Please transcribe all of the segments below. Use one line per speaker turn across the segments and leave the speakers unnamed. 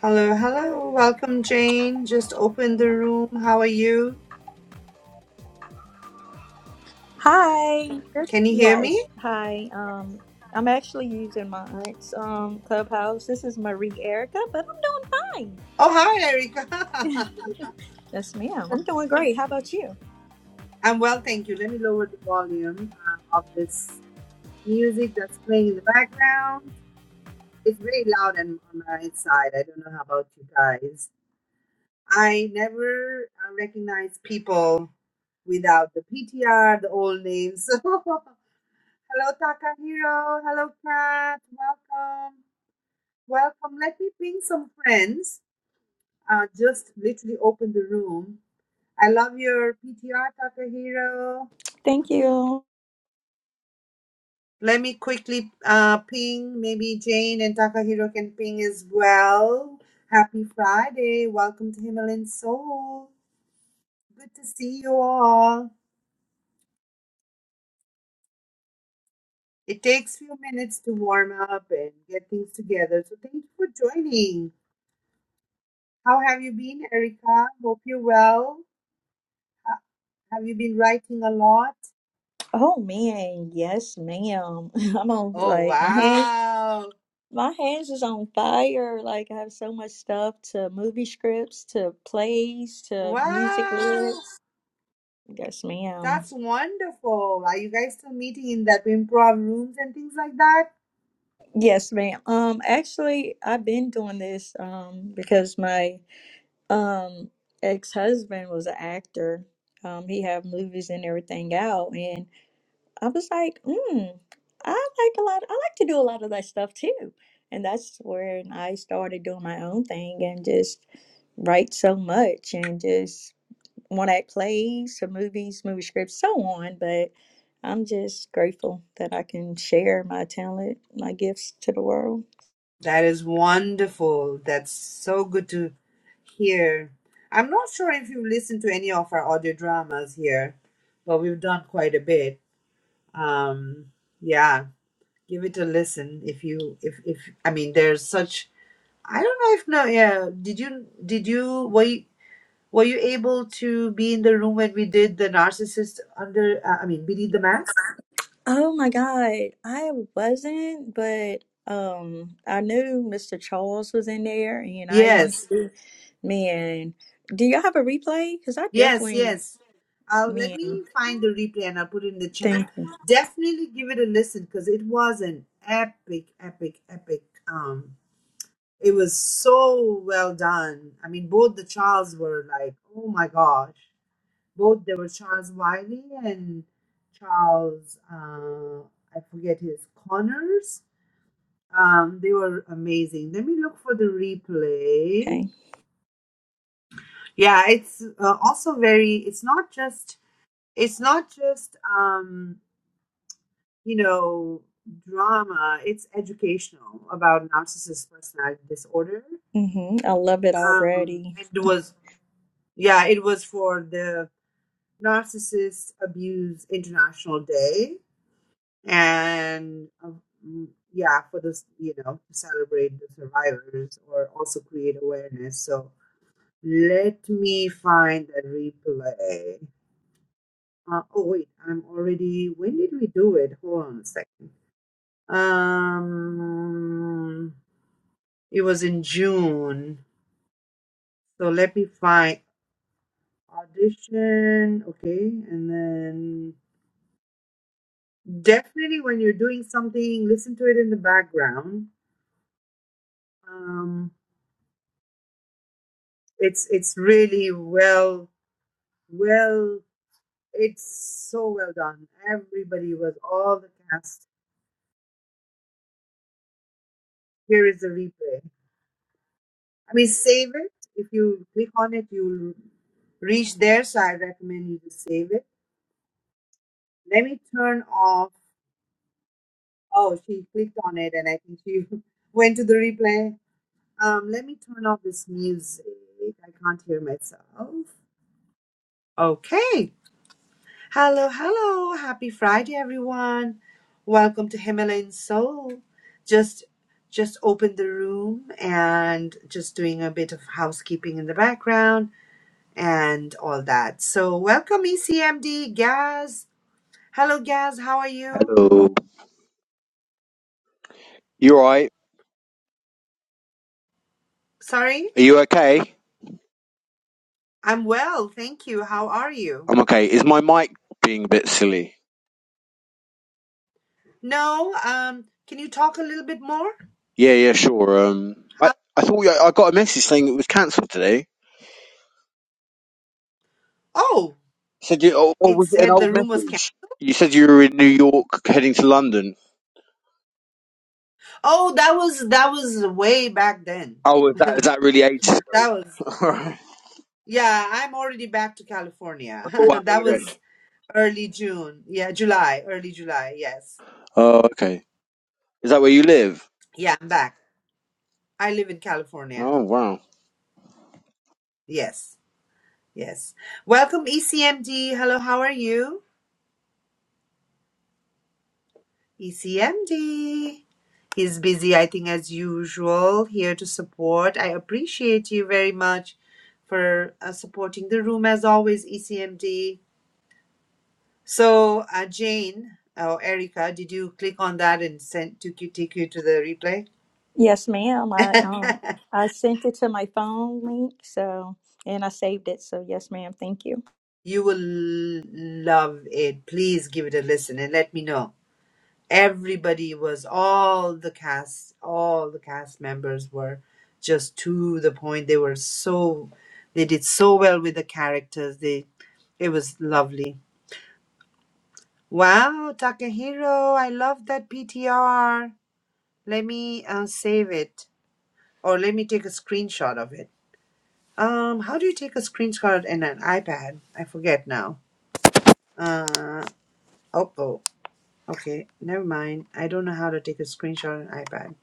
Hello, hello. Welcome, Jane. Just opened the room. How are you?
Hi. Good-
Can you hear
Yes.
me?
Hi. Um, I'm actually using my aunt's um clubhouse. This is Marie Erica, but I'm doing
Oh, hi,
fine.
Erica.
yes, ma'am. I'm doing great. How about you?
I'm well, thank you. Let me lower the volume uh, of this music that's playing in the background. It's very loud and on my side. I don't know how about you guys. I never uh, recognize people without the PTR, the old names. So, hello, Takahiro. Hello, Kat. Welcome. Welcome. Let me ping some friends uh, just literally opened the room. I love your PTR, Takahiro.
Thank you.
Let me quickly uh, ping. Maybe Jane and Takahiro can ping as well. Happy Friday. Welcome to Himalayan Soul. Good to see you all. It takes few minutes to warm up and get things together. So thank you for joining. How have you been, Erica? Hope you're well. Ha- Have you been writing a lot?
Oh man, yes, ma'am. I'm on
Oh,
like my hands.
wow.
My hands is on fire. Like I have so much stuff to movie scripts, to plays, to music
Wow.
lyrics. Yes, ma'am.
That's wonderful. Are you guys still meeting in that improv rooms and things like that?
Yes, ma'am. Um, actually, I've been doing this um because my um ex-husband was an actor um he had movies and everything out and i was like mm, i like a lot i like to do a lot of that stuff too and that's when i started doing my own thing and just write so much and just one act plays some movies movie scripts so on but i'm just grateful that i can share my talent my gifts to the world
That is wonderful. That's so good to hear. I'm not sure if you've listened to any of our audio dramas here, but we've done quite a bit. Um, yeah, give it a listen if you if if I mean there's such I don't know if no yeah did you did you were you, were you able to be in the room when we did the narcissist under uh, I mean beneath the mask?
Oh my God, I wasn't, but um, I knew Mr. Charles was in there, and I wanted
Yes,
to do. Man, do y'all have a replay? Because I
Yes,
definitely,
yes. Uh, let
man,
me find the replay and I'll put it in the chat.
thank you.
Definitely give it a listen because it was an epic, epic, epic. Um, it was so well done. I mean, both the Charles were like, oh my gosh. Both there were Charles Wiley and Charles, uh, I forget his Connors. Um, they were amazing. Let me look for the replay.
Okay,
Yeah, it's uh, also very. It's not just it's not just um, you know drama it's educational about narcissist personality disorder
hmm I love it
um,
already.
and it was yeah it was for the narcissist abuse international day and um, mm, yeah for this you know to celebrate the survivors or also create awareness so let me find that replay uh, oh wait i'm already when did we do it hold on a second Um, it was in June. So let me find audition. Okay, and then definitely when you're doing something, listen to it in the background. Um, it's it's really well well. It's so well done. Everybody was all the cast. Here is the replay. I mean, save it. If you click on it, you'll reach there. So I recommend you to save it. Let me turn off. Oh, she clicked on it, and I think she went to the replay. Um, let me turn off this music. I can't hear myself. Okay. Hello, hello. Happy Friday, everyone. Welcome to Himalayan Soul. Just, just opened the room and just doing a bit of housekeeping in the background and all that. So, welcome, ECMD Gaz. Hello, Gaz. How are you?
Hello. You alright?
Sorry,
Are you okay?
I'm well, thank you. How are you?
I'm okay. Is my mic being a bit silly?
No, um, can you talk a little bit more?
Yeah, yeah, sure. Um, I,
How,
I thought I, I got a message saying it was cancelled today.
oh,
Said you, or, or
it
was it an
said
old
the room was canceled.
message? You said you were in New York heading to London.
Oh, that was that was way back then.
Oh, is that is
that
that really ages ago?
was
Alright.
yeah. I'm already back to
Oh, wow,
California. that
okay.
was early June. Yeah, July, early July. Yes,
Oh, okay. Is that where you live?
yeah, I'm back. I live in California.
Oh, wow.
Yes, yes. Welcome, ECMD. Hello, how are you? ECMD is busy, I think, as usual, here to support. I appreciate you very much for uh, supporting the room as always, ECMD. So, uh, Jane or Erica, did you click on that and send to you- take you to the replay?
Yes, ma'am. I um, I sent it to my phone link, so and I saved it. So yes, ma'am. Thank you.
you will love it. Please give it a listen and let me know. everybody was all the cast all the cast members were just to the point they were so they did so well with the characters they it was lovely wow takahiro i love that ptr let me uh, save it or let me take a screenshot of it um how do you take a screenshot in an ipad i forget now uh oh, oh okay never mind i don't know how to take a screenshot on ipad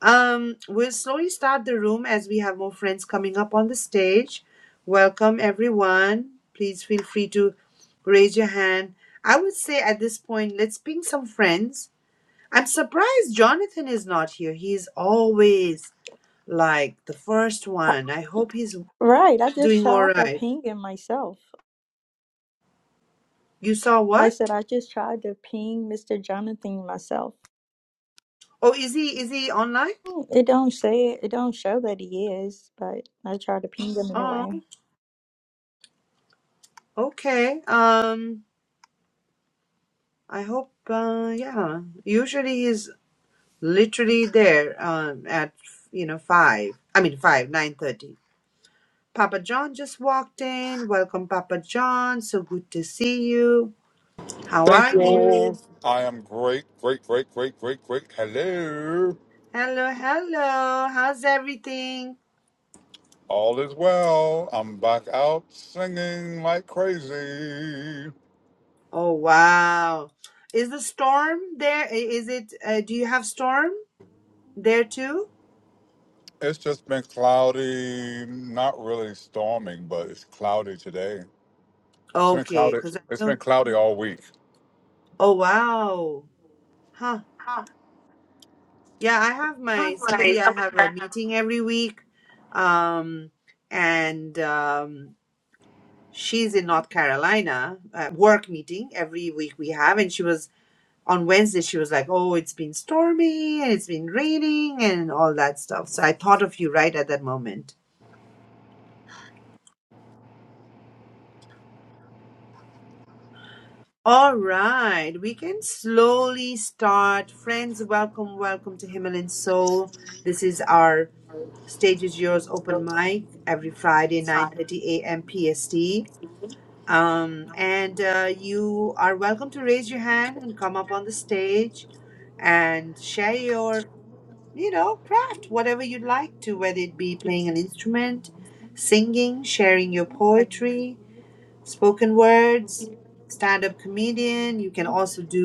Um, we'll slowly start the room as we have more friends coming up on the stage. Welcome, everyone. Please feel free to raise your hand. I would say at this point, let's ping some friends. I'm surprised Jonathan is not here. He's always like the first
Uh,
one. I hope he's
Right, I just
doing all
tried to
right.
ping him myself.
You saw
I said
what?
I just tried to ping Mr. Jonathan myself.
Oh, is he is he online?
It don't say it. It don't show that he is, but I try to ping him
Oh,
anyway.
okay. Um, I hope. Uh, yeah. Usually he's literally there um, at you know five. I mean five nine thirty. Papa John just walked in. Welcome, Papa John. So good to see you. How
Thank
are
you all.
you?
I am great, great, great, great, great, great. Hello.
Hello, hello. How's everything?
All is well. I'm back out singing like crazy.
Oh wow! Is the storm there? I- Is it? Uh, do you have storm there too?
It's just been cloudy, not really storming, but it's cloudy today. It's been
Okay,
cloudy.
because I
It's been
know.
cloudy all week.
Oh wow! Huh? Yeah, I have my somebody. I have a meeting every week. Um, and um, she's in North Carolina, uh, work meeting every week we have. And she was on Wednesday, she was like, Oh, it's been stormy and it's been raining and all that stuff. So I thought of you right at that moment. All right, we can slowly start. Friends, welcome, welcome to Himalayan Soul. This is our Stage is Yours open mic every Friday, 9.30 a.m. PST. Um, and uh, you are welcome to raise your hand and come up on the stage and share your you know craft whatever you'd like to whether it be playing an instrument singing sharing your poetry spoken words stand-up comedian you can also do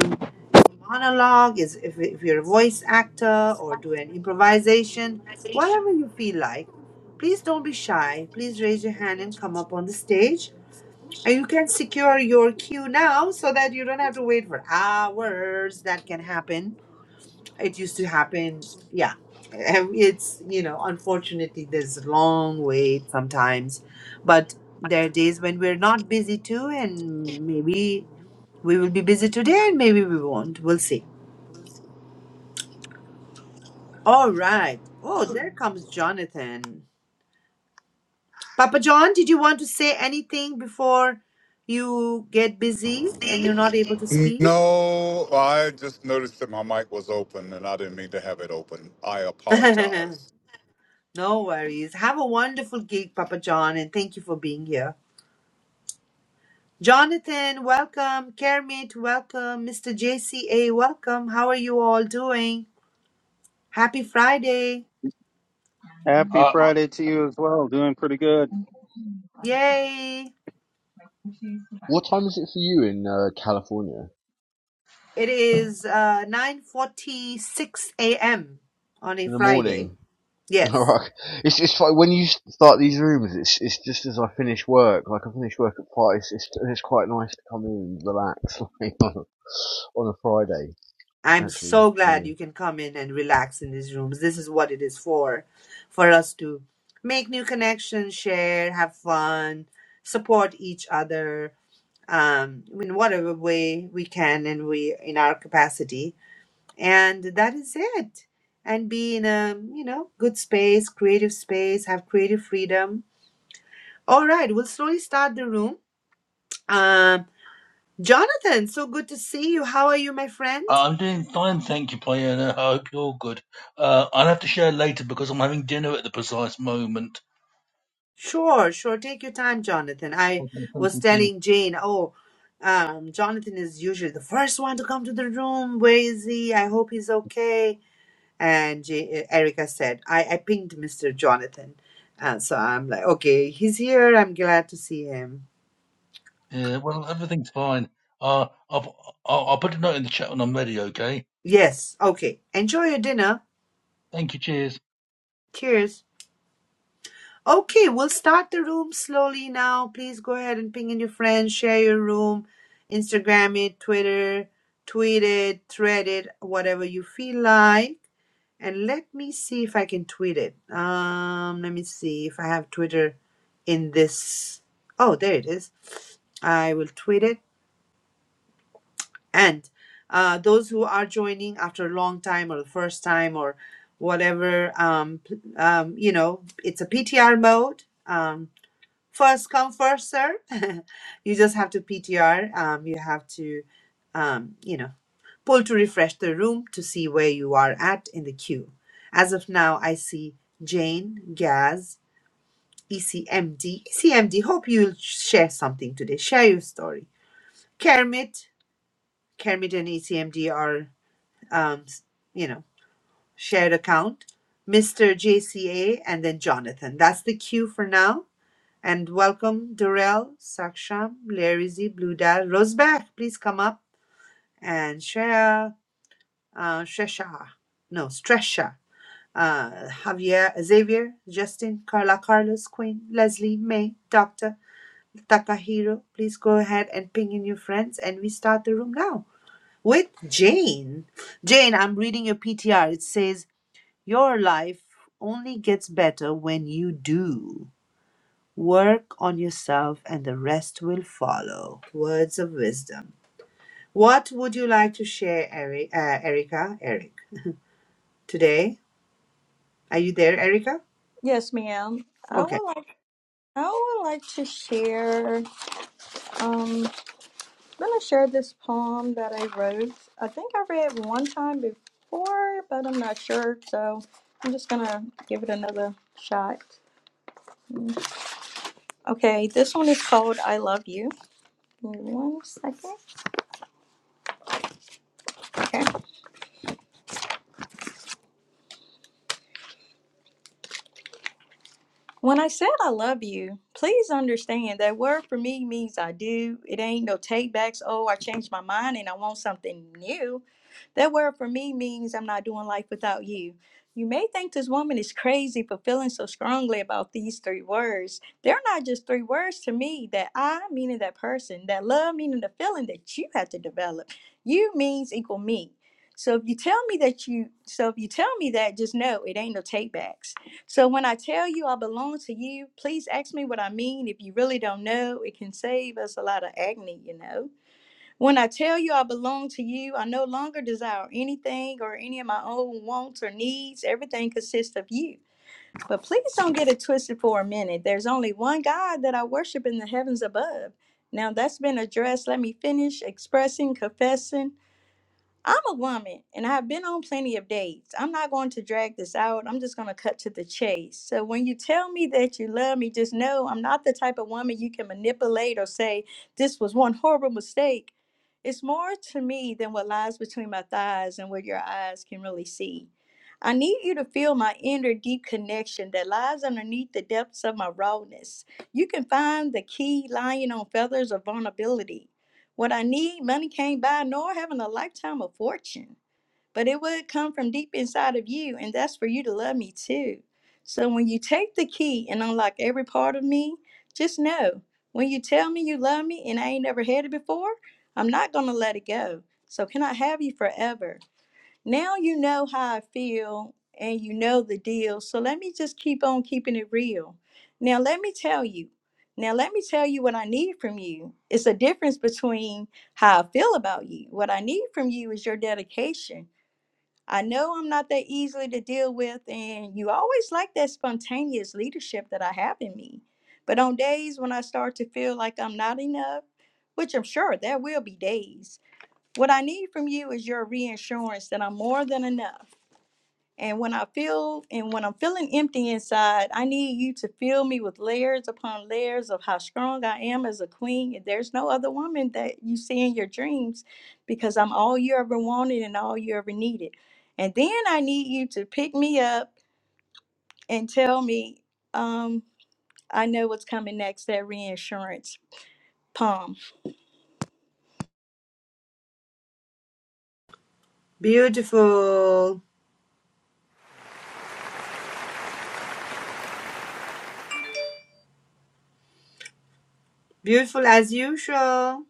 a monologue is if, if you're a voice actor or do an improvisation whatever you feel like please don't be shy please raise your hand and come up on the stage and you can secure your queue now so that you don't have to wait for hours that can happen it used to happen yeah And it's you know unfortunately there's a long wait sometimes but there are days when we're not busy too and maybe we will be busy today and maybe we won't we'll see all right oh there comes jonathan papa john did you want to say anything before you get busy and you're not able to speak
No, I just noticed that my mic was open and I didn't mean to have it open. I apologize.
no worries have a wonderful gig papa john and thank you for being here Jonathan, welcome. Kermit, welcome. Mr. JCA, welcome. How are you all doing? Happy Friday.
Happy
Uh,
Friday to you as well. Doing pretty good.
Yay.
What time is it for you in uh, California?
It is uh, 9.46 a.m. on a
In the
Friday.
morning. All
Yes.
right. It's it's like when you start these rooms. It's it's just as I finish work. Like I finish work at five. It's it's, it's quite nice to come in and relax like, on, a, on a Friday.
I'm
Actually,
so
yeah.
glad you can come in and relax in these rooms. This is what it is for, for us to make new connections, share, have fun, support each other um, in whatever way we can and we in our capacity and that is it and be in a you know good space creative space have creative freedom all right we'll slowly start the room um jonathan so good to see you how are you my friend
I'm doing fine, thank you, Payne. I hope you're good. Uh, I'll have to share later because I'm having dinner at the precise moment.
sure sure take your time jonathan i
Okay, thank
was
you. dear.
telling jane oh um jonathan is usually the first one to come to the room where is he i hope he's okay and J- erica said i i pinged mr jonathan and so i'm like okay he's here i'm glad to see him
Yeah, well, everything's fine. Uh, I'll, I'll, I'll put a note in the chat when I'm ready, okay?
Yes. Okay. Enjoy your dinner.
Thank you, cheers.
Cheers. Okay, we'll start the room slowly now. Please go ahead and ping in your friends, share your room, Instagram it, Twitter, tweet it, thread it, whatever you feel like. And let me see if I can tweet it. Um, let me see if I have Twitter in this. Oh, there it is. I will tweet it. And uh, those who are joining after a long time or the first time or whatever, um, p- um, you know, it's a PTR mode. Um, first come, first serve. you just have to PTR. Um, you have to, um, you know, pull to refresh the room to see where you are at in the queue. As of now, I see Jane, Gaz, ECMD. ECMD, hope you'll share something today. Share your story. Kermit, Kermit and ECMD are um, you know, shared account, Mr. JCA, and then Jonathan. That's the queue for now. And welcome Durrell, Saksham, Larry Z, Blue Dad, Rosbach. Please come up and share. Uh, Shresha, no, Stresha, uh, Javier, Xavier, Justin, Carla, Carlos, Queen, Leslie, May, Doctor Takahiro. Please go ahead and ping in your friends, and we start the room now with Jane. Jane, I'm reading your PTR. It says Your life only gets better when you do. Work on yourself and the rest will follow. Words of wisdom. What would you like to share, Eri- uh, Erica? Eric, today? Are you there, Erica?
Yes, ma'am. I
Okay.
would like. I would like to share. Um, I'm gonna share this poem that I wrote. I think I read one time before, but I'm not sure. So I'm just gonna give it another shot. Mm, Okay, this one is called "I Love You." Give me One second. Okay. When I said I love you, please understand that word for me means I do. It ain't no take backs. Oh, I changed my mind and I want something new. That word for me means I'm not doing life without you. You may think this woman is crazy for feeling so strongly about these three words. They're not just three words to me that I, meaning that person, that love, meaning the feeling that you have to develop. You means equal me. So if you tell me that you, so if you tell me that, just know it ain't no take backs. So when I tell you I belong to you, please ask me what I mean. If you really don't know, it can save us a lot of agony, you know. When I tell you I belong to you, I no longer desire anything or any of my own wants or needs. Everything consists of you. But please don't get it twisted for a minute. There's only one God that I worship in the heavens above. Now that's been addressed. Let me finish expressing, confessing, I'm a woman and I've been on plenty of dates. I'm not going to drag this out. I'm just going to cut to the chase. So when you tell me that you love me, just know I'm not the type of woman you can manipulate or say, this was one horrible mistake. It's more to me than what lies between my thighs and what your eyes can really see. I need you to feel my inner deep connection that lies underneath the depths of my rawness. You can find the key lying on feathers of vulnerability. What I need, money can't buy, nor having a lifetime of fortune. But it would come from deep inside of you, and that's for you to love me too. So when you take the key and unlock every part of me, just know when you tell me you love me and I ain't never had it before, I'm not gonna let it go. So can I have you forever? now you know how I feel and you know the deal. So let me just keep on keeping it real. Now, let me tell you. Now, let me tell you what I need from you. It's a difference between how I feel about you. What I need from you is your dedication. I know I'm not that easily to deal with, and you always like that spontaneous leadership that I have in me. But on days when I start to feel like I'm not enough, which I'm sure there will be days, what I need from you is your reassurance that I'm more than enough. And when I feel and when I'm feeling empty inside, I need you to fill me with layers upon layers of how strong I am as a queen. And there's no other woman that you see in your dreams because I'm all you ever wanted and all you ever needed. And then I need you to pick me up and tell me, um, I know what's coming next, that reinsurance, poem.
Beautiful. Beautiful as usual.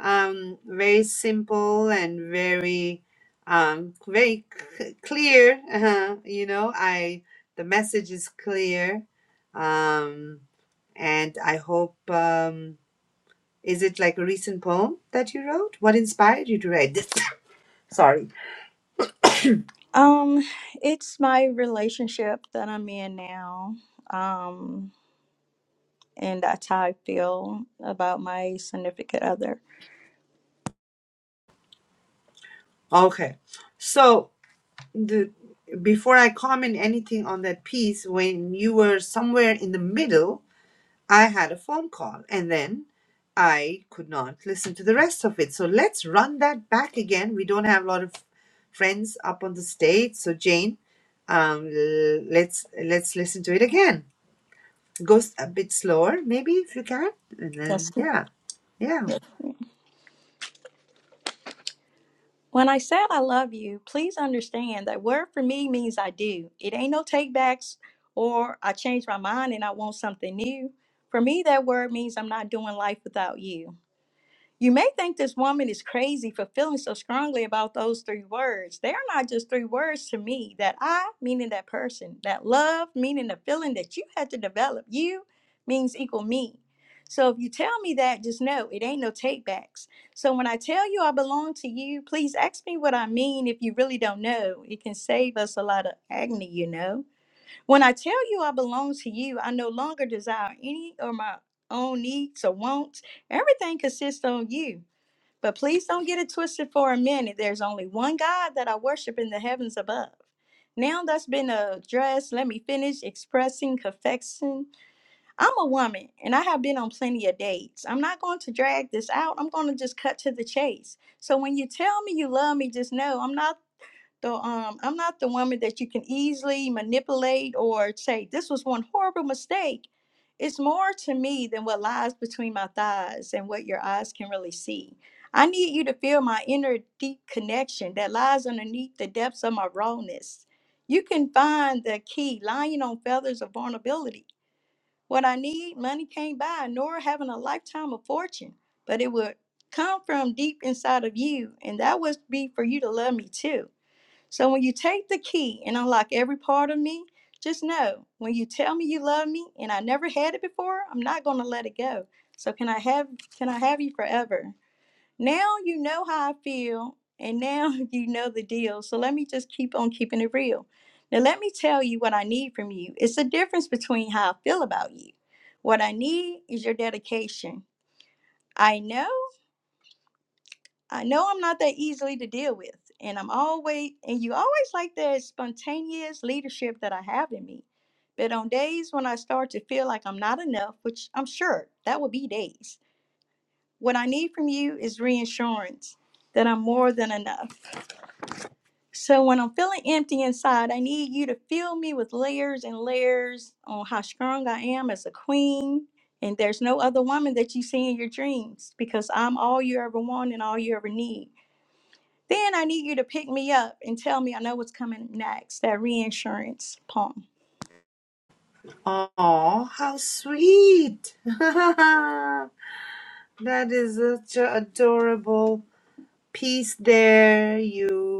um, very simple and very um, very c- clear. Uh, you know, I the message is clear, um, and I hope. Um, is it like a recent poem that you wrote? What inspired you to write this? Sorry.
Um, it's my relationship that I'm in now. Um, and that's how I feel about my significant other.
Okay, so the before I comment anything on that piece, when you were somewhere in the middle I had a phone call and then I could not listen to the rest of it. So let's run that back again. We don't have a lot of friends up on the stage, so Jane, um, l- let's let's listen to it again. Goes a bit slower, maybe if you can, and
That's
then yeah, yeah.
when I said I love you, please understand that word for me means I do. It ain't no takebacks or I change my mind and I want something new. For me, that word means I'm not doing life without you. You may think this woman is crazy for feeling so strongly about those three words. They are not just three words to me. That I, meaning that person, that love, meaning the feeling that you had to develop, you means equal me. So if you tell me that, just know it ain't no take backs. So when I tell you I belong to you, please ask me what I mean if you really don't know. It can save us a lot of agony, you know. When I tell you I belong to you, I no longer desire any of my own needs or wants. Everything consists on you. But please don't get it twisted for a minute. There's only one God that I worship in the heavens above. Now that's been addressed, let me finish expressing confession. I'm a woman and I have been on plenty of dates. I'm not going to drag this out. I'm going to just cut to the chase. So when you tell me you love me, just know I'm not. So um, I'm not the woman that you can easily manipulate or say, this was one horrible mistake. It's more to me than what lies between my thighs and what your eyes can really see. I need you to feel my inner deep connection that lies underneath the depths of my rawness. You can find the key lying on feathers of vulnerability. What I need, money can't buy, nor having a lifetime of fortune, but it would come from deep inside of you, and that would be for you to love me too. So when you take the key and unlock every part of me, just know when you tell me you love me and I never had it before, I'm not going to let it go. So can I have can I have you forever? Now you know how I feel and now you know the deal. So let me just keep on keeping it real. Now let me tell you what I need from you. It's the difference between how I feel about you. What I need is your dedication. I know I know I'm not that easily to deal with, and I'm always and you always like that spontaneous leadership that I have in me. But on days when I start to feel like I'm not enough, which I'm sure that will be days, what I need from you is reassurance that I'm more than enough. So when I'm feeling empty inside, I need you to fill me with layers and layers on how strong I am as a queen. And there's no other woman that you see in your dreams because I'm all you ever want and all you ever need. Then I need you to pick me up and tell me I know what's coming next, that reinsurance poem.
Oh, how sweet! that is such an adorable piece there. You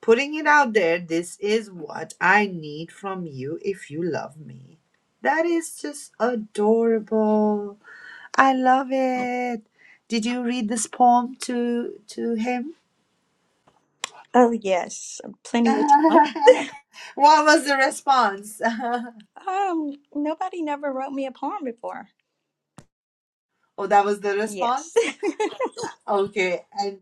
putting it out there this is what i need from you if you love me that is just adorable i love it did you read this poem to to him
Oh, yes, uh, plenty of time.
what was the response
Um, nobody never wrote me a poem before.
oh that was the
Yes.
response okay and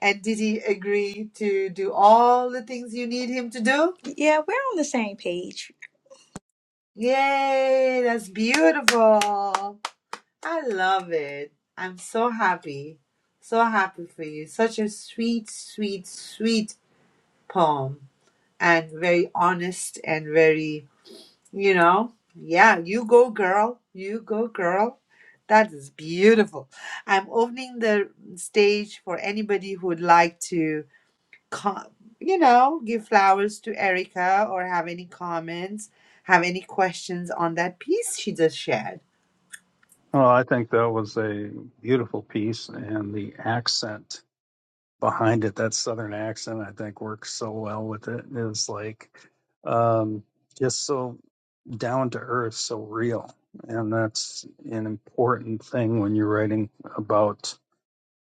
and did he agree to do all the things you need him to do
yeah, we're on the same page.
yay that's beautiful I love it. I'm so happy. So happy for you. Such a sweet, sweet, sweet poem and very honest and very, you know, yeah, you go girl. You go girl. That is beautiful. I'm opening the stage for anybody who would like to co- you know, give flowers to Erica or have any comments, have any questions on that piece she just shared.
Well, I think that was a beautiful piece, and the accent behind it, that southern accent, I think works so well with it. It's like um, just so down to earth, so real. And that's an important thing when you're writing about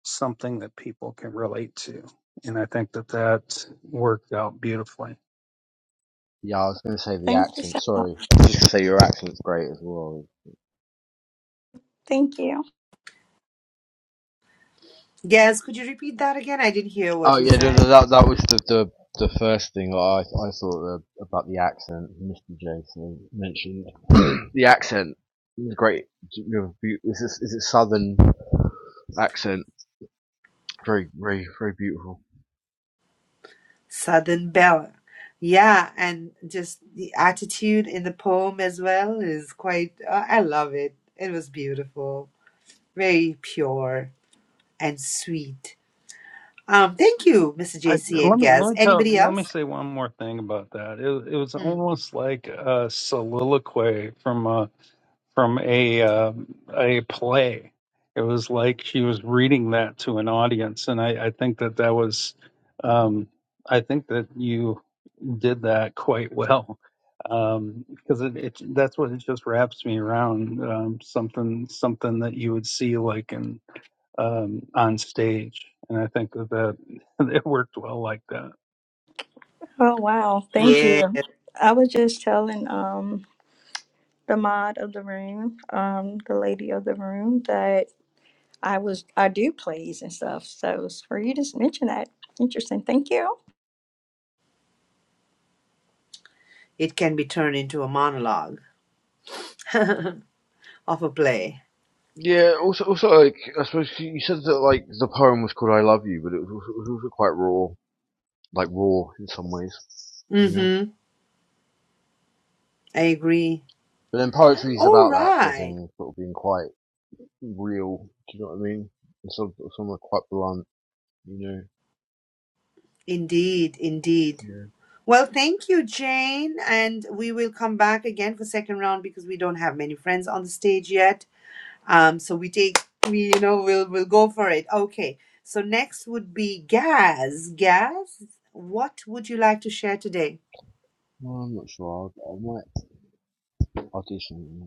something that people can relate to. And I think that that worked out beautifully.
yeah I was going to say the
Thank you
accent.
so much.
Sorry, I was just say your accent's great as well.
Thank you.
Yes, could you repeat that again? I didn't hear what
Oh
you
yeah, no, no,
said.
that that was the the, the first thing that I I thought the, about the accent. Mr. Jason mentioned the accent. It's Great, you know, is it, is it southern accent? Very, very, very beautiful.
Southern Belle. Yeah, and just the attitude in the poem as well is quite, uh, I love it. It was beautiful, very pure and sweet. Um, thank you, Mr.
I,
JC and
let me let
Gaz.
me tell
Anybody
let me
else?
say one more thing about that. It, it was
Mm.
almost like a soliloquy from a from a uh, a play. It was like she was reading that to an audience, and I, I think that that was um, I think that you did that quite well um, because it, it that's what it just wraps me around um, something something that you would see like in um, on stage, and I think that, it worked well like that.
Oh, wow. Thank
Yeah,
you. I was just telling um the mod of the room, um, the lady of the room that I was I do plays and stuff. So it's for you to mention that. Interesting. Thank you.
it can be turned into a monologue of a play.
Yeah, also, also, like, I suppose you said that, like, the poem was called I Love You, but it was, also- it was also quite raw, like, raw in some ways, you know?
Mm-hmm. I agree.
But then poetry is
All
about that sort of
right.
thing, sort of being quite real, do you know what I mean? And sort of, sort of quite blunt, you know?
Indeed, indeed.
Yeah.
Well, thank you, Jane. And we will come back again for second round because we don't have many friends on the stage yet. Um, so we take we you know we'll we'll go for it. Okay. So next would be Gaz. Gaz, what would you like to share today?
Well, I'm not sure, I, I might audition.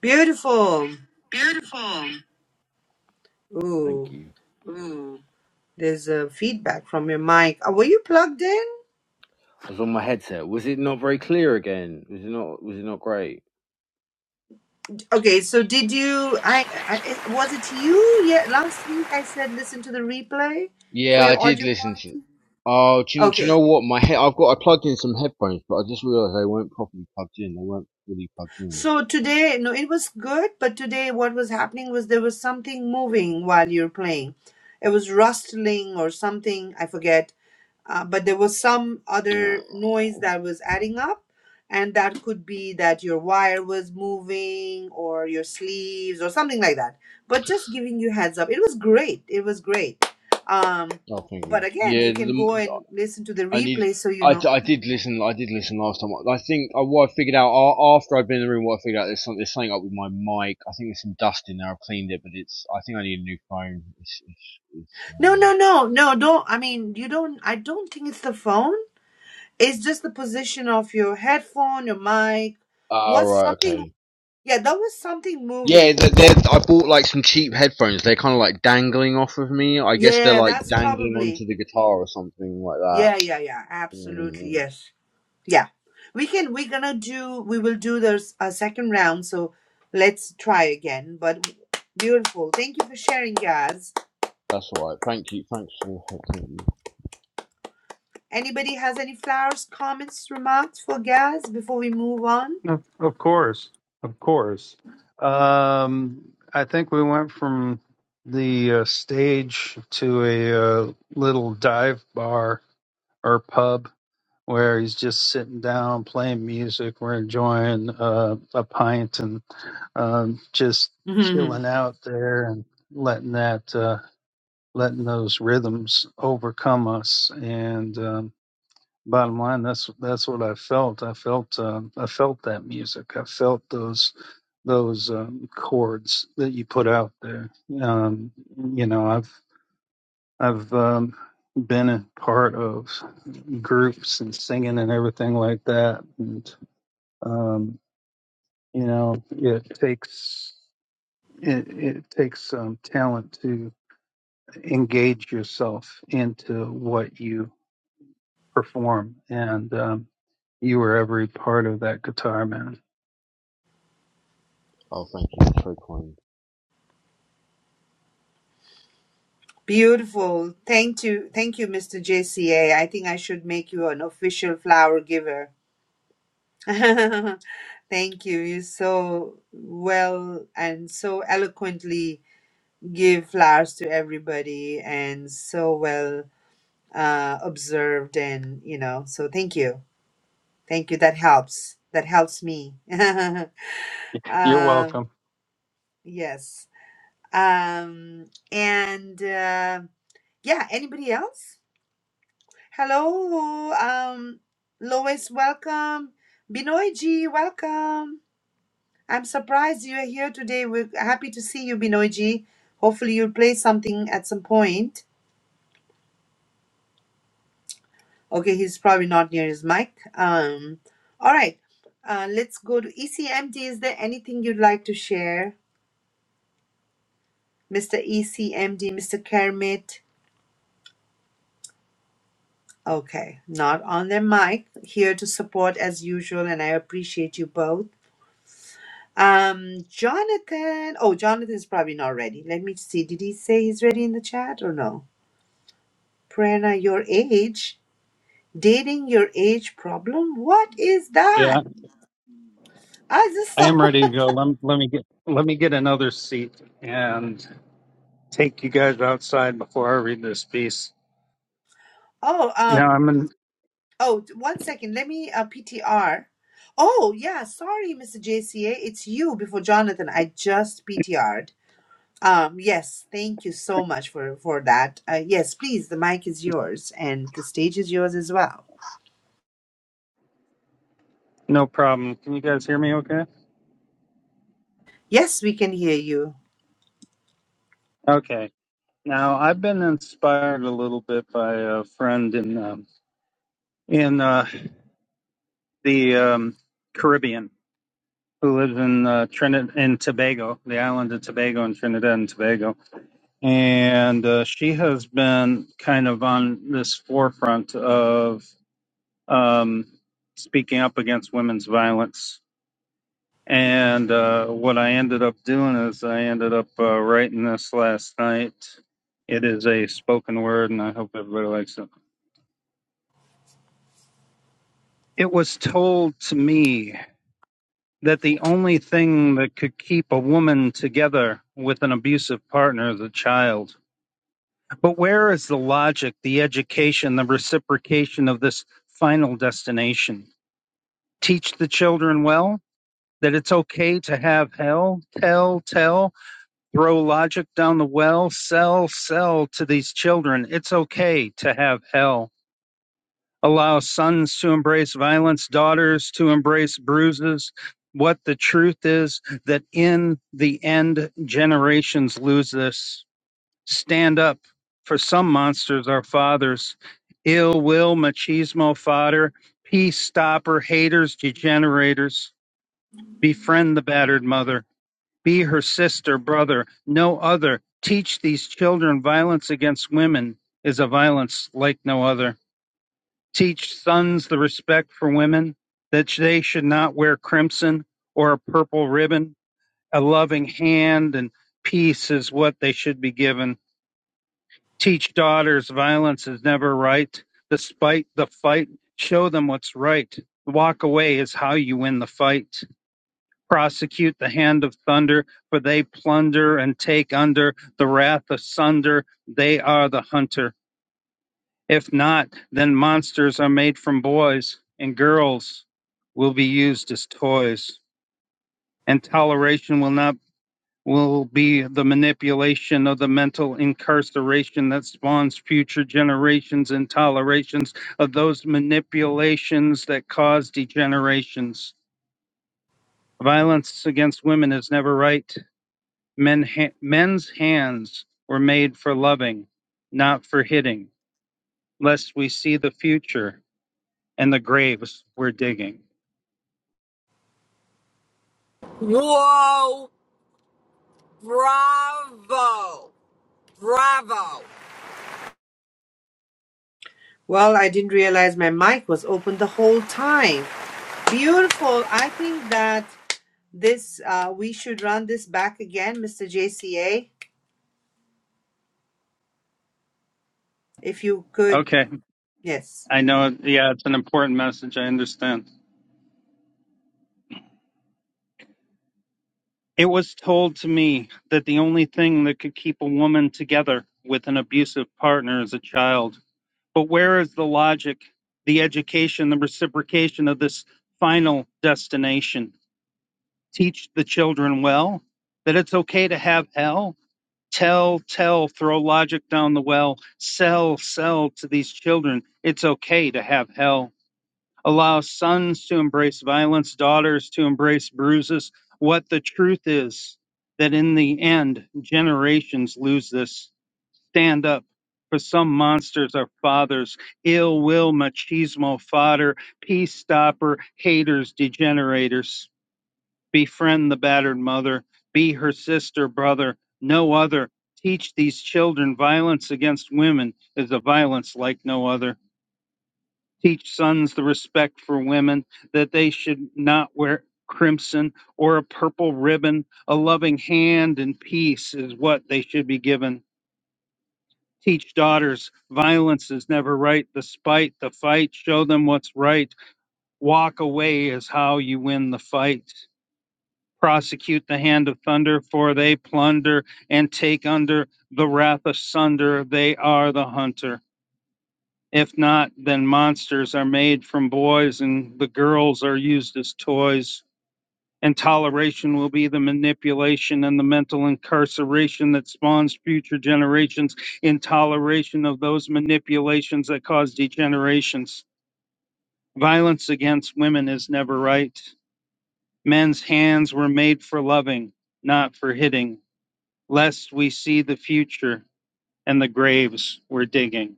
Beautiful.
Beautiful. Thank
Ooh,
you. Ooh.
there's a feedback from your mic. Uh, Were you plugged in?
I was on my headset. Was it not very clear again? Was it not, was it not great?
Okay, so did you? I, I it- was it you? Yeah, last week I said listen to the replay for
Yeah, I
your
did
audio
listen to.
quality.
Oh, do you, do you
Okay.
know what? My head. I've got. I plugged in some headphones, but I just realised they weren't properly plugged in. They weren't fully plugged in.
So today, no, it was good, but today what was happening was there was something moving while you're playing. It was rustling or something, I forget, uh, but there was some other
Uh,
noise that was adding up, and that could be that your wire was moving or your sleeves or something like that. But just giving you heads up, it was great. It was great. Um,
oh, thank you.
but again, you
Yeah, the,
can go
the-
and listen to the
I need.
replay so you
I, d-
know.
I did listen. I did listen last time. I think I, what I figured out a- after I've been in the room, what I figured out there's something, there's something up with my mic. I think there's some dust in there. I've cleaned it, but it's. I think I need a new phone. It's. it's, it's
No, no,
um,
no, no, don't. I mean, you don't. I don't think it's the phone It's just the position of your headphone, your mic.
oh
What's
right.
something?
Okay.
Yeah, that was something
Yeah, th-
moving.
they're,
Like,
I bought like some cheap headphones. They're kind of like dangling off of me. I guess they're
yeah,
like
that's
dangling onto
probably.
the guitar or something like that.
Yeah, yeah, yeah. Absolutely.
Mm,
Yes. Yeah. We can, we're gonna do, we will do this a second round. So let's try again. But beautiful. Thank you for sharing, Gaz.
That's alright. Thank you. Thanks for oh, thank you.
Anybody has any flowers, comments, remarks for Gaz before we move on?
Of, of course, of course. Um, I think we went from the uh, stage to a uh, little dive bar or pub where he's just sitting down playing music. We're enjoying uh, a pint and um, just chilling out there and letting that uh, letting those rhythms overcome us and. um, bottom line that's that's what i felt i felt um, i felt that music i felt those those um, chords that you put out there um you know i've i've um been a part of groups and singing and everything like that and um you know it takes it, it takes um, talent to engage yourself into what you perform, and um, you were every part of that guitar man.
Oh, thank you. That's very kind.
Beautiful. Thank you. Thank you, Mr. JCA. I think I should make you an official flower giver. Thank you. You so well and so eloquently give flowers to everybody and so well uh, observed and you know, so thank you. Thank you. That helps. That helps me. um,
You're welcome.
yes. Um, and uh, yeah, anybody else? Hello, um, Lois, welcome. Binoyji, welcome. I'm surprised you are here today. We're happy to see you, Binoyji. Hopefully, you'll play something at some point. Okay, he's probably not near his mic. Um, all right, uh, let's go to ECMD. Is there anything you'd like to share, Mr. ECMD, Mr. Kermit? Okay, not on their mic. Here to support as usual, and I appreciate you both. Um, Jonathan. Oh, Jonathan's probably not ready. Let me see. Did he say he's ready in the chat or no? Prerna, your age. Dating your age problem? What is
Yeah,
that? I just
I am
saw.
ready to go. Let, let me get let me get another seat and take you guys outside before I read this piece.
Oh,
No,
um,
I'm in,
oh, one second. Let me uh, PTR. Oh, yeah. Sorry, Mr. JCA. It's you before Jonathan. I just PTR'd. Um, yes. Thank you so much for for that. Uh, yes, please. The mic is yours and the stage is yours as well.
no problem. Can you guys hear me? Okay.
Yes, we can hear you.
Okay. Now, I've been inspired a little bit by a friend in um, in uh, the um, Caribbean who lives in uh, Trinidad and Tobago, the island of Tobago in Trinidad and Tobago, and uh, she has been kind of on this forefront of um, speaking up against women's violence. And uh, what I ended up doing is I ended up uh, writing this last night. It is a spoken word, and I hope everybody likes it. It was told to me that the only thing that could keep a woman together with an abusive partner is a child. But where is the logic, the education, the reciprocation of this final destination? Teach the children well that it's okay to have hell, tell, tell, throw logic down the well, sell, sell to these children. It's okay to have hell. allow sons to embrace violence, daughters to embrace bruises. What the truth is that in the end, generations lose this. Stand up for some monsters are fathers. Ill will, machismo fodder, peace stopper, haters, degenerators. Befriend the battered mother. Be her sister, brother, no other. Teach these children violence against women is a violence like no other. Teach sons the respect for women, that they should not wear crimson or a purple ribbon. A loving hand and peace is what they should be given. Teach daughters violence is never right. Despite the fight, show them what's right. Walk away is how you win the fight. Prosecute the hand of thunder, for they plunder and take under the wrath asunder. They are the hunter. If not, then monsters are made from boys, and girls will be used as toys. And toleration will not will be the manipulation of the mental incarceration that spawns future generations and tolerations of those manipulations that cause degenerations. Violence against women is never right. Men ha- men's hands were made for loving, not for hitting. Lest we see the future and the graves we're digging.
Whoa, bravo, bravo.
Well, I didn't realize my mic was open the whole time. Beautiful. I think that this uh, we should run this back again, Mr. JCA, if you could.
Okay,
Yes.
I know. Yeah, it's an important message. I understand. It was told to me that the only thing that could keep a woman together with an abusive partner is a child. But where is the logic, the education, the reciprocation of this final destination? Teach the children well that it's okay to have hell. Tell, tell, throw logic down the well. Sell, sell to these children. It's okay to have hell allow sons to embrace violence, daughters to embrace bruises. What the truth is that in the end, generations lose this. Stand up, for some monsters are fathers. Ill will, machismo, fodder, peace stopper, haters, degenerators. Befriend the battered mother, be her sister, brother, no other. Teach these children violence against women is a violence like no other teach sons the respect for women, that they should not wear crimson or a purple ribbon. A loving hand and peace is what they should be given. Teach daughters violence is never right, the spite, the fight, show them what's right. Walk away is how you win the fight. Prosecute the hand of thunder, for they plunder and take under the wrath asunder. They are the hunter. If not, then monsters are made from boys and the girls are used as toys. And toleration will be the manipulation and the mental incarceration that spawns future generations in toleration of those manipulations that cause degenerations. Violence against women is never right. Men's hands were made for loving, not for hitting, lest we see the future and the graves we're digging.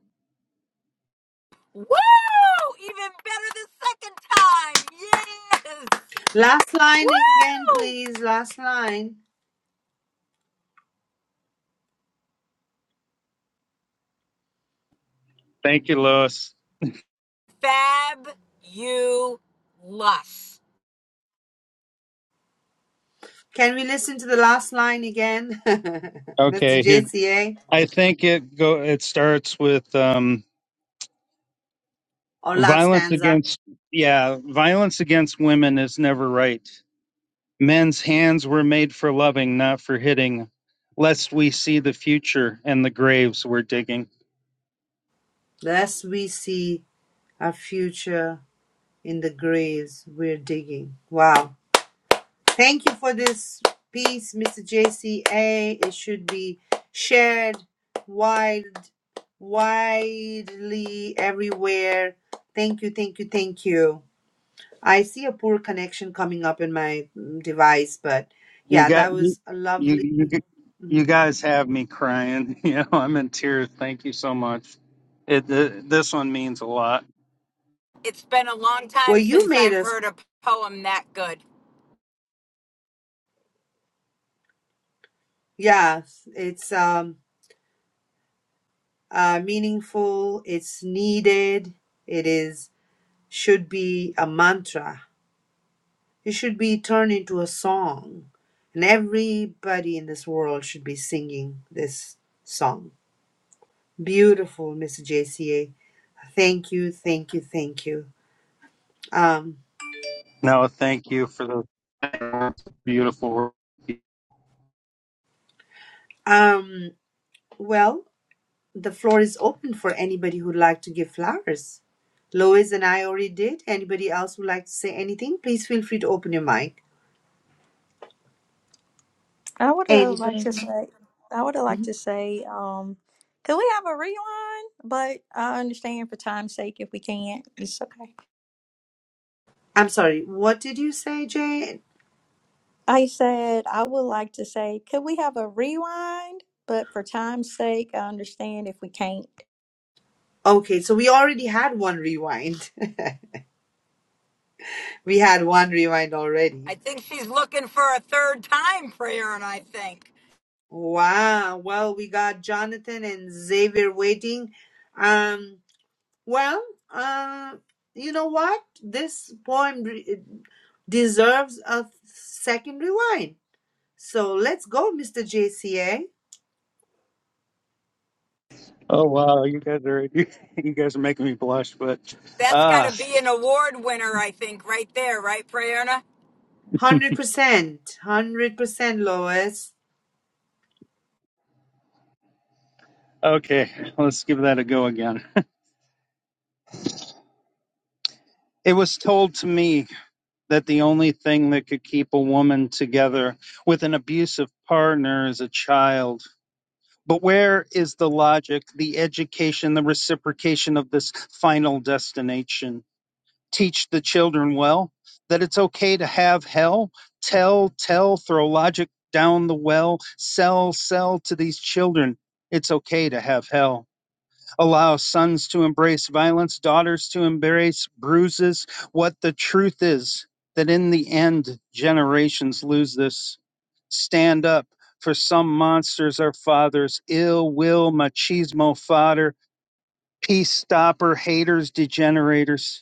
Woo! Even better the second time. Yes.
Last line again,
Woo!
please. Last line.
Thank you, Lois.
Fab you lush.
Can we listen to the last line again, Mr.
Okay, here's
JCA,
I think it go it starts with um,
or last
violence
stanza?
against yeah violence against women is never right. Men's hands were made for loving, not for hitting. Lest we see the future and the graves we're digging.
Lest we see our future in the graves we're digging. Wow. Thank you for this piece, Mr. JCA. It should be shared wide, widely everywhere. Thank you, thank you, thank you. I see a poor connection coming up in my mm, device, but
You
yeah,
got
that
you
was a
you
lovely.
you, g- you
Mhm.
guys have me crying. You know I'm in tears. Thank you so much. It, th this one means a lot.
It's been a long
Well,
time
you
since
made
I've
us.
heard a poem that good.
Yeah, it's um uh meaningful. It's needed. It is should be a mantra It should be turned into a song, and everybody in this world should be singing this song. Beautiful, Mr. JCA. Thank you, thank you, thank you. Um,
No, thank you for the beautiful. work.
um, well, the floor is open for anybody who'd like to give flowers. Lois and I already did. Anybody else would like to say anything? Please feel free to open your mic.
I would have liked to
Anybody?
say, I would have liked
Mhm.
to say, um, could we have a rewind? But I understand for time's sake, if we can't, it's okay.
I'm sorry. What did you say, Jay?
I said I would like to say, could we have a rewind? But for time's sake, I understand if we can't.
Okay, so we already had one rewind. We had one rewind already.
I think she's looking for a third time, Prayerna, I think.
Wow. Well, we got Jonathan and Xavier waiting. Um, well, uh, you know what? This poem re- deserves a second rewind. So let's go, Mr. JCA.
Oh wow, you guys are you, guys are making me blush, but
That's got to
uh
be an award winner, I think, right there, right, Prayerna?
100%. 100%, Lois.
okay, let's give that a go again. It was told to me that the only thing that could keep a woman together with an abusive partner is a child. But where is the logic, the education, the reciprocation of this final destination? teach the children well that it's okay to have hell tell tell throw logic down the well sell sell to these children it's okay to have hell allow sons to embrace violence daughters to embrace bruises what the truth is that in the end generations lose this stand up for some monsters are fathers ill will machismo fodder peace stopper haters degenerators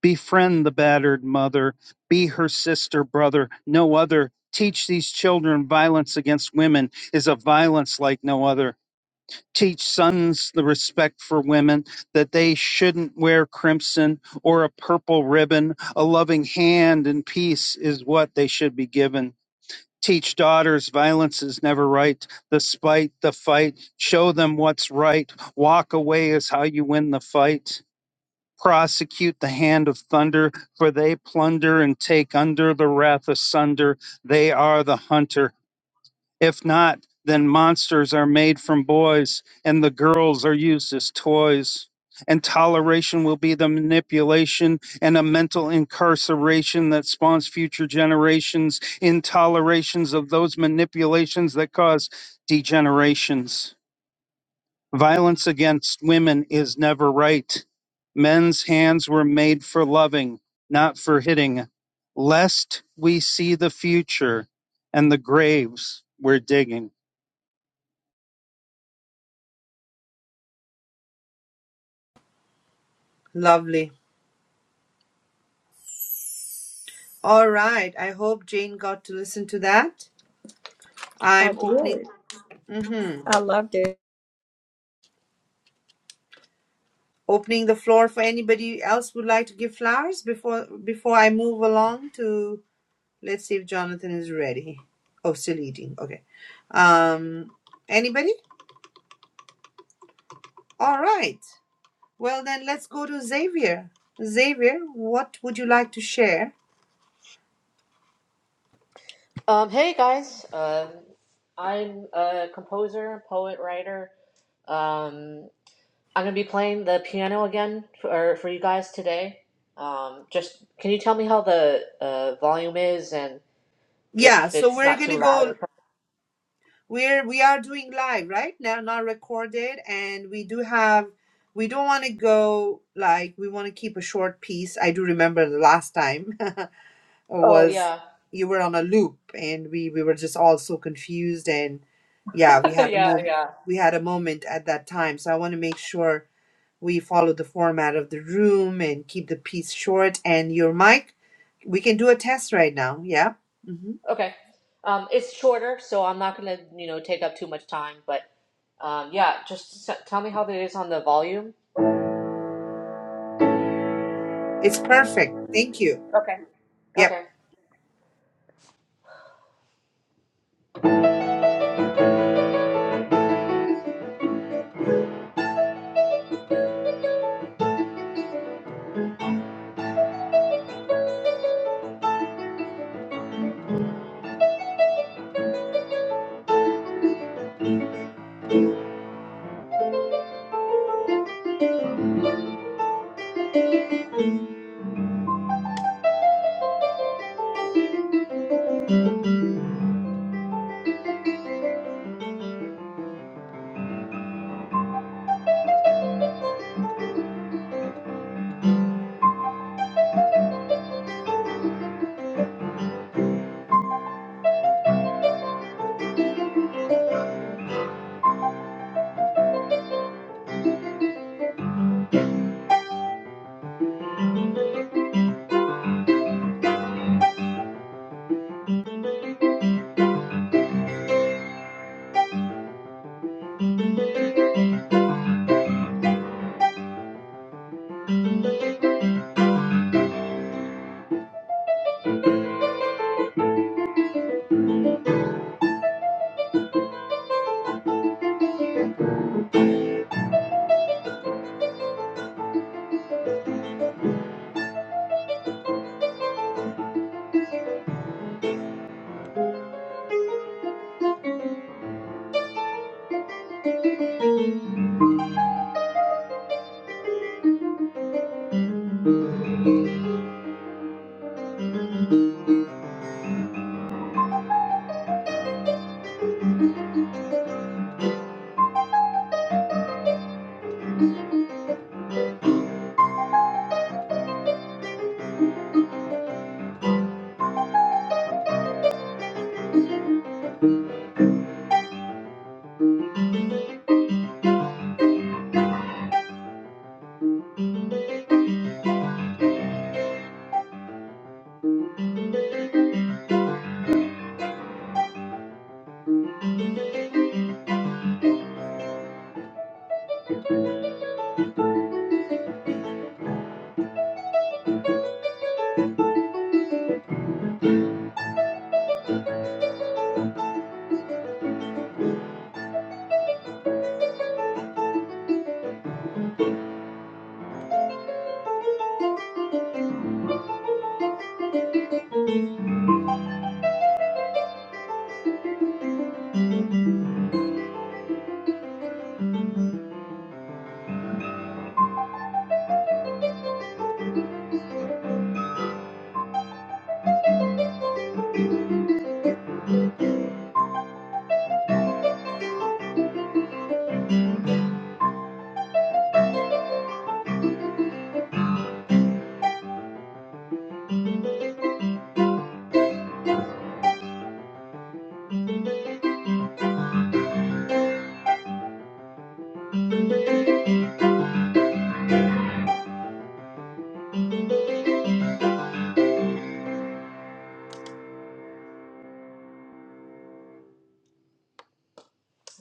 Befriend the battered mother. Be her sister, brother, no other. Teach these children violence against women is a violence like no other. Teach sons the respect for women, that they shouldn't wear crimson or a purple ribbon. A loving hand and peace is what they should be given. Teach daughters violence is never right. The spite, the fight, show them what's right. Walk away is how you win the fight prosecute the hand of thunder, for they plunder and take under the wrath asunder. They are the hunter. If not, then monsters are made from boys, and the girls are used as toys. And toleration will be the manipulation and a mental incarceration that spawns future generations, intolerations of those manipulations that cause degenerations Violence against women is never right. Men's hands were made for loving, not for hitting, lest we see the future and the graves we're digging.
Lovely. All right. I hope Jane got to listen to that.
I
I'm opening.
did.
Mhm.
I loved it.
opening the floor for anybody else would like to give flowers before before I move along to let's see if Jonathan is ready. Oh, still eating. Okay. Um anybody? All right. Well then let's go to Xavier. Xavier, what would you like to share?
Um, hey guys, um, I'm a composer, poet, writer. Um, I'm gonna be playing the piano again for for you guys today. Um, just can you tell me how the uh, volume is and
Yeah,
if
so
it's
we're
not
going
too
to
loud or
go
something?
we're we are doing live, right? Now not recorded and we do have we don't want to go like we want to keep a short piece. I do remember the last time.
Oh
was
yeah,
you were on a loop and we we were just all so confused and yeah we had a
yeah,
mom
yeah.
we had a moment at that time so i want to make sure we follow the format of the room and keep the piece short and your mic we can do a test right now yeah hmm
Okay. Um, it's shorter, so I'm not gonna you know take up too much time. But um, yeah, just s- tell me how it is on the volume.
it's perfect thank you
Okay.
yep
Okay.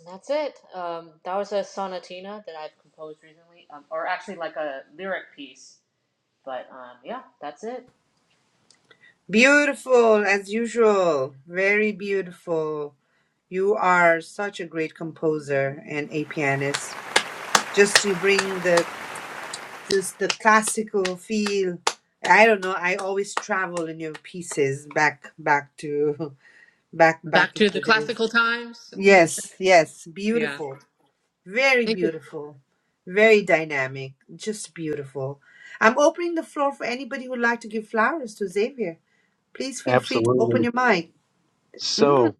That's it. Um, that was a sonatina that I've composed recently, um, or actually like a lyric piece. But um, yeah, that's it.
beautiful as usual very beautiful you are such a great composer and a pianist just to bring the just the classical feel. I don't know. I always travel in your pieces back, back to back,
Back
back in
to the
the days.
classical times.
Yes, yes,
Yeah.
beautiful, very
Thank you.
beautiful, very dynamic, just beautiful. I'm opening the floor for anybody who'd like to give flowers to Xavier. Please feel free to open
Absolutely.
your mic. Mhm.
So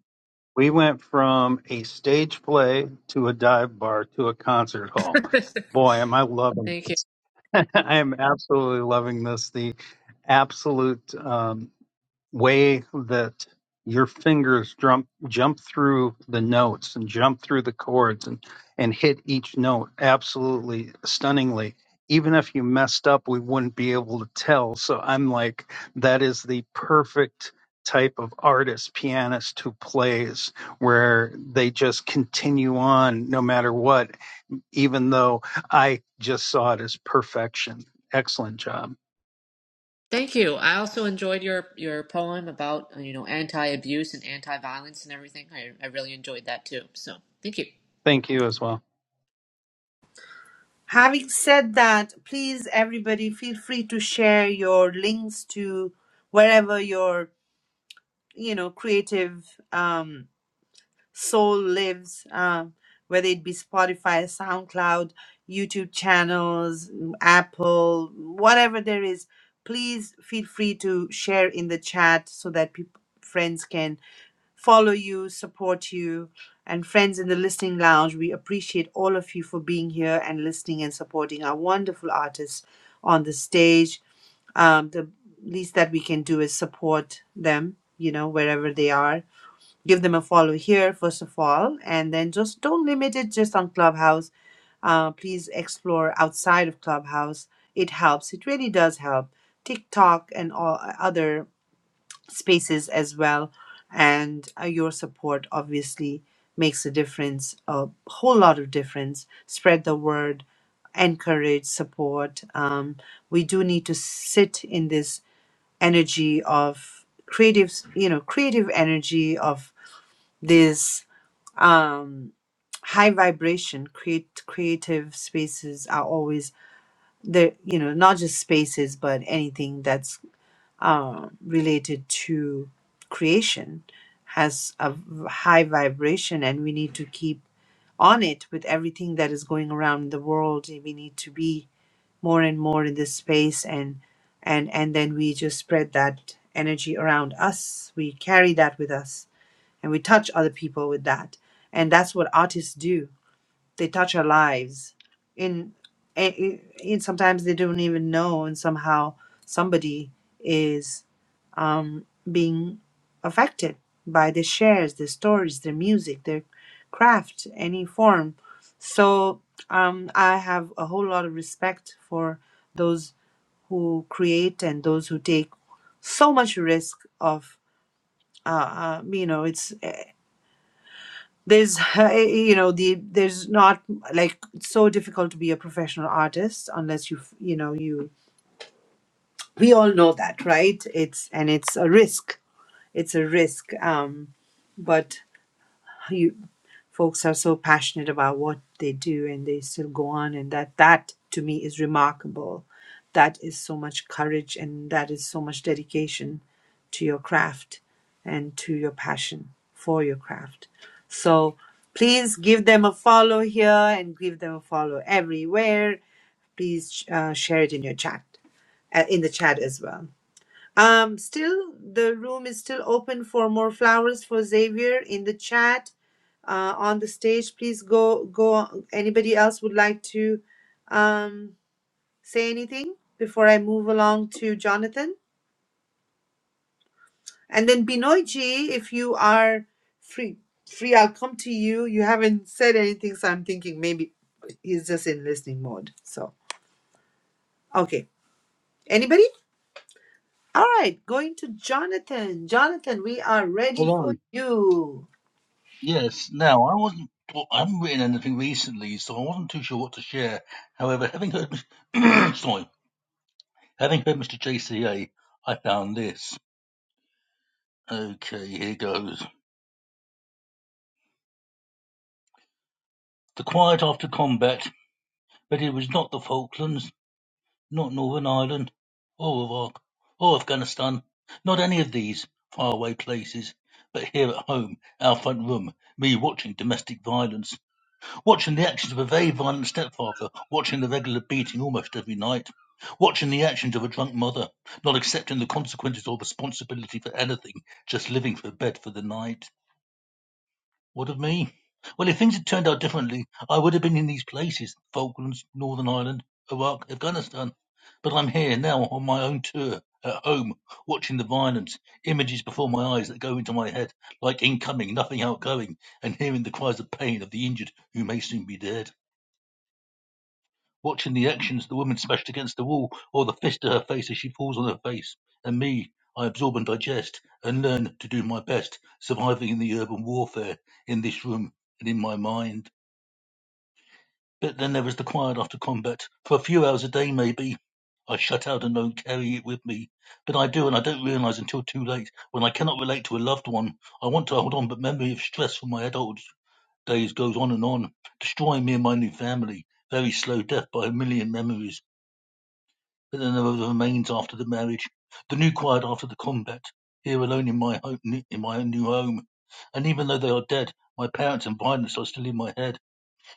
we went from a stage play to a dive bar to a concert hall. Boy, am I loving
Thank you.
this. I am absolutely loving this. The absolute. um, way that your fingers jump jump through the notes and jump through the chords and and hit each note absolutely stunningly even if you messed up we wouldn't be able to tell so i'm like that is the perfect type of artist pianist who plays where they just continue on no matter what even though i just saw it as perfection excellent job
Thank you. I also enjoyed your your poem about you know anti abuse and anti violence and everything. I I really enjoyed that too. So thank you.
thank you as well
Having said that, please everybody feel free to share your links to wherever your you know creative um Soul Lives, um, whether it be Spotify, SoundCloud, YouTube channels, mm, Apple, whatever there is, please feel free to share in the chat so that peop friends can follow you, support you. And friends in the listening lounge, we appreciate all of you for being here and listening and supporting our wonderful artists on the stage. Um, the least that we can do is support them, you know, wherever they are give them a follow here first of all and then just don't limit it just on clubhouse uh, please explore outside of clubhouse it helps it really does help tiktok and all other spaces as well and uh, your support obviously makes a difference a whole lot of difference spread the word encourage support um, we do need to sit in this energy of creative you know creative energy of this um high vibration create creative spaces are always there you know not just spaces but anything that's um related to creation has a v- high vibration and we need to keep on it with everything that is going around the world we need to be more and more in this space and and and then we just spread that energy around us we carry that with us and we touch other people with that and that's what artists do they touch our lives in eh, eh, in. and sometimes they don't even know and somehow somebody is um, being affected by the shares their stories their music their craft any form so um, i have a whole lot of respect for those who create and those who take so much risk of uh, uh, you know it's eh, there's you know the there's not like it's so difficult to be a professional artist unless you you know you we all know that right it's and it's a risk it's a risk um but you folks are so passionate about what they do and they still go on and that that to me is remarkable that is so much courage and that is so much dedication to your craft and to your passion for your craft so please give them a follow here and give them a follow everywhere please uh, share it in your chat uh, in the chat as well um, still, the room is still open for more flowers for Xavier in the chat, uh, on the stage. Please go, go. Anybody else would like to um, say anything before I move along to Jonathan? And then Binoyji, if you are free, free, I'll come to you. You haven't said anything, so I'm thinking maybe he's just in listening mode. So, okay. Anybody? All right, going to Jonathan. Jonathan, we are ready for
Hello.
you.
Yes, now, I wasn't, well, I haven't written anything recently, so I wasn't too sure what to share. However, having heard, sorry, having heard Mr. JCA, I found this. Okay, here goes. The Quiet After Combat But it was not the Falklands, not Northern Ireland, or Iraq, or Afghanistan, not any of these faraway places, but here at home, our front room, me watching domestic violence, watching the actions of a very violent stepfather, watching the regular beating almost every night, watching the actions of a drunk mother, not accepting the consequences or responsibility for anything, just living for bed for the night. What of me? Well, if things had turned out differently, I would have been in these places Falklands, Northern Ireland, Iraq, Afghanistan. But I'm here now on my own tour, at home, watching the violence, images before my eyes that go into my head, like incoming, nothing outgoing, and hearing the cries of pain of the injured who may soon be dead. Watching the actions, the woman smashed against the wall or the fist to her face as she falls on her face. And me, I absorb and digest and learn to do my best, surviving in the urban warfare in this room and in my mind. But then there was the quiet after combat, for a few hours a day maybe. I shut out and don't carry it with me. But I do, and I don't realize until too late when I cannot relate to a loved one. I want to hold on, but memory of stress from my adult days goes on and on, destroying me and my new family. Very slow death by a million memories but then there were the remains after the marriage, the new quiet after the combat, here alone in my home, in my new home. And even though they are dead, my parents and violence are still in my head.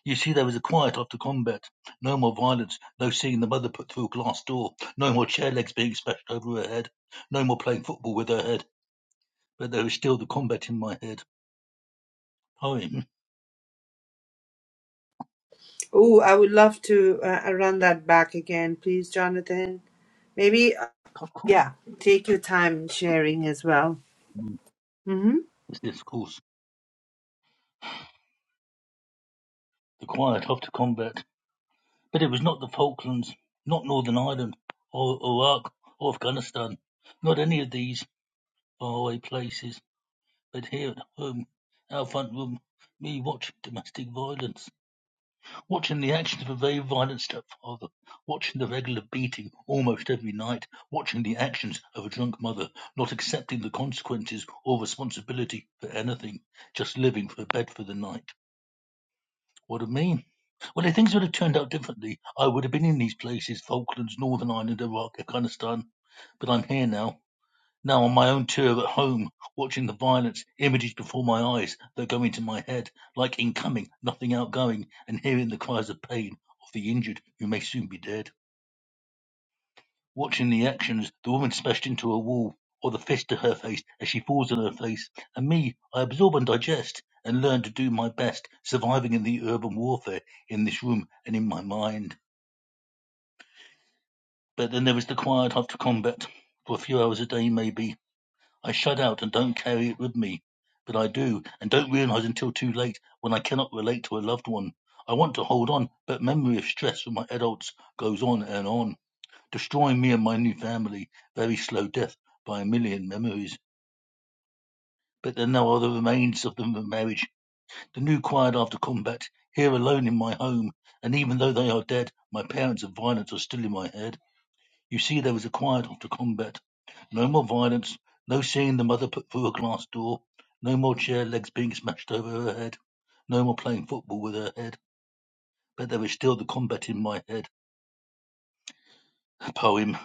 You see, there was a quiet after combat. No more violence, no seeing the mother put through a glass door, no more chair legs being smashed over her head, no more playing football with her head. But there is still the combat in my head. Poem.
Oh, I would love to uh, uh, run that back again, please, Jonathan. Maybe, uh,
Of course.
yeah, take your time in sharing as well.
Mm,
Mm-hmm.
Yes, yes, of course. The quiet after combat. But it was not the Falklands, not Northern Ireland, or Iraq, or Afghanistan, not any of these faraway places, but here at home, our front room, me watching domestic violence, watching the actions of a very violent stepfather, watching the regular beating almost every night, watching the actions of a drunk mother, not accepting the consequences or responsibility for anything, just living for a bed for the night. What do you mean? Well, if things would have turned out differently, I would have been in these places Falklands, Northern Ireland, Iraq, Afghanistan. But I'm here now, now on my own tour at home, watching the violence, images before my eyes that go into my head, like incoming, nothing outgoing, and hearing the cries of pain of the injured who may soon be dead. Watching the actions, the woman smashed into a wall or the fist to her face as she falls on her face, and me, I absorb and digest and learn to do my best, surviving in the urban warfare in this room and in my mind. But then there is the quiet after combat, for a few hours a day maybe. I shut out and don't carry it with me, but I do and don't realize until too late when I cannot relate to a loved one. I want to hold on, but memory of stress from my adults goes on and on destroying me and my new family. Very slow death by a million memories. But there are no other remains of them the marriage. The new quiet after combat, here alone in my home. And even though they are dead, my parents of violence are still in my head. You see, there was a quiet after combat. No more violence, no seeing the mother put through a glass door, no more chair legs being smashed over her head, no more playing football with her head. But there is still the combat in my head. Poem.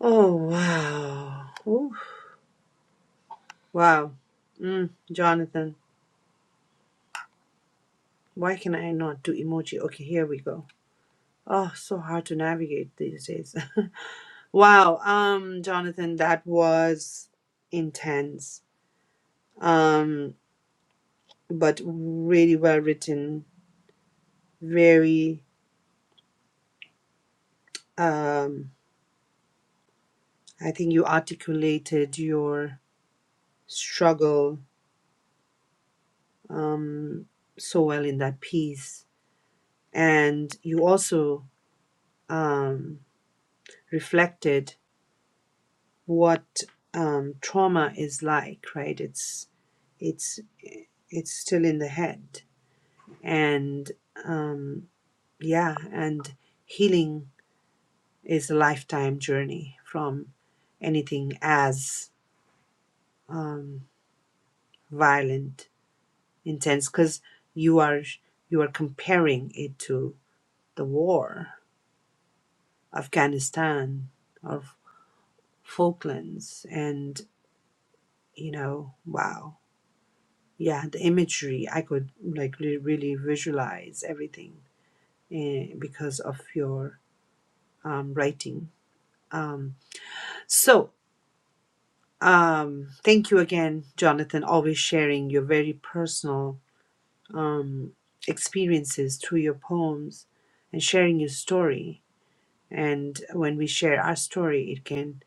Oh, wow. Oh, wow. Mm, Jonathan, why can I not do emoji? Okay, here we go. Oh, so hard to navigate these days. wow, um, Jonathan, that was intense, um, but really well written. Very, um. I think you articulated your struggle um, so well in that piece. And you also um, reflected what um, trauma is like, right? It's, it's, it's still in the head. And um, yeah, and healing is a lifetime journey from anything as um, violent intense because you are you are comparing it to the war, Afghanistan or Falklands, and you know, wow, yeah, the imagery I could like really, really visualize everything eh, because of your um, writing. Um, so um, thank you again, Jonathan, always sharing your very personal um, experiences through your poems and sharing your story And when we share our story, it can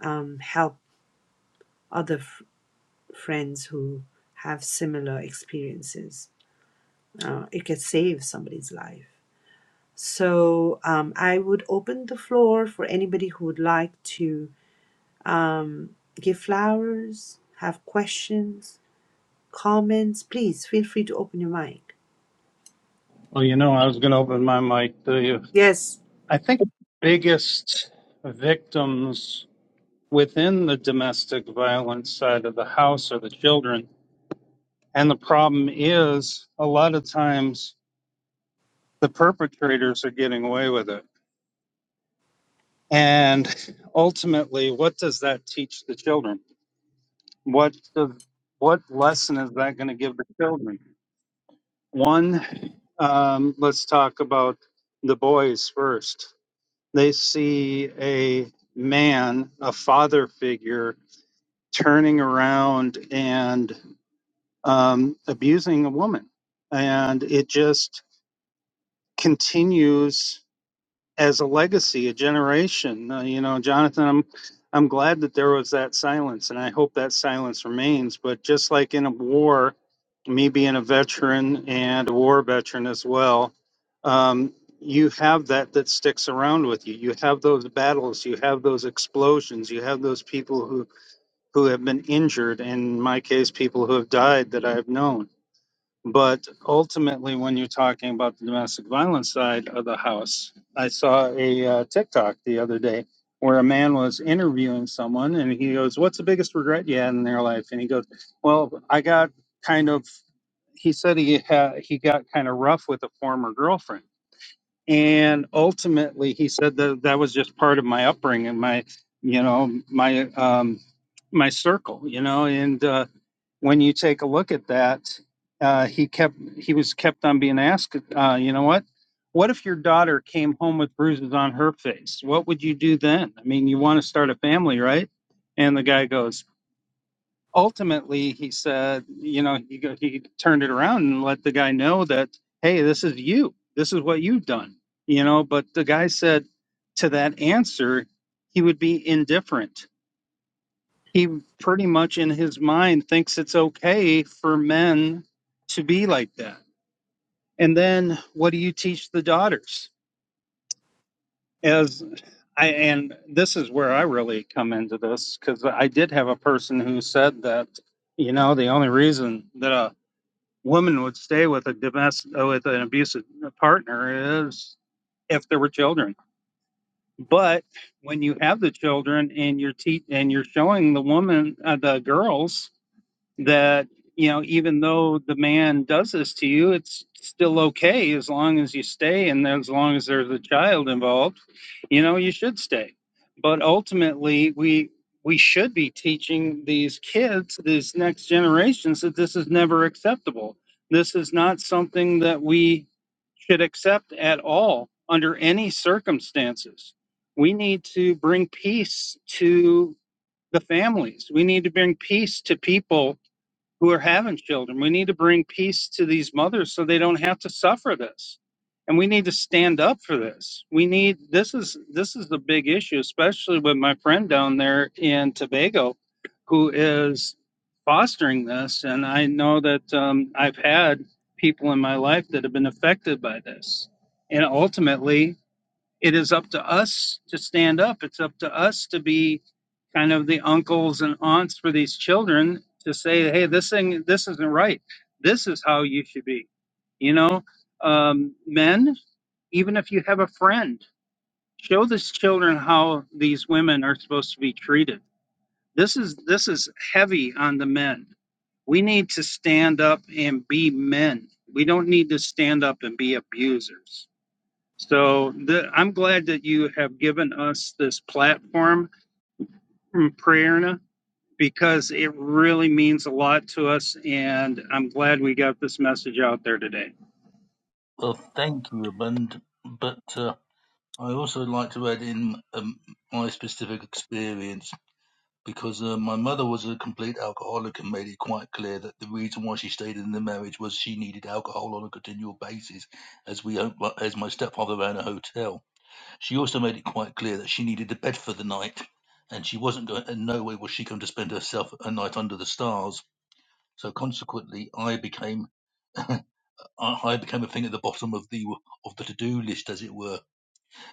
um, help other f- friends who have similar experiences. Uh, it can save somebody's life. So um, I would open the floor for anybody who would like to um, give flowers, have questions, comments. Please feel free to open your mic.
well you know i was going to open my mic to you
Yes.
I think the biggest victims within the domestic violence side of the house are the children. And the problem is, a lot of times the perpetrators are getting away with it. And ultimately, what does that teach the children? What does what lesson is that going to give the children? One, um, let's talk about the boys first. They see a man, a father figure, turning around and um, abusing a woman. And it just continues as a legacy, a generation. Uh, you know, Jonathan, I'm I'm glad that there was that silence, and I hope that silence remains. But just like in a war, me being a veteran and a war veteran as well, um, you have that that sticks around with you. You have those battles, you have those explosions, you have those people who who have been injured, in my case, people who have died that I've known. But ultimately, when you're talking about the domestic violence side of the house, I saw a uh, TikTok the other day where a man was interviewing someone and he goes, What's the biggest regret you had in their life? And he goes, Well, I got kind of, he said he, had, he got kind of rough with a former girlfriend and ultimately he said that that was just part of my upbringing my you know my um my circle you know and uh when you take a look at that uh he kept he was kept on being asked uh you know what what if your daughter came home with bruises on her face what would you do then i mean you want to start a family right and the guy goes ultimately he said you know he, go- he turned it around and let the guy know that hey this is you this is what you've done you know but the guy said to that answer he would be indifferent he pretty much in his mind thinks it's okay for men to be like that and then what do you teach the daughters as i and this is where i really come into this because i did have a person who said that you know the only reason that a woman would stay with a domestic uh, with an abusive uh, partner is if there were children. But when you have the children and you're te- and you're showing the woman uh, the girls that you know even though the man does this to you it's still okay as long as you stay and as long as there's a child involved you know you should stay but ultimately we we should be teaching these kids these next generations that this is never acceptable this is not something that we should accept at all under any circumstances we need to bring peace to the families we need to bring peace to people who are having children. We need to bring peace to these mothers so they don't have to suffer this. And we need to stand up for this. We need this is this is the big issue, especially with my friend down there in Tobago, who is fostering this. And I know that um, I've had people in my life that have been affected by this. And ultimately, it is up to us to stand up. It's up to us to be kind of the uncles and aunts for these children to say, hey, this thing, this isn't right. This is how you should be. You know, um, men, even if you have a friend, show these children how these women are supposed to be treated. This is this is heavy on the men. We need to stand up and be men. We don't need to stand up and be abusers. So the, I'm glad that you have given us this platform from Prerna because it really means a lot to us, and I'm glad we got this message out there today.
Well, thank you, Abund. But uh, I also like to add in um, my specific experience because uh, my mother was a complete alcoholic and made it quite clear that the reason why she stayed in the marriage was she needed alcohol on a continual basis, as we own- like, as my stepfather ran a hotel. She also made it quite clear that she needed a bed for the night, and she wasn't going. In no way was she going to spend herself a night under the stars. So consequently, I became I I became a thing at the bottom of the of the to do list, as it were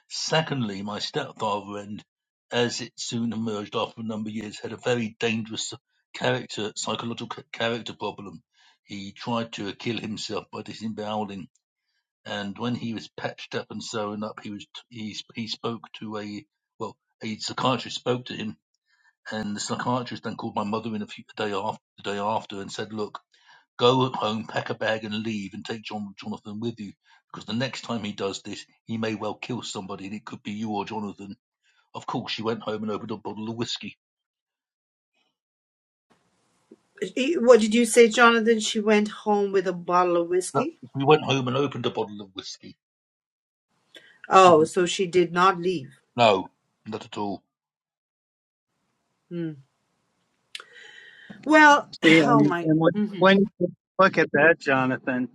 Secondly, my stepfather and, as it soon emerged after a number of years, had a very dangerous character, psychological character problem. He tried to kill himself by disemboweling, and when he was patched up and sewn up, he was he he spoke to a well a psychiatrist spoke to him, and the psychiatrist then called my mother in a few, a day after the day after and said, "Look." Go home, pack a bag, and leave, and take John Jonathan with you, because the next time he does this, he may well kill somebody, and it could be you or Jonathan. Of course, she went home and opened a bottle of whiskey.
Eh, What did you say, Jonathan? She went home with a bottle of
No,
whiskey?
we went home and opened a bottle of whiskey.
Oh, so she did not leave.
No, not at all.
Well,
See,
oh
And,
my.
and when,
mhm.
when you look at that, Jonathan,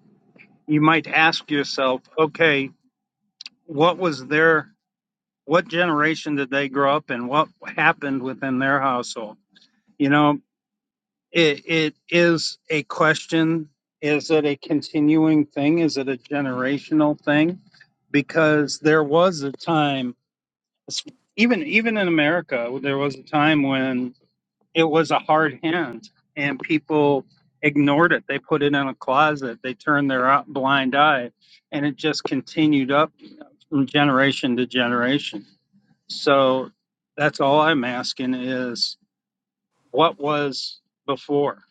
you might ask yourself, okay, what was their, what generation did they grow up in? What happened within their household? You know, it, it is a question. Is it a continuing thing? Is it a generational thing? Because there was a time even even in America, there was a time when it was a hard hand, and people ignored it. They put it in a closet. They turned their o- blind eye, and it just continued up from generation to generation. So that's all I'm asking is what was before.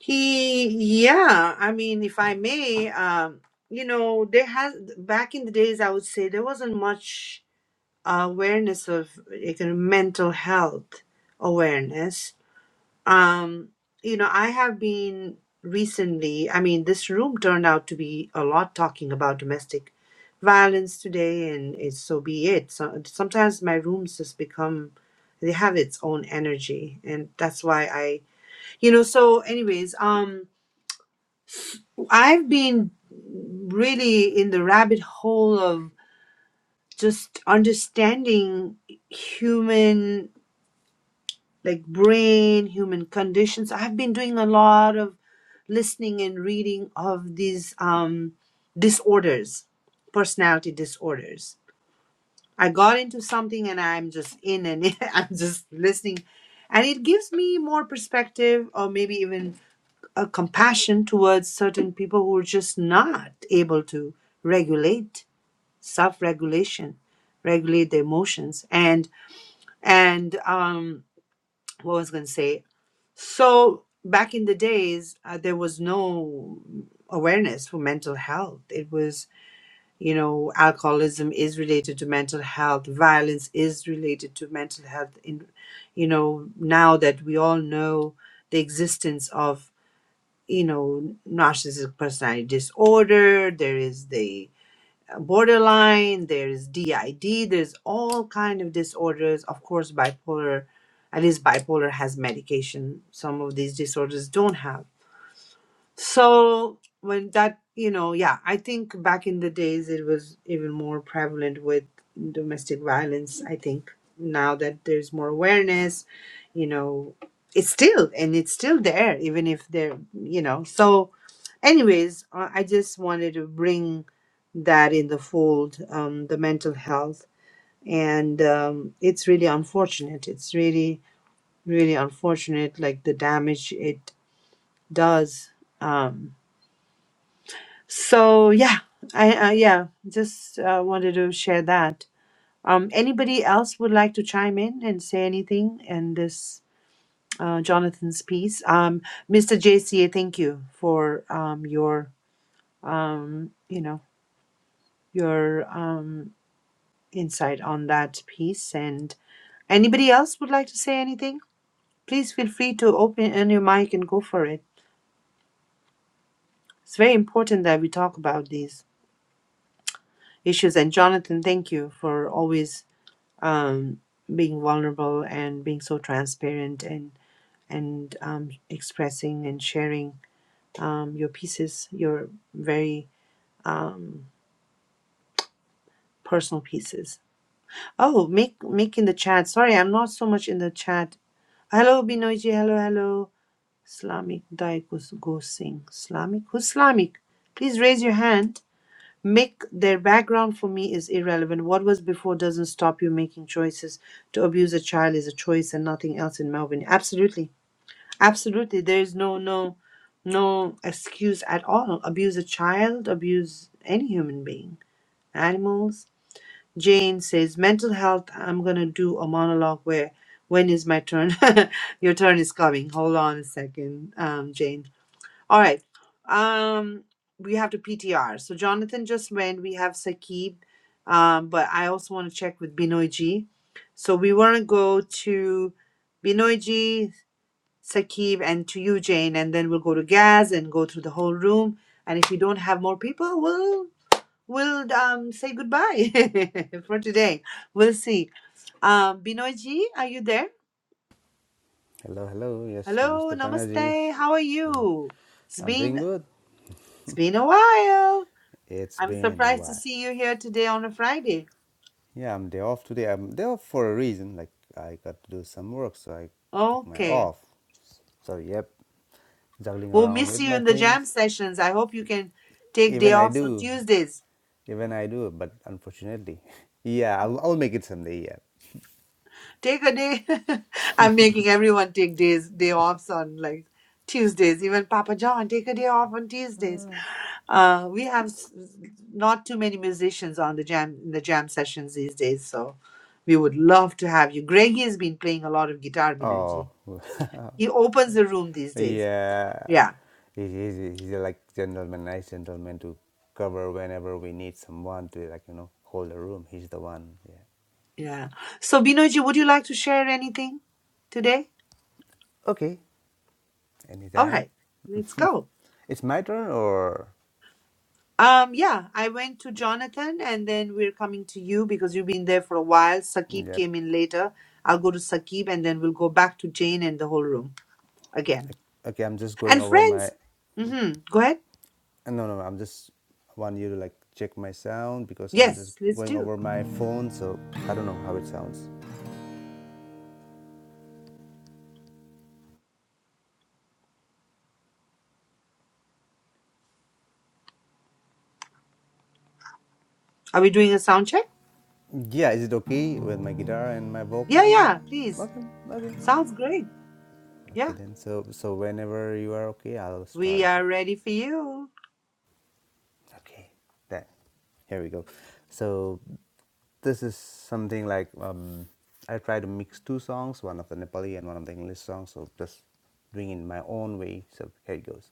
He, yeah. I mean, if I may, um, you know, there has back in the days, I would say there wasn't much awareness of like, uh, mental health awareness. Um, you know, I have been recently. I mean, this room turned out to be a lot talking about domestic violence today, and it's so be it. So sometimes my rooms just become they have its own energy, and that's why I you know so anyways um i've been really in the rabbit hole of just understanding human like brain human conditions i've been doing a lot of listening and reading of these um disorders personality disorders i got into something and i'm just in and i'm just listening and it gives me more perspective or maybe even a compassion towards certain people who are just not able to regulate self-regulation regulate their emotions and and um what was I going to say so back in the days uh, there was no awareness for mental health it was you know alcoholism is related to mental health violence is related to mental health in you know now that we all know the existence of you know, narcissistic personality disorder, there is the uh, borderline, there is DID, there's all kind of disorders. Of course, bipolar, at least bipolar has medication. Some of these disorders don't have so when that, you know, yeah, I think back in the days it was even more prevalent with domestic violence. I think now that there's more awareness, you know, it's still and it's still there, even if they're, you know. So, anyways, uh, I just wanted to bring that in the fold, um, the mental health, and um, it's really unfortunate. It's really, really unfortunate, like the damage it does. Um, so yeah, I uh, yeah, just uh, wanted to share that. Um, anybody else would like to chime in and say anything in this uh, Jonathan's piece? Um, Mr. JCA, thank you for um, your um, you know your um, insight on that piece. And anybody else would like to say anything? Please feel free to open on your mic and go for it. It's very important that we talk about these issues. And Jonathan, thank you for always um, being vulnerable and being so transparent and and um, expressing and sharing um, your pieces, your very um, personal pieces. Oh, make make in the chat. Sorry, I'm not so much in the chat. Hello, Binoji. Hello, hello. Islamic Daikus Go Singh. Islamic? Who's Islamic? Please raise your hand. Mick, their background for me is irrelevant. What was before doesn't stop you making choices. To abuse a child is a choice and nothing else in Melbourne. Absolutely. Absolutely. There is no no no excuse at all. Abuse a child, abuse any human being. Animals. Jane says, mental health, I'm gonna do a monologue where when is my turn? Your turn is coming. Hold on a second, um, Jane. All right. Um, we have to PTR. So Jonathan just went. We have Saqib, um, but I also want to check with Binoy G. So we want to go to Binoy G, Saqib, and to you, Jane, and then we'll go to Gaz and go through the whole room. And if we don't have more people, we'll we'll um, say goodbye for today. We'll see. Um, Binoy G, are you there?
Hello, hello. Yes,
Hello,
namaste, Pranaji.
Namaste. How are you? It's
I'm doing
been
good.
it's been a while.
It's
I'm
been a
surprised to
while.
see you here today on a Friday.
Yeah, I'm day off today. I'm day off for a reason. Like I got to do some work, so I took my
Okay.
off. So yep, juggling
We'll
around
miss
with
you
my
in the jam
things.
sessions. I hope you can take
Even
day
I
offs on
do,
Tuesdays.
even I do. But unfortunately, yeah, I'll, I'll make it someday. Yeah.
Take a day. I'm making everyone take days day offs on like Tuesdays. Even Papa John, take a day off on Tuesdays. Uh, we have s- not too many musicians on the jam in the jam sessions these days, so we would love to have you. Greggy has been playing a lot of guitar, Binaji.
Oh,
He opens the room these days.
yeah.
Yeah.
He's, he's, he's like gentleman, nice gentleman to cover whenever we need someone to like you know hold the room. He's the one. Yeah.
Yeah. So Binoji, would you like to share anything today?
Okay,
All
anytime.
right, let's go.
It's my turn or
Um, yeah, I went to Jonathan and then we're coming to you because you've been there for a while. Sakib
yep.
came in later. I'll go to Sakib and then we'll go back to Jane and the whole room again.
Okay, I'm just going
And
over my
friends, mm-hmm. go ahead.
no no, I'm just want you to like check my sound because I'm just
Yes, let's
going
do.
over my phone so I don't know how it sounds.
Are we doing a sound check?
Yeah, is it okay with my guitar and my
Yeah,
vocal?
yeah, please.
Okay, okay.
Sounds great.
Okay
Yeah,
then so so whenever you are okay I'll
we
start.
are ready for you.
Okay. Then here we go. So this is something like um, I try to mix two songs, one of the Nepali and one of the English songs, so just doing it in my own way. So here it goes.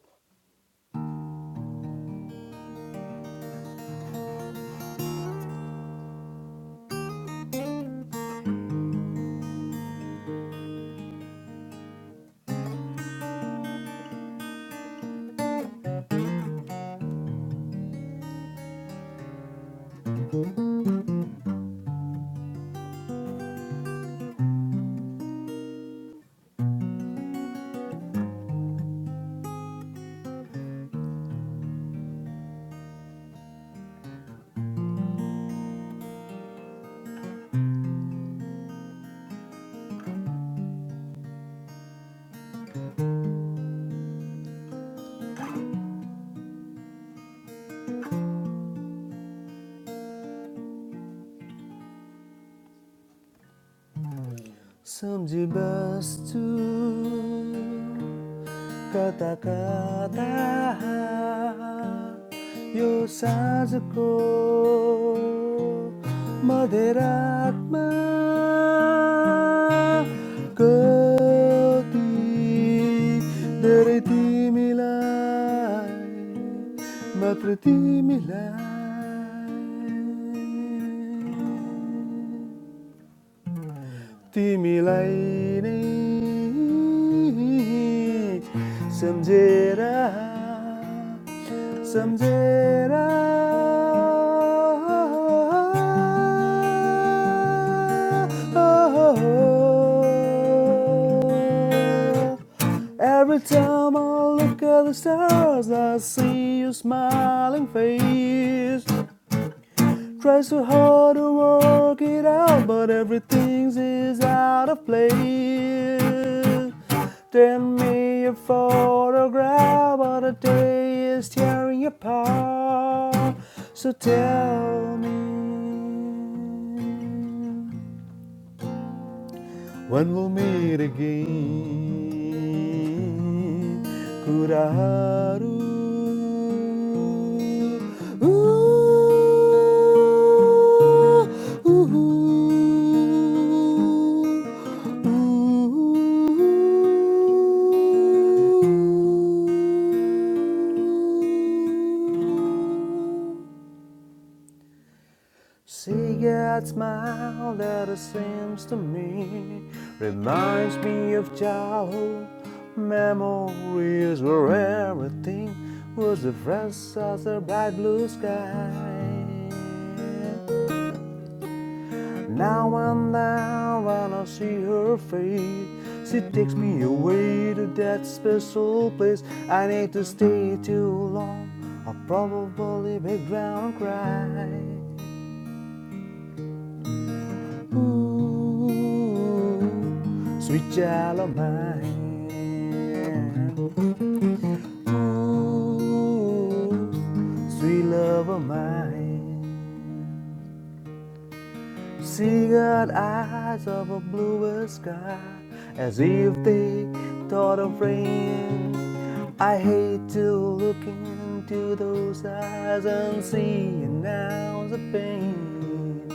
Kata kata, yosuko, madrakma, kau ti dari ti milai, mati ti milai. तिमीलाई नै सम्झेर सम्झेर Every time I look at the stars, I see your smiling face. Try so hard to work it out, but everything is out of place. Send me a photograph, but the day is tearing apart. So tell me when we'll meet again. Kuraru. Ooh, ooh, ooh. ooh. Cigarette smile that it seems to me reminds me of childhood memories where everything was the fresh as the bright blue sky. Now and then when I see her face, she takes me away to that special place. I need to stay too long, I'll probably background cry. Ooh, sweet child of mine. Ooh, sweet love of mine. Seagull eyes of a bluer sky, as if they thought of rain. I hate to look into those eyes and see now the pain.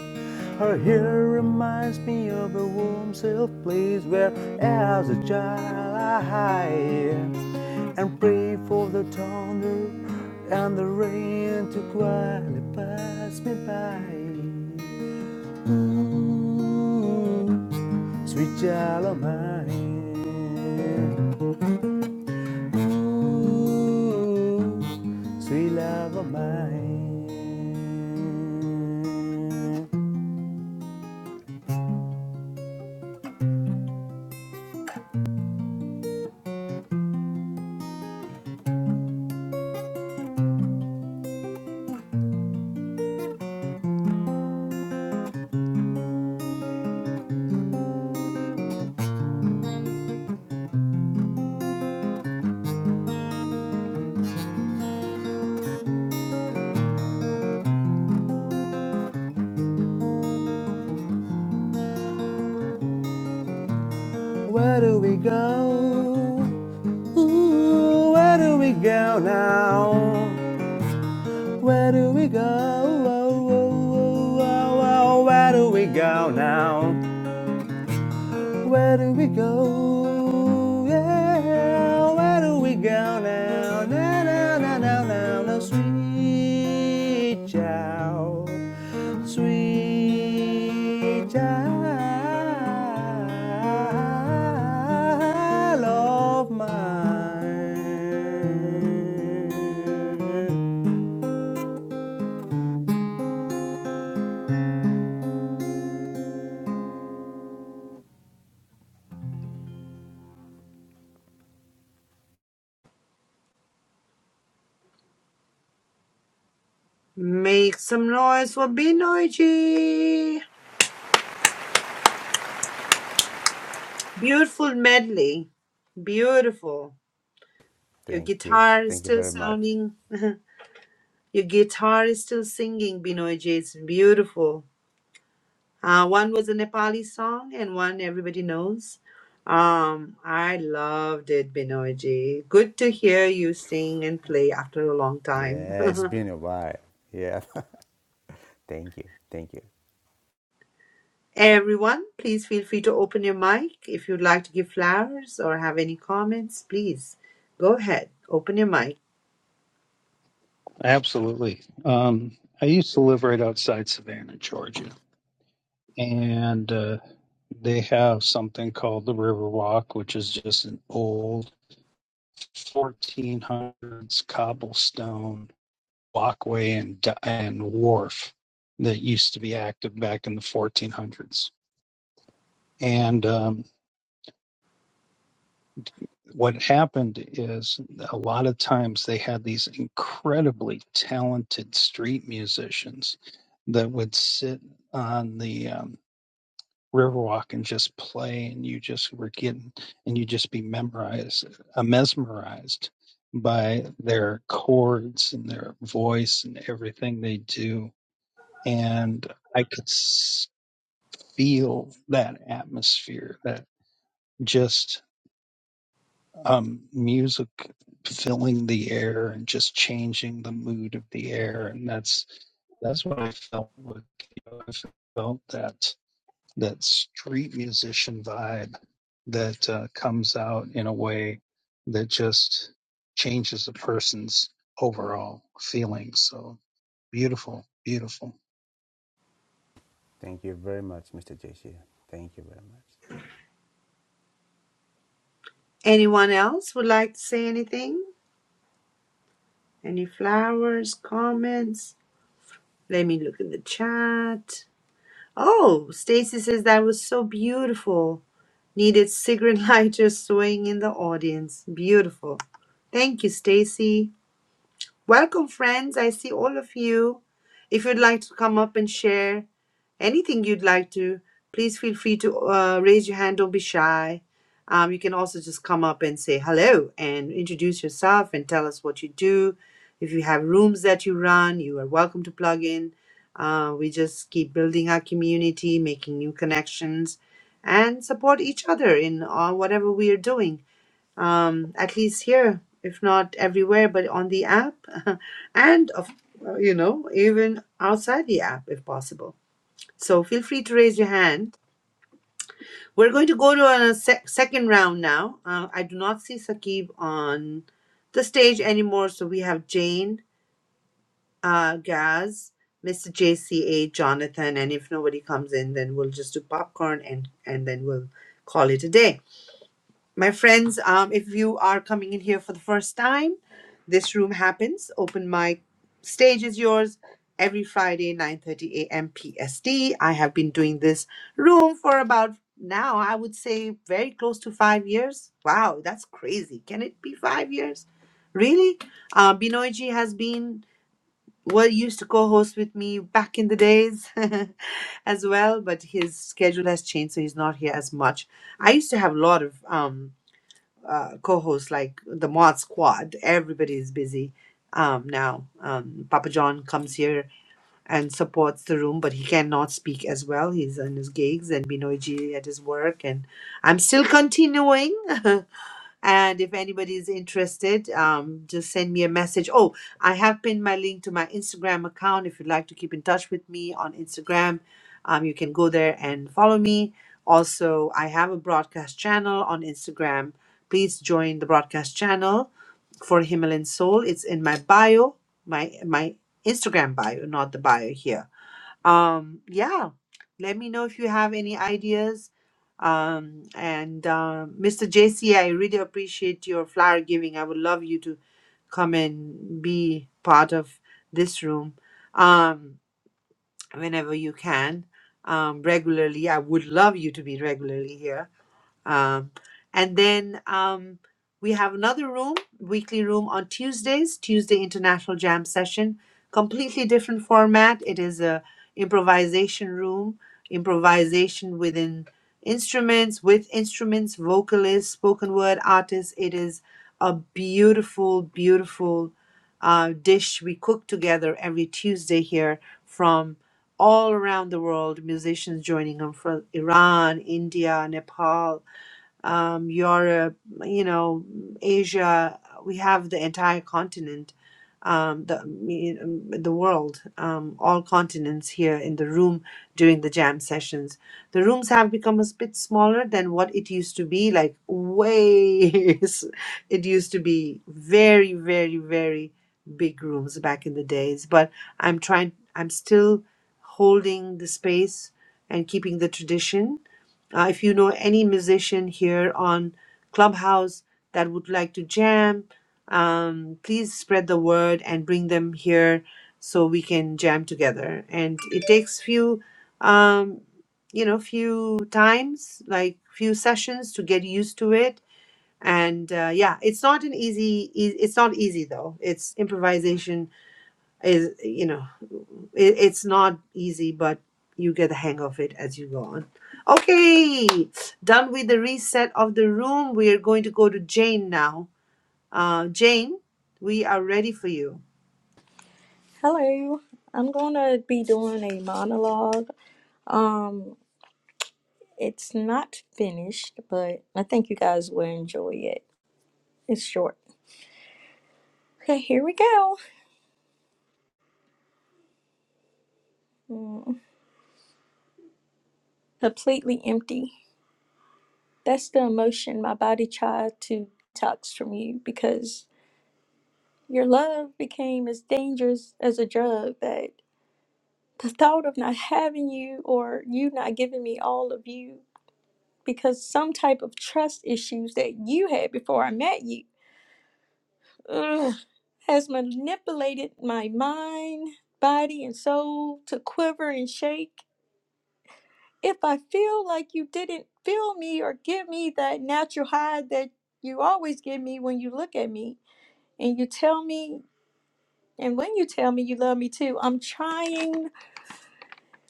Her hair reminds me of a warm, safe place where, as a child, I hide and pray for the thunder and the rain to quietly pass me by. Ooh, sweet Jalomine. Ooh, sweet love of mine. Where do we go? Ooh, where do we go now? Where do we go? Oh, oh, oh, oh, oh, where do we go now? Where do we go? Yeah, where do we go now? Now, now, now, now, now, now, sweet child, sweet child of mine.
Make some noise for Binoji. Beautiful medley. Beautiful. Your
Thank you.
guitar is
Thank you
still
very much.
sounding, your guitar is still singing, Binoy Jason. Beautiful. Uh, one was a Nepali song and one everybody knows. Um, I loved it, Binoyji. Good to hear you sing and play after a long time.
Yeah, it's been a while. Yeah. thank you. Thank you.
Everyone, please feel free to open your mic. If you'd like to give flowers or have any comments, please go ahead, open your mic.
Um, I used to, and uh, they have something called the River Walk, which is just an old 1400s cobblestone Walkway and and Wolf that you acted back in the 1400s. And um, what happened is a lot of times they had these incredibly talented street musicians that would sit on the um, Riverwalk and just play, and you just were getting, and you just be memorized, uh, mesmerized by their chords and their voice and everything they do. And I could. feel that atmosphere, that just um, music filling the air and just changing the mood of the air, and that's that's what I felt with you know, I felt that that street musician vibe that uh, comes out in a way that just changes a person's overall feeling. So beautiful, beautiful.
Thank you very much, Mr. J.C. Thank you very much.
Anyone else would like to say anything? Any flowers, comments? Let me look in the chat. Oh, Stacy says that was so beautiful. Needed cigarette lighter swaying in the audience. Beautiful. Thank you, Stacy. Welcome, friends. I see all of you. If you'd like to come up and share, anything you'd like to, please feel free to uh, raise your hand. Don't be shy. Um, you can also just come up and say hello and introduce yourself and tell us what you do. If you have rooms that you run, you are welcome to plug in. Uh, we just keep building our community, making new connections, and support each other in uh, whatever we are doing. Um, at least here, if not everywhere, but on the app, and of, uh, you know, even outside the app if possible. So feel free to raise your hand. We're going to go to a sec- second round now. Uh, I do not see Saqib on the stage anymore. So we have Jane, uh, Gaz, Mr. JCA, Jonathan, and if nobody comes in, then we'll just do popcorn and, and then we'll call it a day. My friends, um, if you are coming in here for the first time, this room happens. Open mic stage is yours every Friday, 9.30 a.m. PST. I have been doing this room for about now, I would say very close to five years. Wow, that's crazy. Can it be five years? Really? Uh, Binoyji has been what used to co-host with me back in the days as well, but his schedule has changed, so he's not here as much. I used to have a lot of... Um, uh, co-hosts like the mod squad everybody is busy um, now um, papa john comes here and supports the room but he cannot speak as well he's on his gigs and binoiji at his work and i'm still continuing And if anybody's interested, um, just send me a message. Oh, I have pinned my link to my Instagram account. If you'd like to keep in touch with me on Instagram, um, you can go there and follow me. Also, I have a broadcast channel on Instagram. Please join the broadcast channel for Himalayan Soul. It's in my bio, my my Instagram bio, not the bio here um yeah let me know if you have any ideas um and uh, mr jc i really appreciate your flower giving i would love you to come and be part of this room um whenever you can um regularly i would love you to be regularly here um, and then um, we have another room, weekly room on Tuesdays, Tuesday International Jam Session. Completely different format. It is a improvisation room, improvisation within instruments, with instruments, vocalists, spoken word artists. It is a beautiful, beautiful uh, dish we cook together every Tuesday here from all around the world. Musicians joining them from Iran, India, Nepal, um, Europe, you know, Asia. We have the entire continent, um, the me- um, the world, um, all continents here in the room during the jam sessions. The rooms have become a bit smaller than what it used to be. Like way, it used to be very, very, very big rooms back in the days. But I'm trying. I'm still holding the space and keeping the tradition uh, if you know any musician here on Clubhouse that would like to jam, um, please spread the word and bring them here so we can jam together. And it takes few, um, you know, few times, like few sessions to get used to it. And uh, yeah, it's not an easy. e- It's not easy though. It's improvisation is you know it, it's not easy but you get the hang of it as you go on okay done with the reset of the room we are going to go to jane now uh jane we are ready for you
Hello. I'm gonna be doing a monologue. Um, it's not finished, but I think you guys will enjoy it. It's short. Okay, here we go. completely empty. That's the emotion my body tried to detox from you because your love became as dangerous as a drug that the thought of not having you or you not giving me all of you because some type of trust issues that you had before I met you ugh, has manipulated my mind, body, and soul to quiver and shake if I feel like you didn't feel me or give me that natural high that you always give me when you look at me and you tell me, and when you tell me you love me too, I'm trying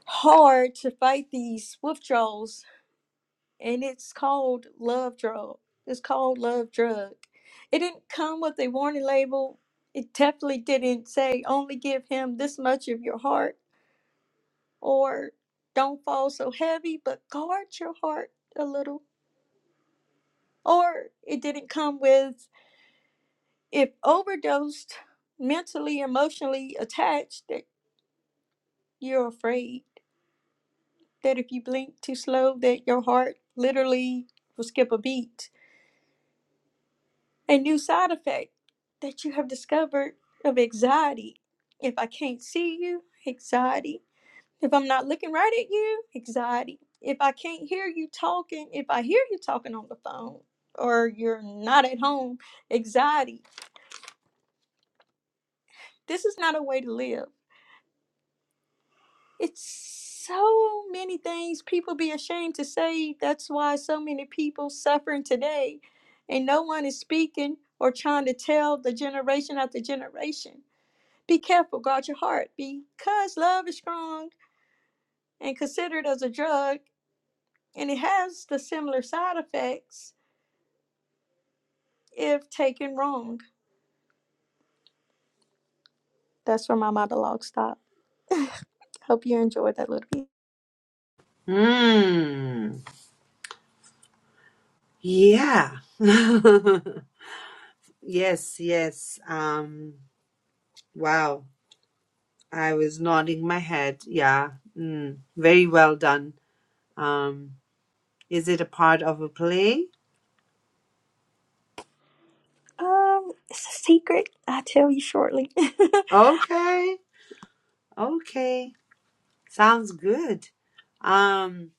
hard to fight these withdrawals, and it's called love drug. It's called love drug. It didn't come with a warning label. It definitely didn't say only give him this much of your heart or don't fall so heavy, but guard your heart a little or it didn't come with if overdosed mentally emotionally attached that you're afraid that if you blink too slow that your heart literally will skip a beat a new side effect that you have discovered of anxiety if i can't see you anxiety if i'm not looking right at you anxiety if i can't hear you talking if i hear you talking on the phone or you're not at home anxiety this is not a way to live it's so many things people be ashamed to say. That's why so many people suffering today, and no one is speaking or trying to tell the generation after generation. Be careful, guard your heart, because love is strong and considered as a drug, and it has the similar side effects if taken wrong. That's where my monologue stopped. Hope you enjoyed that little bit.
Hmm. yeah yes yes um wow i was nodding my head yeah mm, very well done um is it a part of a play
Um, it's a secret. I'll tell you shortly.
okay okay Sounds good. Um,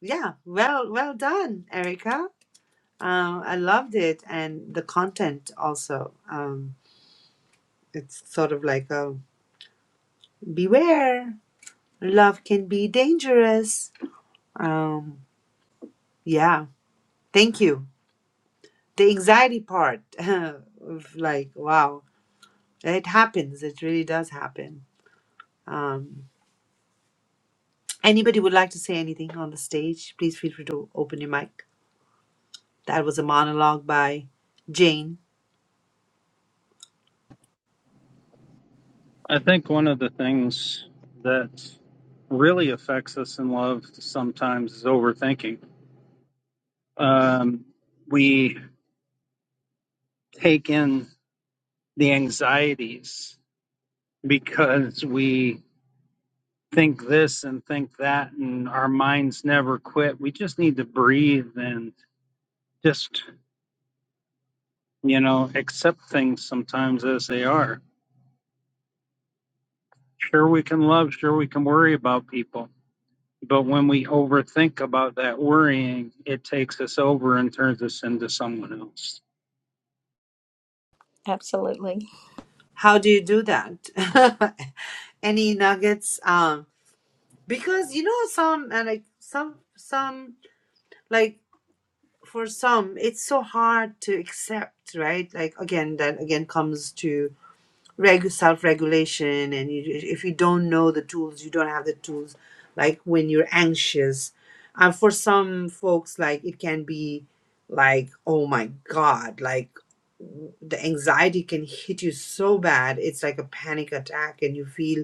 yeah, well, well done, Erica. Um, I loved it, and the content also. Um, it's sort of like a beware, love can be dangerous. Um, yeah, thank you. The anxiety part of like, wow, it happens. It really does happen. Um, anybody would like to say anything on the stage? Please feel free to open your mic. That was a monologue by Jane.
I think one of the things that really affects us in love sometimes is overthinking. Um, we take in the anxieties because we think this and think that, and our minds never quit. We just need to breathe and just, you know, accept things sometimes as they are. Sure, we can love, sure, we can worry about people, But when we overthink about that worrying, it takes us over and turns us into someone else.
Absolutely.
How do you do that? Any nuggets? Um, because you know some uh, like some some like for some it's so hard to accept, right? Like again, that again comes to reg- self-regulation, and you, if you don't know the tools, you don't have the tools. Like when you're anxious, and for some folks, like it can be like oh my god like the anxiety can hit you so bad it's like a panic attack and you feel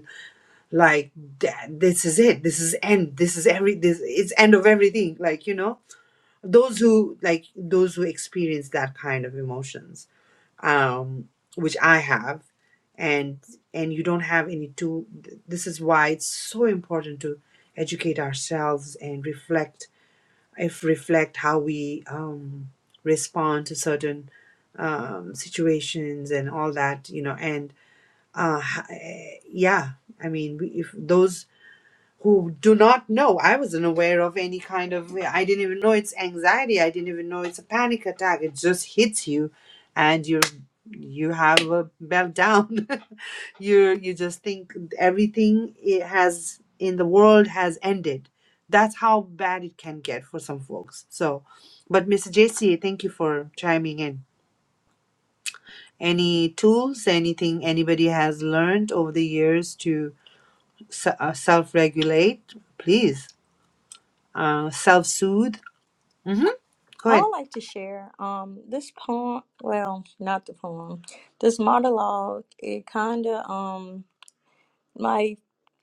like "Da- this is it this is end this is every this it's end of everything like you know those who like those who experience that kind of emotions um which i have and and you don't have any tool th- this is why it's so important to educate ourselves and reflect if reflect how we um respond to certain um situations and all that you know and uh h- eh, yeah i mean we- if those who do not know. I wasn't aware of any kind of, I didn't even know it's anxiety. I didn't even know it's a panic attack. It just hits you and you're, you have a meltdown. you you just think everything it has in the world has ended. That's how bad it can get for some folks. So, but Mr. JC, thank you for chiming in. Any tools, anything anybody has learned over the years to se- uh, self-regulate? Please uh, self-soothe. hmm Go
I would
ahead.
like to share um this poem. Well, not the poem. This monologue. It kind of um my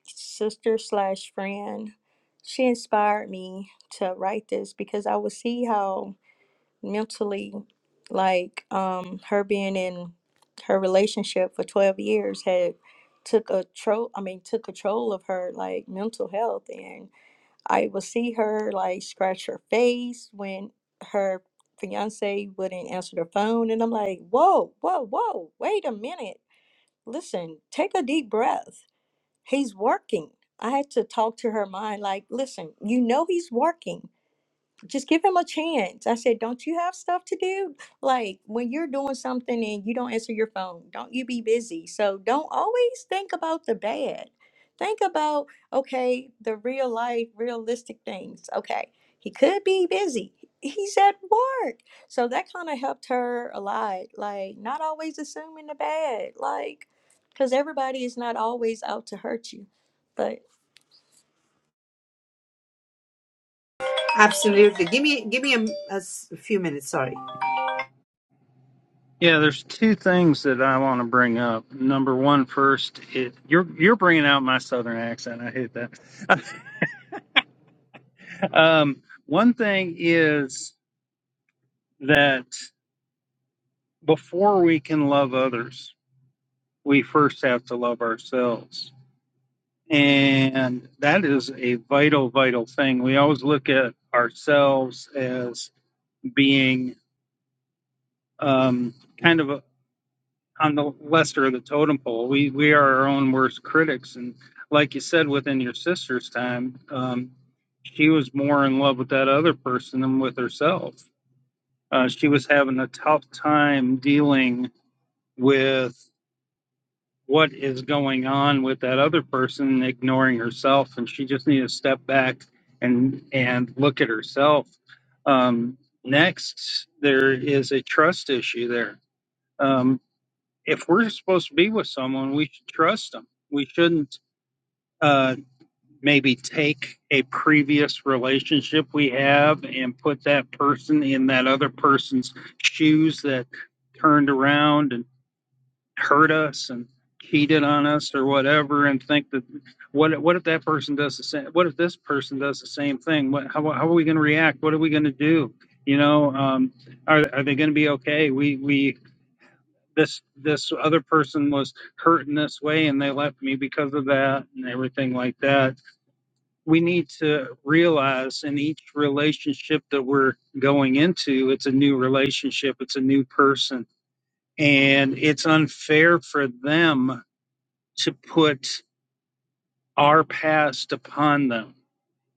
sister slash friend. She inspired me to write this because I would see how mentally, like um her being in her relationship for twelve years had took a tro. I mean took control of her like mental health and I would see her like scratch her face when her fiance wouldn't answer the phone. And I'm like, whoa, whoa, whoa, wait a minute. Listen, take a deep breath. He's working. I had to talk to her mind like, listen, you know he's working just give him a chance. I said, Don't you have stuff to do? Like when you're doing something and you don't answer your phone, don't you be busy? So don't always think about the bad. Think about, okay, the real life, realistic things. Okay, he could be busy. He's at work. So that kind of helped her a lot. Like, not always assuming the bad. Like, because everybody is not always out to hurt you. but.
Absolutely. Give me give me a, a s- a few minutes. Sorry.
Yeah, there's two things that I want to bring up. Number one, first, it, you're you're bringing out my southern accent. I hate that. um, one thing is that before we can love others, we first have to love ourselves, and that is a vital, vital thing. We always look at ourselves as being um, kind of a on the lesser of the totem pole. We we are our own worst critics, and like you said, within your sister's time, um, she was more in love with that other person than with herself. Uh, she was having a tough time dealing with what is going on with that other person, and ignoring herself, and she just needed to step back and and look at herself. Um, next, there is a trust issue there. Um, if we're supposed to be with someone, we should trust them. We shouldn't uh, maybe take a previous relationship we have and put that person in that other person's shoes that turned around and hurt us and cheated on us or whatever, and think that what what if that person does the same? What if this person does the same thing? What how, how are we going to react? What are we going to do? You know, um, are, are they going to be okay? We we this this other person was hurt in this way and they left me because of that and everything like that we need to realize in each relationship that we're going into it's a new relationship it's a new person and it's unfair for them to put our past upon them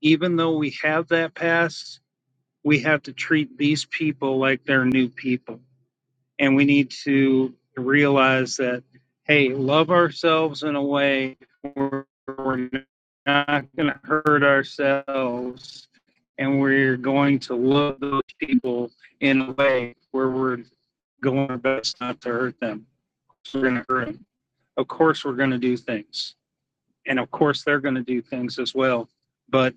even though we have that past we have to treat these people like they're new people and we need to realize that hey love ourselves in a way where we're not going to hurt ourselves and we're going to love those people in a way where we're going our best not to hurt them we're going to hurt them of course we're going to do things and of course they're going to do things as well but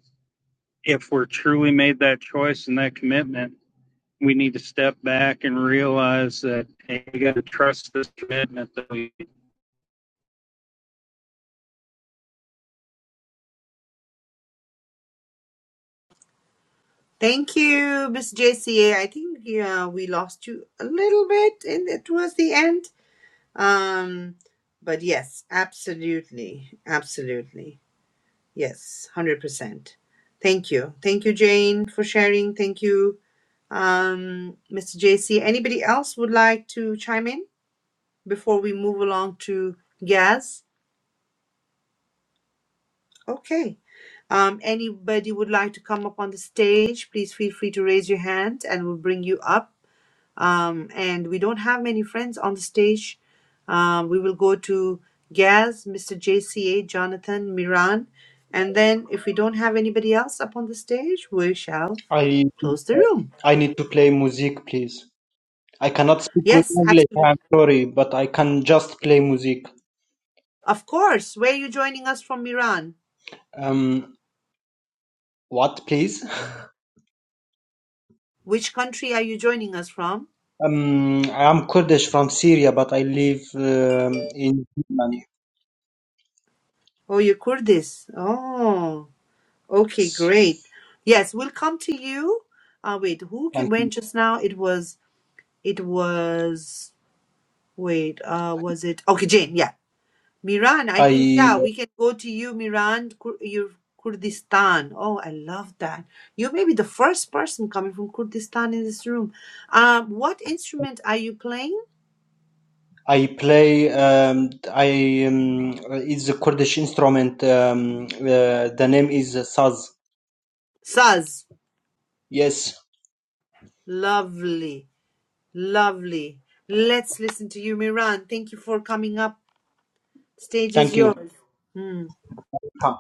if we're truly made that choice and that commitment we need to step back and realize that hey, we got to trust this commitment that we.
Thank you, Miss JCA. I think yeah, we lost you a little bit in the, towards the end. Um, but yes, absolutely, absolutely. Yes, hundred percent. Thank you. Thank you, Jane, for sharing. Thank you, um, Mr. JC. Anybody else would like to chime in before we move along to Gaz? Okay. Um, anybody would like to come up on the stage, please feel free to raise your hand and we'll bring you up. Um, and we don't have many friends on the stage. Um, we will go to Gaz, Mr. JCA, Jonathan, Miran. And then if we don't have anybody else up on the stage, we shall
I
close the room.
I need to play music, please. I cannot speak good
Yes,
English. I'm
absolutely.
sorry, but I can just play music.
Of course. Where are you joining us from, Miran?
Um, what, please?
Which country are you joining us from?
Um, I'm Kurdish from Syria, but I live um, in Germany.
Oh, you're Kurdish. Oh. Okay,
It's-
great. Yes, we'll come to you. Uh, wait, who ca-
And
went just now? It was, it was, wait, uh, was it? Okay, Jane, yeah. Miran, I think,
I
yeah, we can go to you, Miran, Kur- your Kurdistan. Oh, I love that. You may be the first person coming from Kurdistan in this room. Um, what instrument are you playing?
I play um, I um, it's a Kurdish instrument. Um, uh, the name is saz.
Saz.
Yes,
Lovely, lovely. Let's listen to you, Miran. Thank you for coming up. Stage is
thank you.
yours. Hmm.
Come.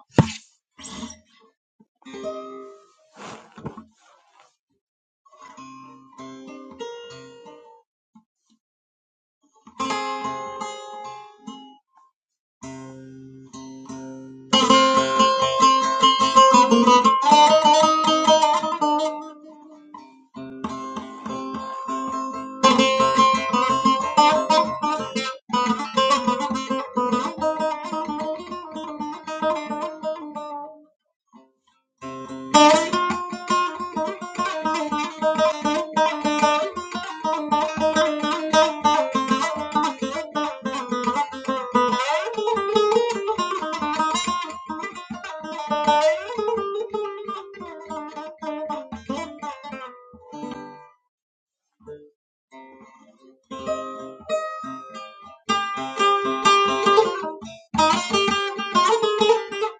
Thank you.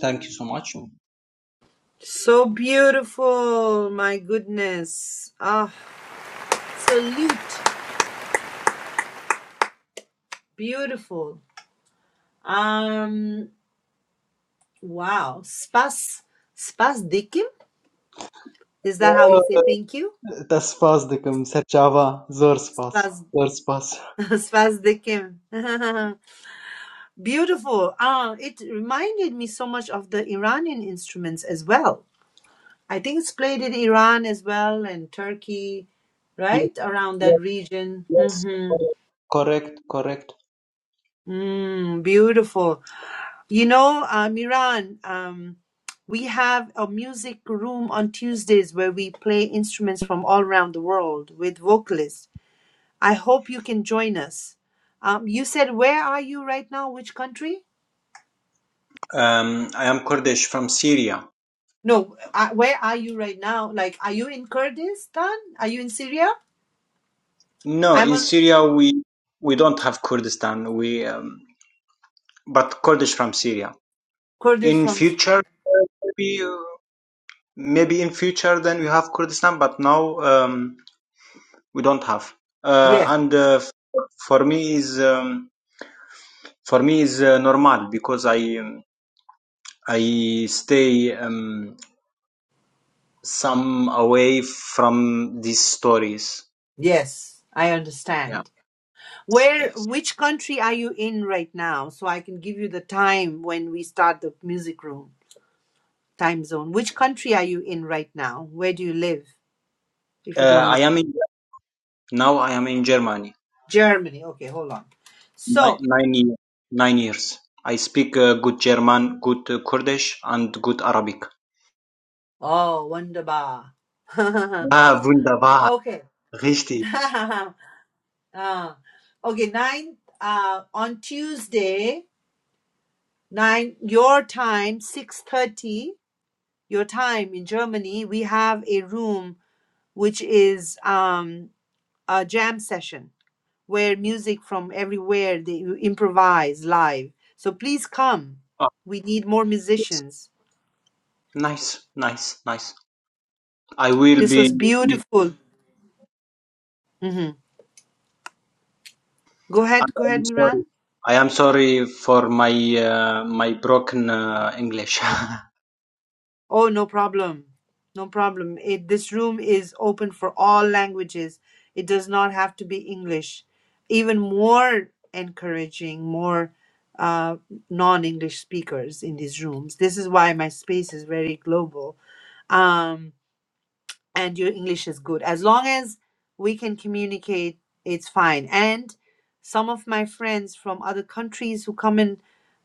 Thank you so much.
So beautiful, my goodness. Ah, salute. Beautiful. Um, wow. Spas, spas dikim? Is that how you say thank you?
Tas pas dekam. ser çava zor spas.
Spas,
Zor spas.
spas dikim. Beautiful. Ah, it reminded me so much of the Iranian instruments as well. I think it's played in Iran as well and Turkey,
Yes,
right? Around that
yes,
region.
yes.
Mm-hmm.
Correct, correct.
Mm, beautiful. You know, uh, Miran, um, we have a music room on Tuesdays where we play instruments from all around the world with vocalists. I hope you can join us. Um, you said, where are you right now? Which country?
Um, I am Kurdish from Syria.
No, uh, where are you right now? Like, are you in Kurdistan? Are you in Syria?
No,
I'm
in
on
Syria we we don't have Kurdistan. We um, but Kurdish from Syria.
Kurdish
In
from.
future, uh, maybe uh, maybe in future then we have Kurdistan, but now um, we don't have. Uh,
Yes,
and uh, for, for me is um, for me is uh, normal because I um, I stay um, some away from these stories.
yes, I
Yeah.
understand. Where,
Yes.
which country are you in right now? So I can give you the time when we start the music room. time zone. Which country are you in right now? Where do you live, if
Uh,
you don't
I
mind?
am in, now. I am in Germany.
Germany. Okay, hold on.
Nine,
So,
nine years. Nine years. I speak uh, good German, good uh, Kurdish, and good Arabic.
oh, wunderbar. okay.
Ah, wunderbar. Richtig.
uh, okay, nine. Uh, on Tuesday, nine your time, six thirty your time in Germany. We have a room which is um a jam session where music from everywhere they improvise live. So please come. We need more
Yes.
musicians.
Nice, nice, nice. I will
This
be.
was beautiful. hmm Go
I
ahead, go
am
ahead,
sorry.
Miran.
I am sorry for my uh, my broken uh, English.
Oh, no problem. No problem. It, this room is open for all languages. It does not have to be English. Even more encouraging, more uh, non English speakers in these rooms. This is why my space is very global. Um, and your English is good. As long as we can communicate, it's fine. And some of my friends from other countries who come in,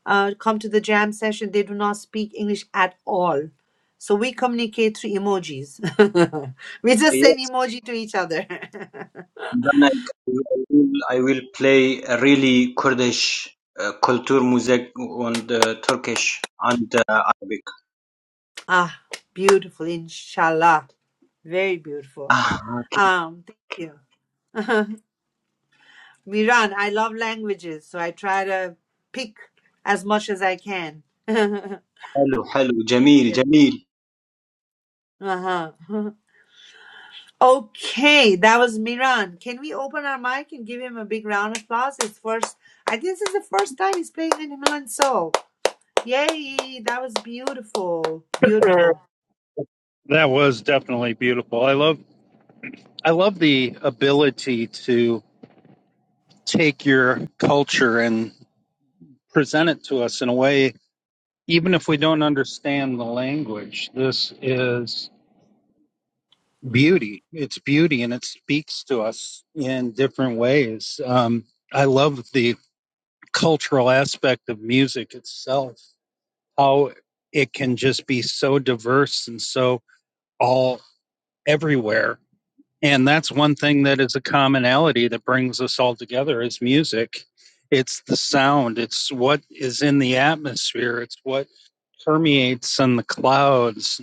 uh, come to the jam session, they do not speak English at all. So we communicate through emojis. we just send
yes.
emoji to each other.
Then I, I will. I will play a really Kurdish uh, culture music on the Turkish and uh, Arabic.
ah, beautiful, inshallah. Very beautiful.
Ah, okay.
Um, thank you. Miran, I love languages, so I try to pick as much as I can.
Hello, hello. Jamil, Jamil.
Uh-huh. Okay, that was Miran. Can we open our mic and give him a big round of applause? It's first I think this is the first time he's playing in Himalayan Soul. Yay, that was beautiful. Beautiful.
That was definitely beautiful. I love I love the ability to take your culture and present it to us in a way, even if we don't understand the language. This is beauty. It's beauty, and it speaks to us in different ways. Um, I love the cultural aspect of music itself how it can just be so diverse and so all everywhere. And that's one thing that is a commonality that brings us all together is music. It's the sound, it's what is in the atmosphere, it's what permeates in the clouds.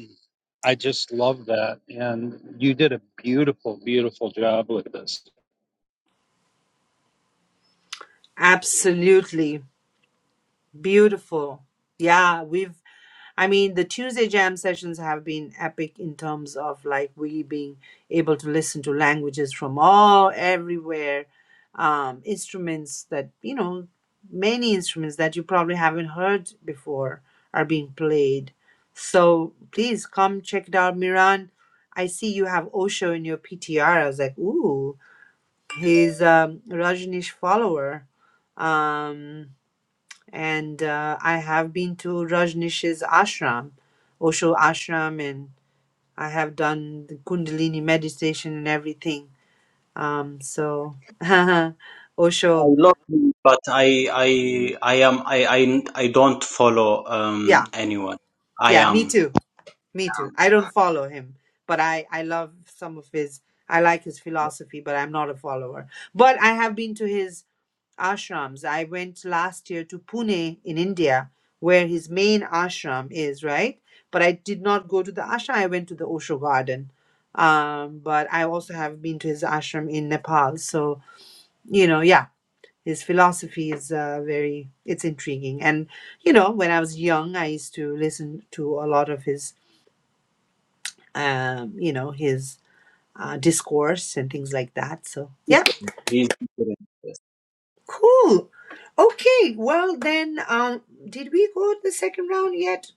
I just love that. And you did a beautiful, beautiful job with this.
Absolutely. Beautiful. Yeah, we've I mean, the Tuesday jam sessions have been epic in terms of like we being able to listen to languages from all everywhere, um, instruments that, you know, many instruments that you probably haven't heard before are being played. So please come check it out, Miran. I see you have Osho in your PTR. I was like, ooh, he's a Rajneesh follower. Um, and uh, I have been to Rajnish's ashram, Osho ashram, and I have done the Kundalini meditation and everything. Um, so
I
Osho,
love you, but I, I, I am. I, I, I don't follow um
yeah,
anyone. I
yeah, me
am.
too. Me too. I don't follow him, but I I love some of his. I like his philosophy, but I'm not a follower. But I have been to his ashrams. I went last year to Pune in India, where his main ashram is, right? But I did not go to the ashram. I went to the Osho garden. Um, but I also have been to his ashram in Nepal. So, you know, yeah, his philosophy is uh, very, it's intriguing. And, you know, when I was young, I used to listen to a lot of his um, you know, his uh, discourse and things like that. So, yeah,
Different. He's different. Yes.
cool. Okay, well then, um, did we go to the second round yet?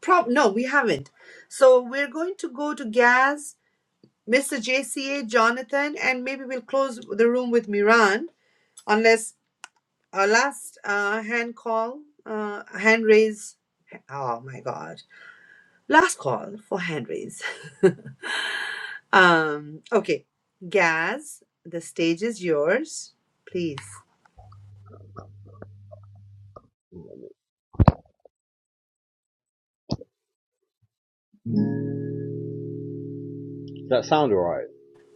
Prob no, we haven't. So we're going to go to Gaz, Mr. JCA, Jonathan, and maybe we'll close the room with Miran, unless our last uh, hand call, uh, hand raise. Oh my God, last call for hand raise. Um, okay, Gaz, the stage is yours. Please.
Does that sound alright?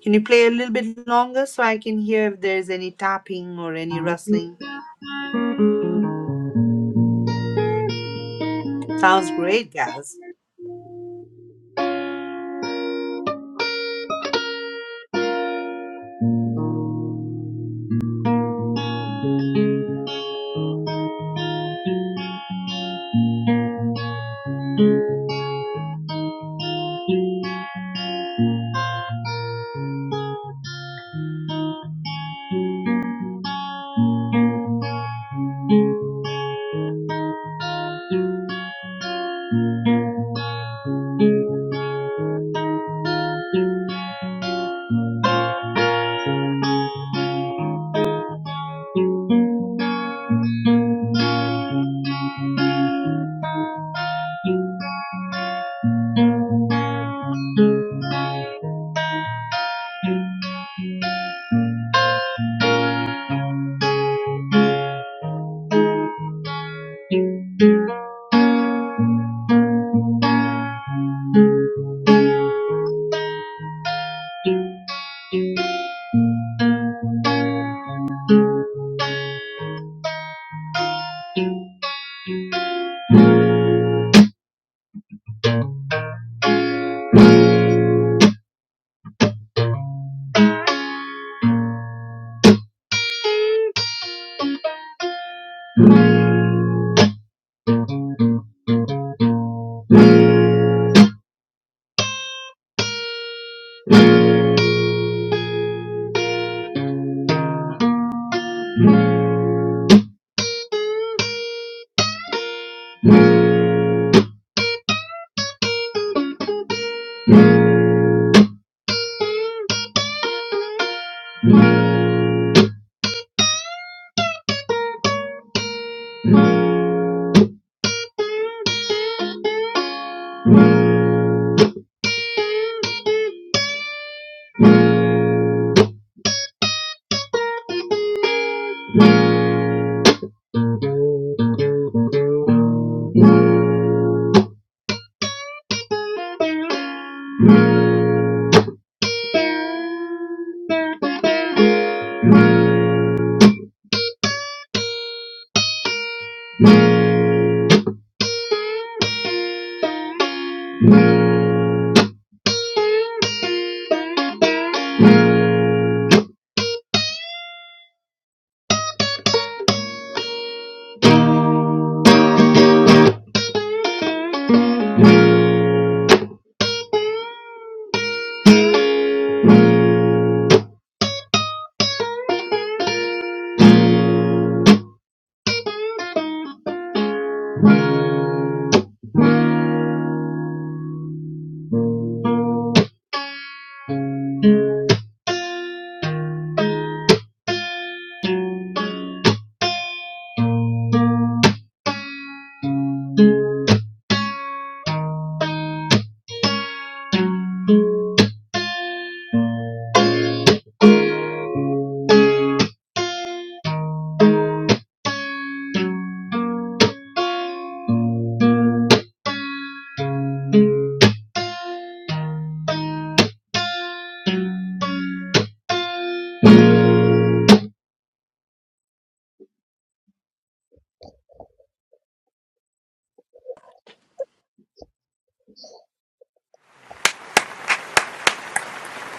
Can you play a little bit longer so I can hear if there's any tapping or any rustling? Sounds great, Gaz.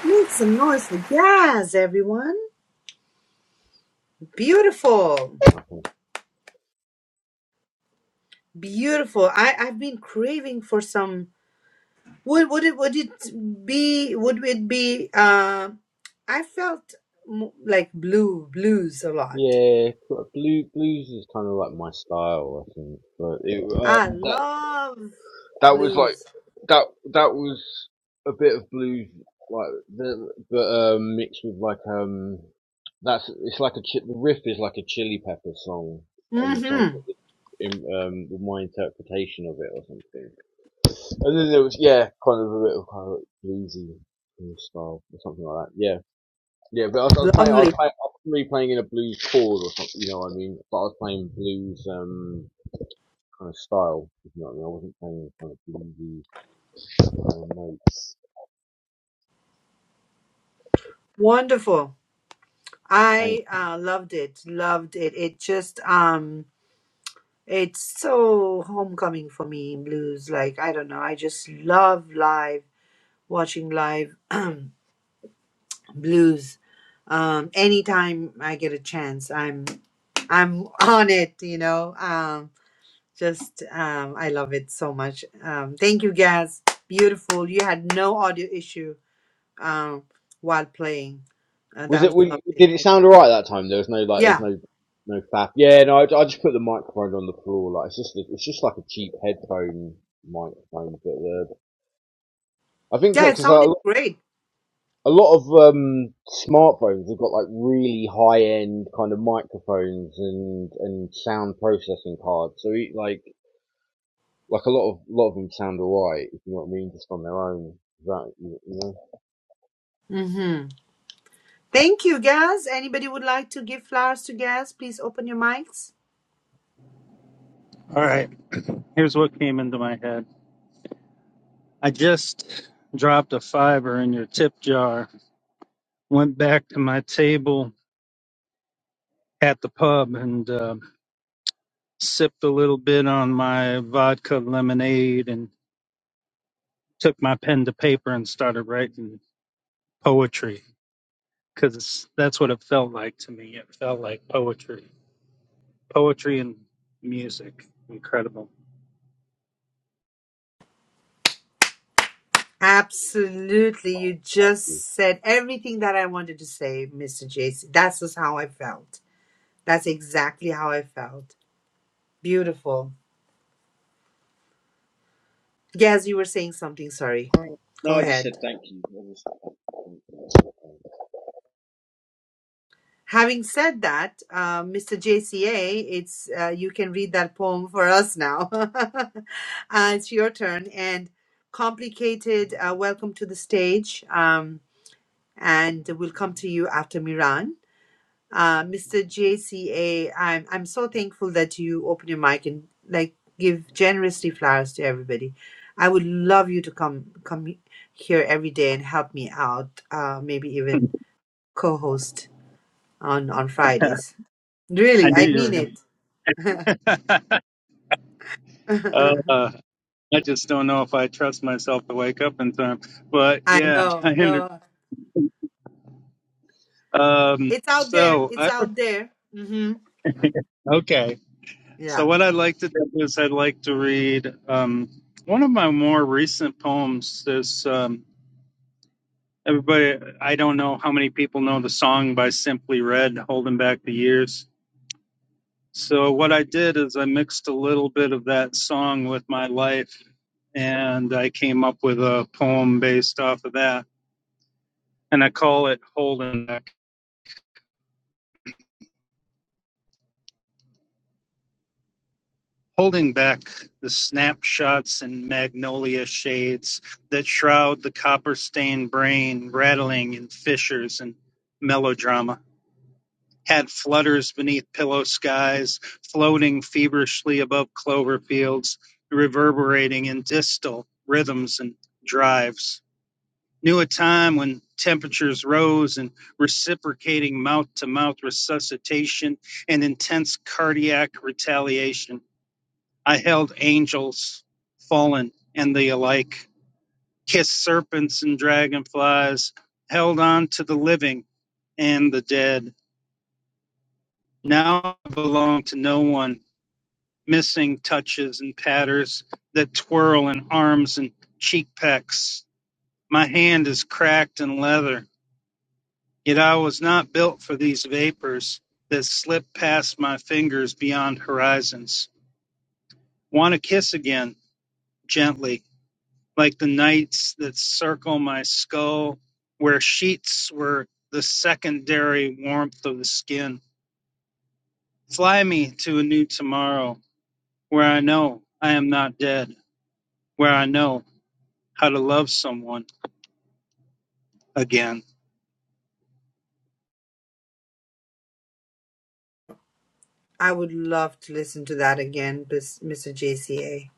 Make some noise for Gaz, everyone. Beautiful.
I think.
Beautiful. I, I've been craving for some would would it would it be would it be uh I felt mo- like blue blues a lot.
Yeah, blue blues is kind of like my style, I think. But it,
I
um, that
love
that was like
blues.
that that was a bit of blues like the- but um mixed with like um that's it's like a chi- the riff is like a chili pepper song and some
Mhm.
in, um with my interpretation of it or something and then there was yeah kind of a bit of kind of bluesy kind of style or something like that yeah yeah but I was, I was playing I was
Lovely.
playing I was really playing in a blues chord or something you know what I mean but I was playing blues um kind of style if you know what I mean I wasn't playing kind of bluesy no notes.
Wonderful.
Thank.
I uh, loved it. Loved it. It just um it's so homecoming for me blues. Like I don't know. I just love live watching live blues. Um anytime I get a chance, I'm I'm on it, you know. Um just um I love it so much. Um thank you guys. Beautiful. You had no audio issue um while playing. Uh,
Was
that
it?
was
We,
lovely.
did it sound alright that time? There was no like.
Yeah.
There's no no faff. Yeah. No. I, I just put the microphone on the floor. Like it's just it's just like a cheap headphone microphone. But uh, I think
Yeah, it
because a,
sounded
a
great.
lot of um, smartphones have got like really high end kind of microphones and and sound processing cards. So it, like like a lot of lot of them sound alright. If you know what I mean, just on their own. Is That you you know.
Mm-hmm. Thank you, Gaz. Anybody would like to give flowers to Gaz? Please open your mics.
All right. Here's what came into my head. I just dropped a fiver in your tip jar, went back to my table, at the pub and uh, sipped a little bit on my vodka lemonade and took my pen to paper and started writing poetry because that's what it felt like to me. It felt like poetry, poetry and music. Incredible.
Absolutely. You just said everything that I wanted to say, Mr. JC. That's just how I felt. That's exactly how I felt. Beautiful. Gaz, you were saying something. Sorry. Go
No, I just said
ahead.
thank you. Obviously.
Having said that, uh, Mr. JCA, it's uh, you can read that poem for us now. uh, it's your turn. And complicated, uh, welcome to the stage. Um, and we'll come to you after Miran. Uh, Mr. JCA, I'm I'm so thankful that you open your mic and like give generously flowers to everybody. I would love you to come come here every day and help me out. Uh, maybe even co-host on on Fridays.
I
Really,
knew
I
you were
mean
going to.
it.
uh, I just don't know if I trust myself to wake up in time. But
I
yeah,
know,
I hindered.
no.
Um,
It's out there.
so
It's
I
out there. hmm
okay. So
Yeah.
what I'd like to do is I'd like to read um, one of my more recent poems. This um, everybody? I don't know how many people know the song by Simply Red, "Holding Back the Years." So what I did is I mixed a little bit of that song with my life, and I came up with a poem based off of that, and I call it "Holding Back." holding back the snapshots and magnolia shades that shroud the copper stained brain, rattling in fissures and melodrama. Had flutters beneath pillow skies, floating feverishly above clover fields, reverberating in distal rhythms and drives. Knew a time when temperatures rose and reciprocating mouth to mouth resuscitation and intense cardiac retaliation I held angels, fallen, and the alike, kissed serpents and dragonflies, held on to the living and the dead. Now I belong to no one, missing touches and patters that twirl in arms and cheek pecks. My hand is cracked in leather, yet I was not built for these vapors that slip past my fingers beyond horizons. Want to kiss again, gently, like the nights that circle my skull, where sheets were the secondary warmth of the skin. Fly me to a new tomorrow, where I know I am not dead, where I know how to love someone again.
I would love to listen to that again, bis- Mr. JCA.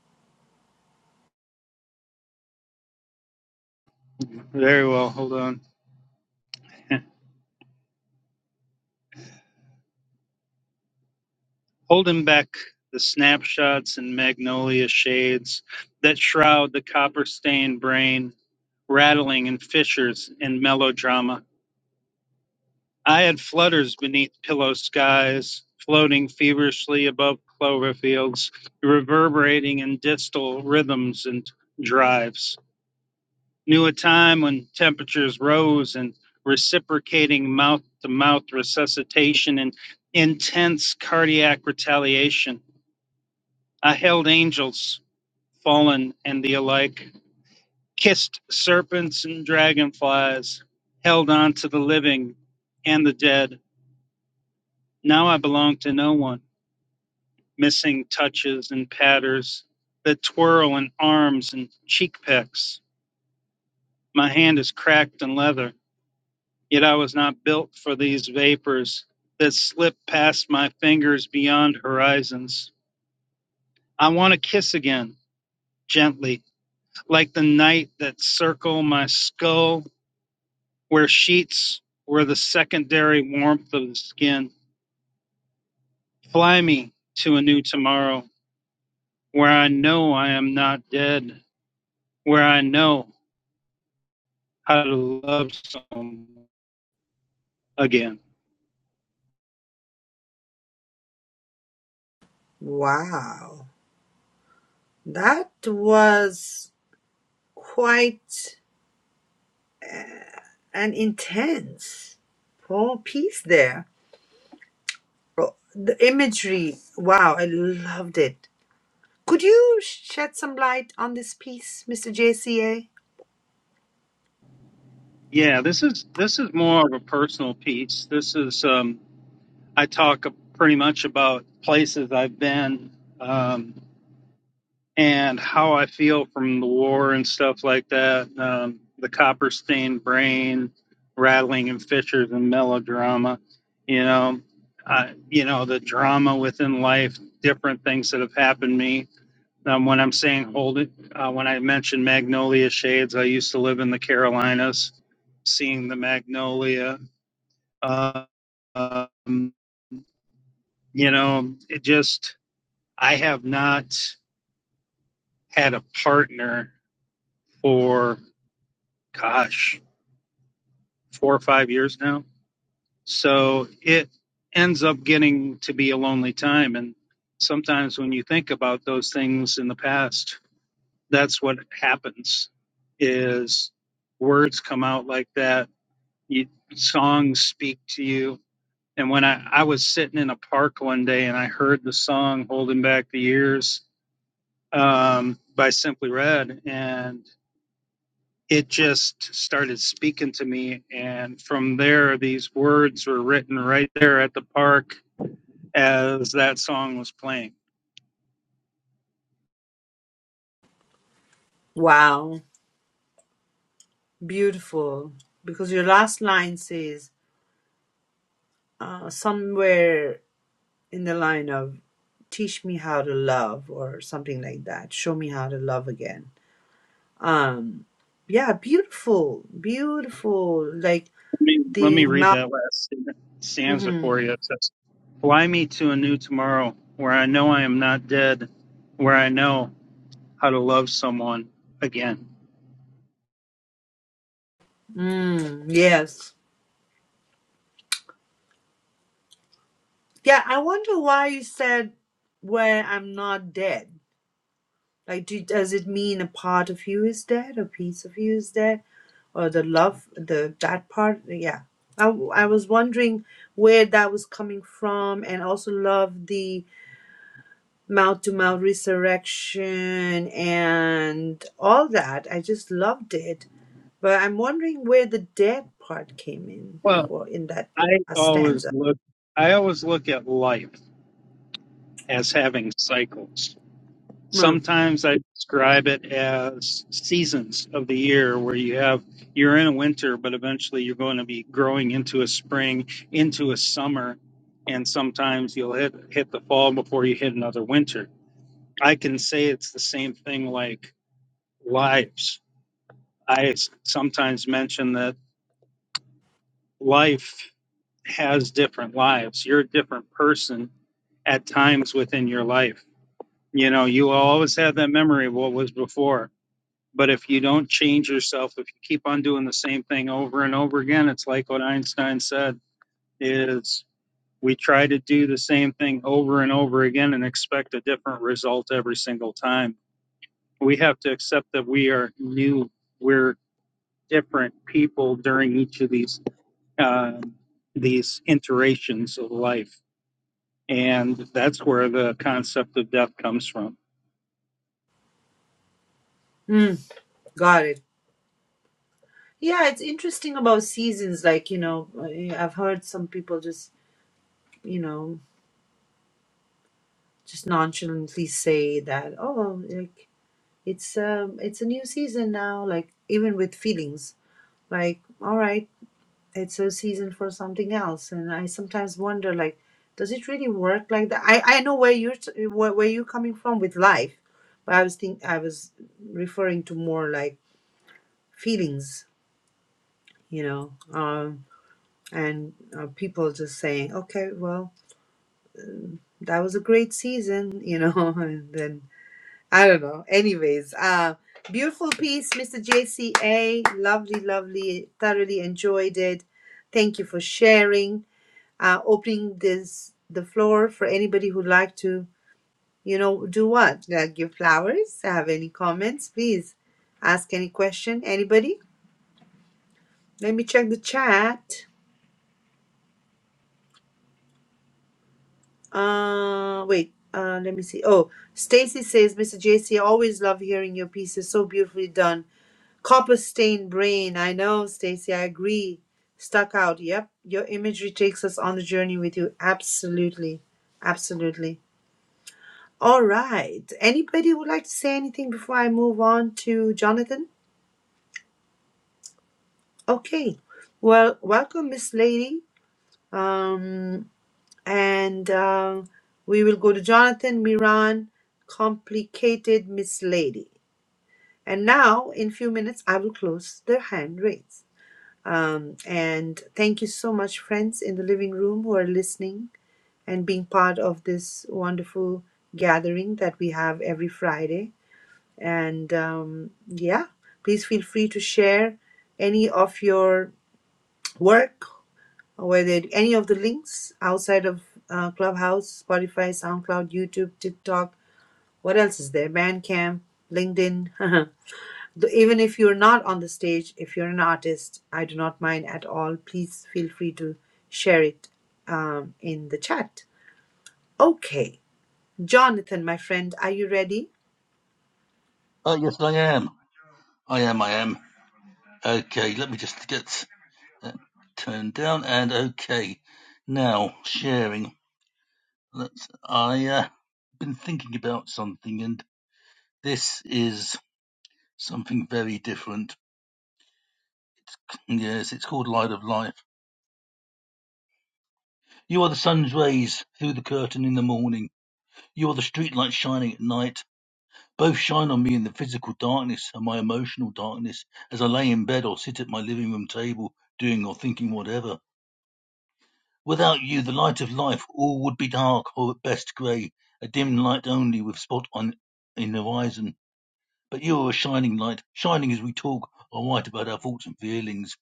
Very well, hold on. Holding back the snapshots and magnolia shades that shroud the copper stained brain, rattling in fissures and melodrama I had flutters beneath pillow skies, floating feverishly above clover fields, reverberating in distal rhythms and drives. Knew a time when temperatures rose and reciprocating mouth to mouth resuscitation and intense cardiac retaliation. I held angels, fallen, and the alike, kissed serpents and dragonflies, held on to the living and the dead. Now I belong to no one. missing touches and patters that twirl in arms and cheek pecks. My hand is cracked and leather, yet I was not built for these vapors that slip past my fingers beyond horizons. I want to kiss again, gently, like the night that circle my skull, where sheets were the secondary warmth of the skin. Fly me to a new tomorrow, where I know I am not dead, where I know how to love someone again.
Wow. That was quite an intense whole piece there. Oh, The imagery, wow, I loved it. Could you shed some light on this piece, Mr. JCA?
Yeah, this is this is more of a personal piece. This is um, I talk pretty much about places I've been um, and how I feel from the war and stuff like that. Um, the copper stained brain, rattling and fissures and melodrama. You know, I, you know the drama within life, different things that have happened to me Um, when I'm saying hold it, uh, when I mention magnolia shades, I used to live in the Carolinas, seeing the magnolia. Uh, um, you know, it just, I have not had a partner for, gosh, four or five years now. So it ends up getting to be a lonely time. And sometimes when you think about those things in the past, that's what happens is words come out like that you, songs speak to you. And when I, I was sitting in a park one day and I heard the song Holding Back the Years um, by Simply Red, and it just started speaking to me. And from there, these words were written right there at the park as that song was playing.
Wow. Beautiful. Because your last line says, uh, somewhere in the line of teach me how to love or something like that show me how to love again um yeah beautiful beautiful like
Let me, let
the
me read
mouth
that last stanza
hmm
for you. It says, Fly me to a new tomorrow where I know I am not dead, where I know how to love someone again.
mm, yes yeah i wonder why you said where i'm not dead like do, does it mean a part of you is dead a piece of you is dead or the love the that part yeah I, w- I was wondering where that was coming from and also love the mouth to mouth resurrection and all that i just loved it but i'm wondering where the dead part came in
Well,
for in that
I
last
always
stanza
look I always look at life as having cycles.
mm.
Sometimes I describe it as seasons of the year where you have you're in a winter but eventually you're going to be growing into a spring, into a summer, and sometimes you'll hit hit the fall before you hit another winter. I can say it's the same thing like lives. I s- sometimes mention that life has different lives. You're a different person at times within your life. You know, you will always have that memory of what was before. But if you don't change yourself, if you keep on doing the same thing over and over again, it's like what Einstein said is we try to do the same thing over and over again and expect a different result every single time. We have to accept that we are new. We're different people during each of these uh, these iterations of life. And that's where the concept of death comes from.
Mm. got it yeah it's interesting about seasons like you know I- i've heard some people just you know just nonchalantly say that oh like it's um it's a new season now like even with feelings like all right it's a season for something else and i sometimes wonder like does it really work like that i i know where you're t- where, where you're coming from with life but i was think i was referring to more like feelings you know um and uh, people just saying okay well that was a great season you know and then I don't know. Anyways, uh, beautiful piece, Mr. JCA. Lovely, lovely. Thoroughly enjoyed it. Thank you for sharing. Uh, opening this the floor for anybody who'd like to, you know, do what? Uh, give flowers. Have any comments? Please ask any question. Anybody? Let me check the chat. Uh, wait. Uh, let me see. Oh, Stacy says, Mr. JC, always love hearing your pieces. So beautifully done Copper stained brain. I know, Stacy. I agree. Stuck out. Yep. Your imagery takes us on the journey with you. Absolutely. Absolutely. All right. Anybody would like to say anything before I move on to Jonathan? Okay. Well, welcome, Miss Lady. Um, and uh, we will go to Jonathan, Miran, complicated Miss Lady. And now, in few minutes, I will close the hand raise. Um, and thank you so much, friends in the living room who are listening and being part of this wonderful gathering that we have every Friday. And um, yeah, please feel free to share any of your work, whether any of the links outside of uh, Clubhouse, Spotify, SoundCloud, YouTube, TikTok. What else is there? Bandcamp, LinkedIn. th- even if you're not on the stage, if you're an artist, I do not mind at all. Please feel free to share it um, in the chat. Okay, Jonathan, my friend, are you ready?
Oh, yes, I am. I am. I am. Okay, let me just get that turned down. And okay, now sharing. Let's. I uh, been thinking about something, and this is something very different. Yes, it's called Light of Life. You are the sun's rays through the curtain in the morning. You are the streetlight shining at night. Both shine on me in the physical darkness and my emotional darkness as I lay in bed or sit at my living room table doing or thinking whatever. Without you, the light of life, all would be dark or at best grey, a dim light only with spot on in the horizon. But you are a shining light, shining as we talk or write about our thoughts and feelings.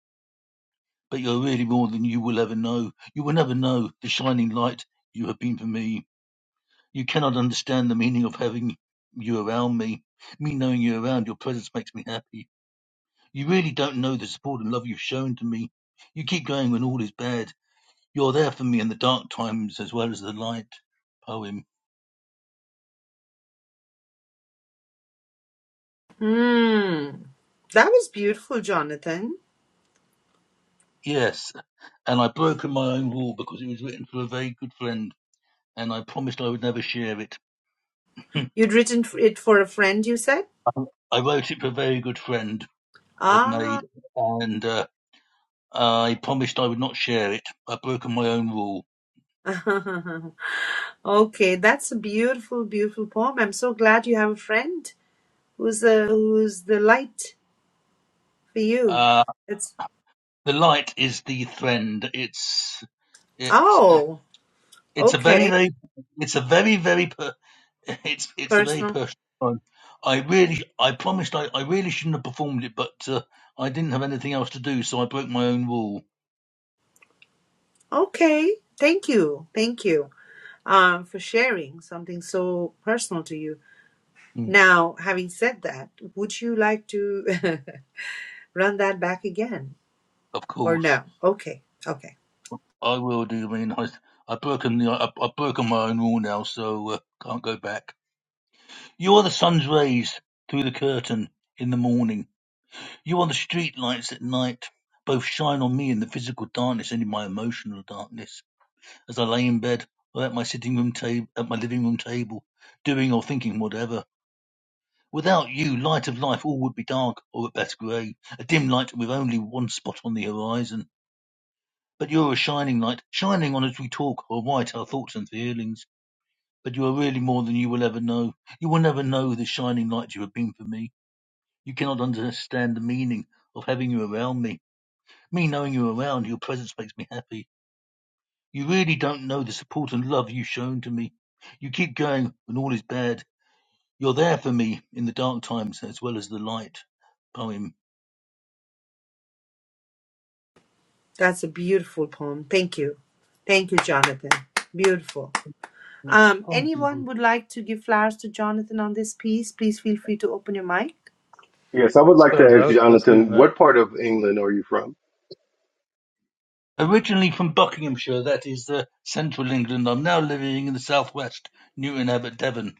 but you're really more than you will ever know. You will never know the shining light you have been for me. You cannot understand the meaning of having you around me. Me knowing you around, your presence makes me happy. You really don't know the support and love you've shown to me. You keep going when all is bad. You're there for me in the dark times as well as the light. Poem.
Hmm, that was beautiful, Jonathan.
Yes, and I've broken my own rule because it was written for a very good friend, and I promised I would never share it.
You'd written f- it for a friend, you said?
I wrote it for a very good friend I've
Ah,
made, and uh, I promised I would not share it. I've broken my own rule.
okay, that's a beautiful, beautiful poem. I'm so glad you have a friend who's the who's the light for you.
Uh,
It's
the light is the friend. It's it's
oh,
it's a very
okay,
very it's a very very per, it's it's a very
personal
personal one. I really I promised I, I really shouldn't have performed it, but uh, I didn't have anything else to do, so I broke my own rule.
Okay, thank you, thank you um, for sharing something so personal to you.
Mm,
Now, having said that, would you like to run that back again
of
or
course,
no? Okay, okay,
I will do. I mean, I I've broken the I, I've broken my own rule now, so uh, can't go back. You are the sun's rays through the curtain in the morning You are the street lights at night. Both shine on me in the physical darkness and in my emotional darkness. As I lay in bed or at my sitting room table, at my living room table, doing or thinking whatever. Without you, light of life, all would be dark or at best grey, a dim light with only one spot on the horizon. But you're a shining light, shining on as we talk or write our thoughts and feelings. But you are really more than you will ever know. You will never know the shining light you have been for me. You cannot understand the meaning of having you around me. Me knowing you around, your presence makes me happy. You really don't know the support and love you've shown to me. You keep going when all is bad. You're there for me in the dark times as well as the light. Poem.
that's a beautiful poem. Thank you, thank you, Jonathan. Beautiful.
Thank
Um, anyone
you.
would like to give flowers to Jonathan on this piece? Please feel free to open your mic.
Yes, I would like to
Suppose I
ask
was listening
Jonathan,
to
what part of England are you from?
Originally from Buckinghamshire, that is uh, central England. I'm now living in the southwest, Newton Abbot, Devon.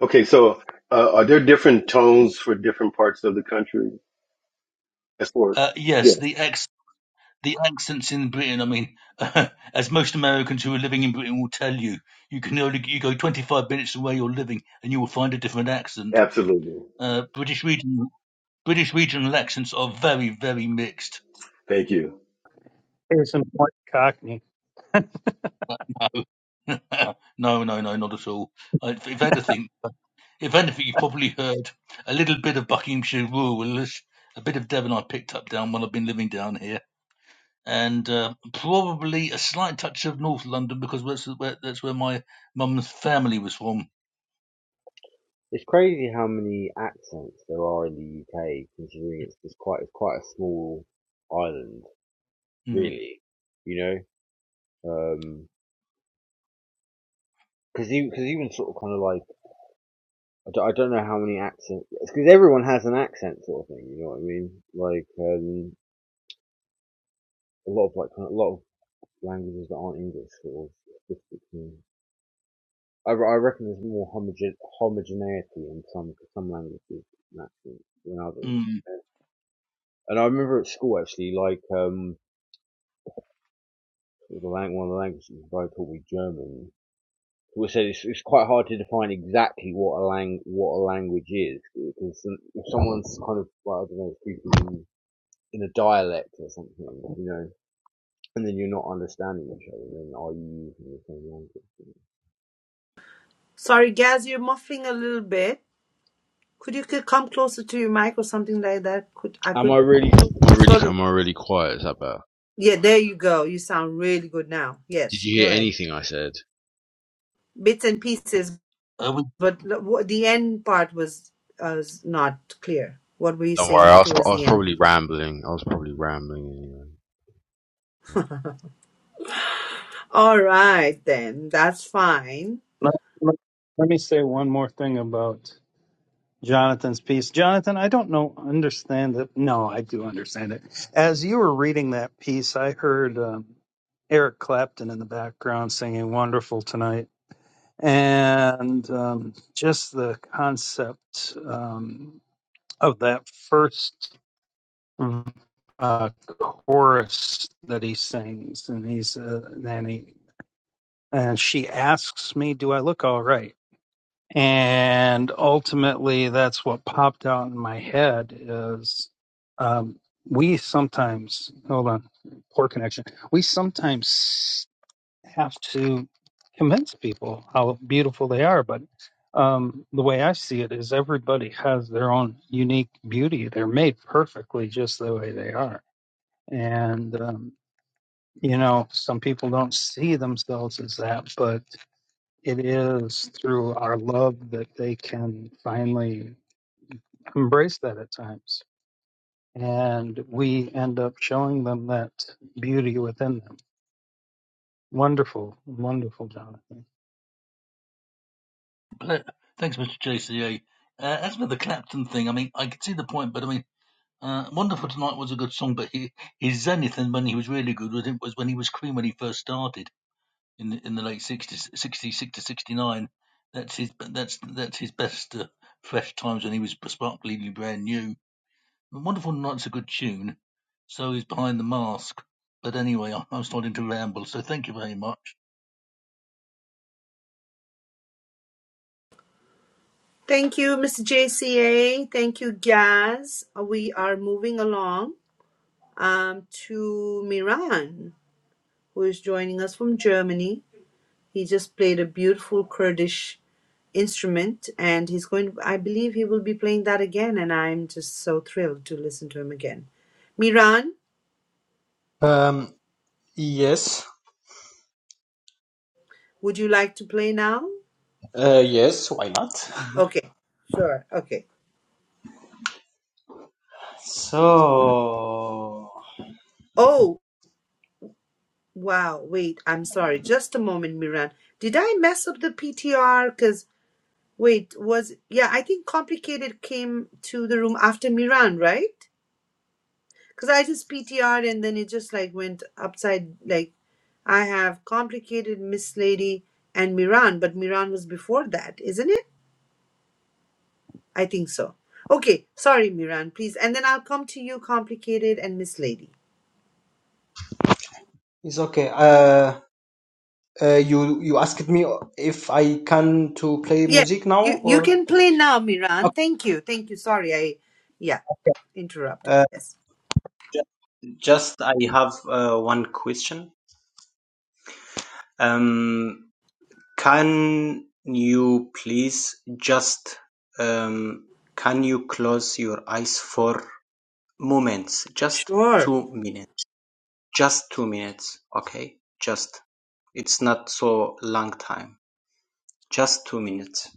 Okay, so uh, are there different tones for different parts of the country? As for
Uh, yes,
yes,
the ex, the accents in Britain. I mean, as most Americans who are living in Britain will tell you, you can only you go 25 minutes from where you're living, and you will find a different accent.
absolutely.
Uh, British region British regional accents are very very mixed.
Thank you.
case in point, Cockney.
But no, no, no, no, not at all. Uh, If, if anything, if anything, you have probably heard a little bit of Buckinghamshire rural, a bit of Devon I picked up down when I've been living down here, and uh, probably a slight touch of North London because that's where, that's where my mum's family was from.
It's crazy how many accents there are in the UK, considering it's just quite it's quite a small island,
Mm,
really. You know, Um 'cause because even because even sort of kind of like I don't, I don't know how many accents because everyone has an accent sort of thing. You know what I mean? Like um, a lot of like kind of- a lot of languages that aren't English sort of. it's between- I, I reckon there's more homogen, homogeneity in some some languages and accents than others.
mm.
And I remember at school actually, like um, the lang- one of the languages the guy taught me German. So we said it's, it's quite hard to define exactly what a lang what a language is because if someone's kind of well, I don't know speaking in a dialect or something, you know, and then you're not understanding each other, then are you using the same language?
Sorry, Gaz, you're muffling a little bit. Could you c- come closer to your mic or something like that? Could I
Am I
could
really Am I really
sort of
am I really quiet? Is that better?
Yeah, there you go. You sound really good now.
Did
Yes,
you
go
hear
ahead.
anything I said?
Bits and pieces,
Uh, we,
but l- wh- the end part was uh, was not clear. What were you
Don't worry, I
saying
was, I
towards
was
the end?
probably rambling. I was probably rambling anyway.
All right, then. That's fine.
Let, let- let me say one more thing about Jonathan's piece. Jonathan, I don't know, understand it. No, I do understand it. As you were reading that piece, I heard um, Eric Clapton in the background singing "Wonderful Tonight." and um, just the concept um, of that first uh, chorus that he sings, and he's uh, and he and she asks me, "Do I look all right?" And ultimately, that's what popped out in my head is um, we sometimes hold on poor connection. We sometimes have to convince people how beautiful they are. But um, the way I see it is everybody has their own unique beauty. They're made perfectly just the way they are. And, um, you know, some people don't see themselves as that, but it is through our love that they can finally embrace that at times. And we end up showing them that beauty within them. Wonderful, wonderful, Jonathan.
uh, thanks, Mr. JCA. Uh, as for the Clapton thing, I mean, I can see the point, but I mean. Uh, Wonderful Tonight was a good song, but he, his zenith and when he was really good was, it was when he was Cream when he first started in the, in the late 60s, 66 to 69. That's his that's that's his best uh, fresh times when he was sparkly brand new. Wonderful Tonight's a good tune, so is Behind the Mask. But anyway, I- I'm starting to ramble, so thank you very much.
Thank you, Mr. JCA. Thank you, Gaz. We are moving along um, to Miran, who is joining us from Germany. He just played a beautiful Kurdish instrument and he's going i believe he will be playing that again and i'm just so thrilled to listen to him again miran
Um, yes,
would you like to play now
uh, yes, why not?
okay sure okay
So
oh wow wait i'm sorry just a moment miran did i mess up the ptr because wait was yeah i think complicated came to the room after miran right because i just ptr'd and then it just like went upside like I have complicated Miss Lady and Miran, but Miran was before that, isn't it? I think so. Okay, sorry, Miran, please. And then I'll come to you, complicated and Miss Lady.
it's okay. Uh, uh, you you asked me if I can to play
Yes,
music now
you you
or
can play now, Miran. Thank you, thank you. Sorry, I yeah interrupted.
uh,
Yes,
ju- just I have uh, one question. Um, can you please just um, can you close your eyes for moments, just
sure,
two minutes? Just two minutes, okay? Just. It's not so long time. Just two minutes.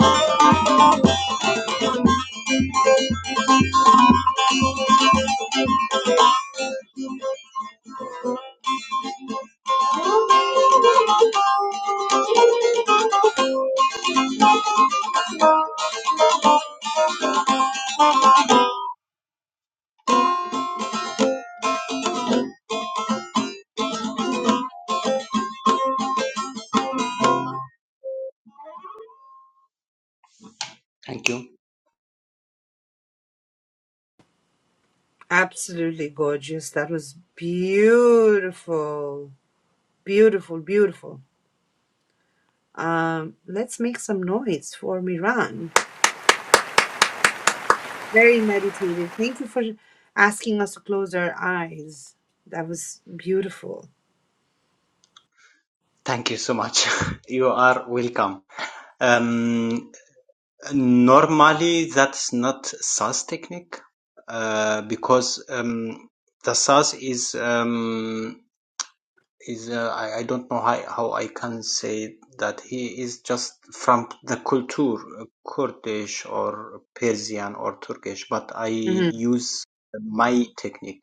Thank you.
absolutely gorgeous. That was beautiful, beautiful, beautiful. Um, let's make some noise for Miran. Very meditative. Thank you for asking us to close our eyes. That was beautiful.
Thank you so much. you are welcome. Um, normally, that's not SAS technique uh, because um, the SAS is um, is uh, I, I don't know how, how I can say that he is just from the culture uh, Kurdish or Persian or Turkish, but I
hmm
use my technique.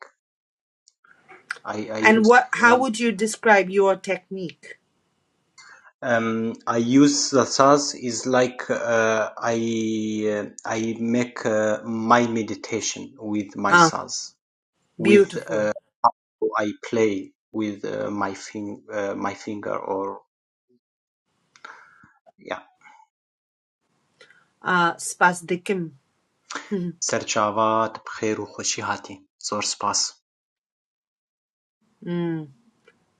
I I
And
use
what? How
um,
would you describe your technique?
um, I use the SAS is like uh, I uh, I make uh, my meditation with my
Ah,
SAS with
beautiful.
uh, I play with uh, my fing uh, my finger or yeah
Uh, spasdikim. Mhm.
سرچاوات بخیر و خوشی هاتی زور سپاس.
mm,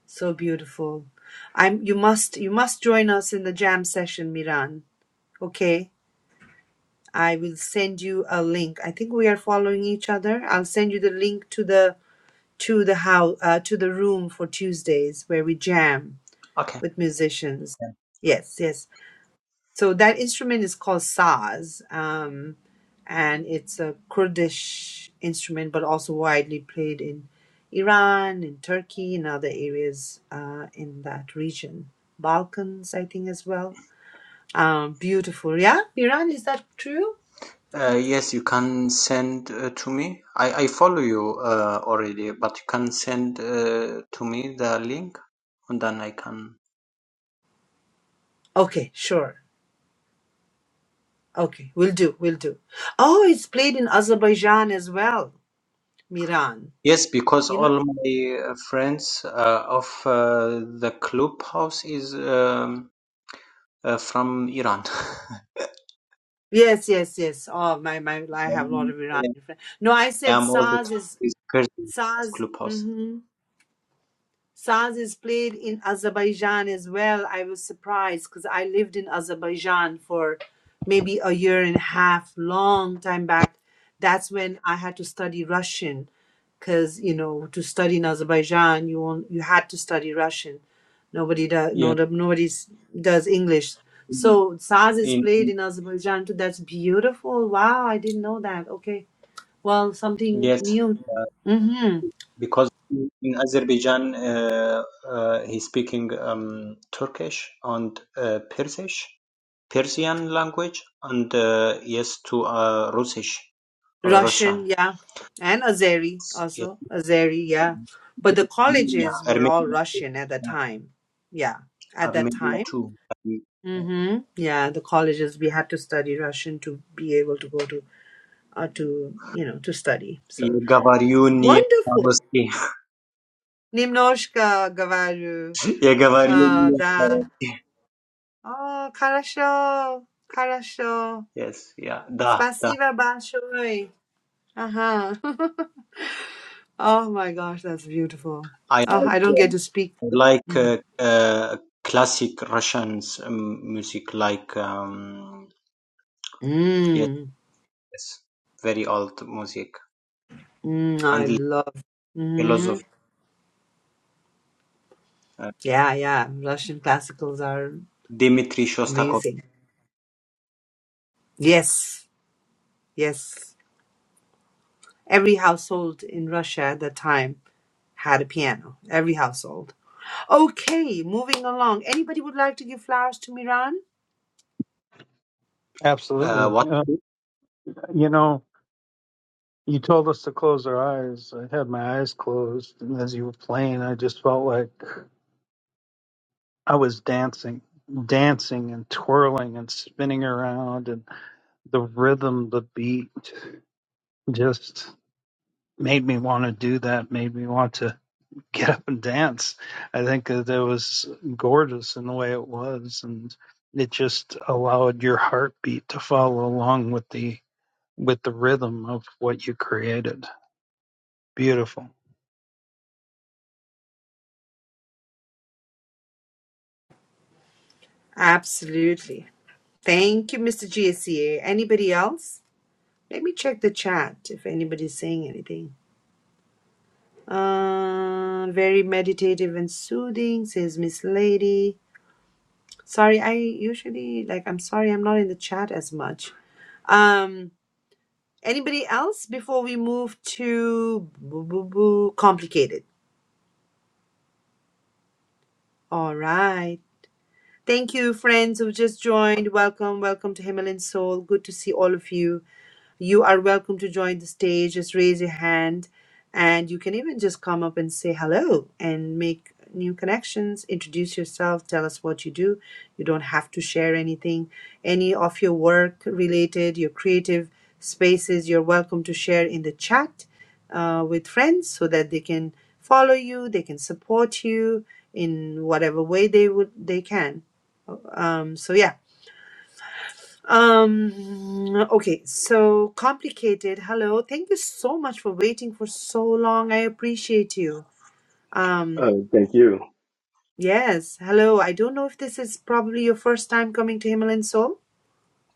so beautiful. I'm. You must. You must join us in the jam session, Miran. Okay. I will send you a link. I think we are following each other. I'll send you the link to the to the how uh, to the room for Tuesdays where we jam.
okay
with musicians. Yes, yes. So that instrument is called saz, um, and it's a Kurdish instrument, but also widely played in Iran, in Turkey, and other areas uh, in that region, Balkans, I think, as well. Um, beautiful, yeah. Iran, is that true?
uh, yes you can send uh, to me I, I follow you uh, already but you can send uh, to me the link and then I can
Okay, sure. Okay, we'll do, we'll do. Oh, it's played in Azerbaijan as well, Miran.
Yes, because
You know.
all my uh, friends uh, of uh, the clubhouse is um, uh, from Iran.
Yes, yes, yes. Oh, my, my, I have a lot
Um,
of Iranian friends. No, I said
I'm all the
SARS
time
is
is Persian
SARS.
clubhouse.
Mm-hmm. Saz is played in Azerbaijan as well. I was surprised because I lived in Azerbaijan for maybe a year and a half, long time back. That's when I had to study Russian because, you know, to study in Azerbaijan, you won't, you had to study Russian. Nobody does,
Yeah,
no, no, nobody s- does English. So Saz is
in,
played in Azerbaijan too. That's beautiful. Wow, I didn't know that. Okay. Well, something
yes,
new. Mm-hmm.
because in Azerbaijan uh, uh, he's speaking um, Turkish and uh, Persish, Persian language, and uh, yes to uh, Russish or
Russian,
Russian.
yeah, and Azeri
Yes,
also. Azeri, yeah. But the
yeah,
colleges were
Armenian.
all
Yeah.
Russian at the time. Yeah, at that
Armenia
time.
too. And
Mm-hmm. Yeah, the colleges we had to study Russian to be able to go to uh, to you know to study. So
ये गवारियों निये
wonderful.
ताबस की
Немножко говорю.
ये गवारियों
Uh,
निये ताबस
да.
की.
Oh, хорошо, хорошо.
Yes, yeah, da, da.
Спасибо большое. Ага. Oh my gosh, that's beautiful.
I
Oh, I
like
don't get
uh,
to speak.
like
Mm,
uh, uh, classic Russians um, music, like um, yes,
mm,
yes, very old music
mm, I
and
love. Mm,
philosophy. Uh,
yeah, yeah. Russian classicals are
Dmitri Shostakovich.
amazing. Yes, yes. Every household in Russia at that time had a piano. Every household. Okay, moving along. Anybody would like to give flowers to Miran?
Uh,
Absolutely.
what?
Uh, you know, You told us to close our eyes. I had my eyes closed, and as you were playing, I just felt like I was dancing, dancing and twirling and spinning around, and the rhythm, the beat, just made me want to do that. Made me want to get up and dance. I think that it was gorgeous in the way it was, and it just allowed your heartbeat to follow along with the with the rhythm of what you created. Beautiful.
Absolutely. Thank you, Mr. GSCA. Anybody else? Let me check the chat if anybody's saying anything. Uh, very meditative and soothing, says Miss Lady. Sorry, I usually like I'm sorry I'm not in the chat as much. Um anybody else before we move to boo boo boo complicated. All right. Thank you friends who just joined. Welcome, welcome to Himalayan Soul. Good to see all of you. You are welcome to join the stage. Just raise your hand, and you can even just come up and say hello and make new connections. Introduce yourself, tell us what you do. You don't have to share anything, any of your work related, your creative spaces. You're welcome to share in the chat uh, with friends so that they can follow you, they can support you in whatever way they would they can. Um, so yeah um, okay, so complicated. Hello. Thank you so much for waiting for so long. I appreciate you. Um,
Uh, thank you.
yes. Hello. I don't know if this is probably your first time coming to Himalayan Soul.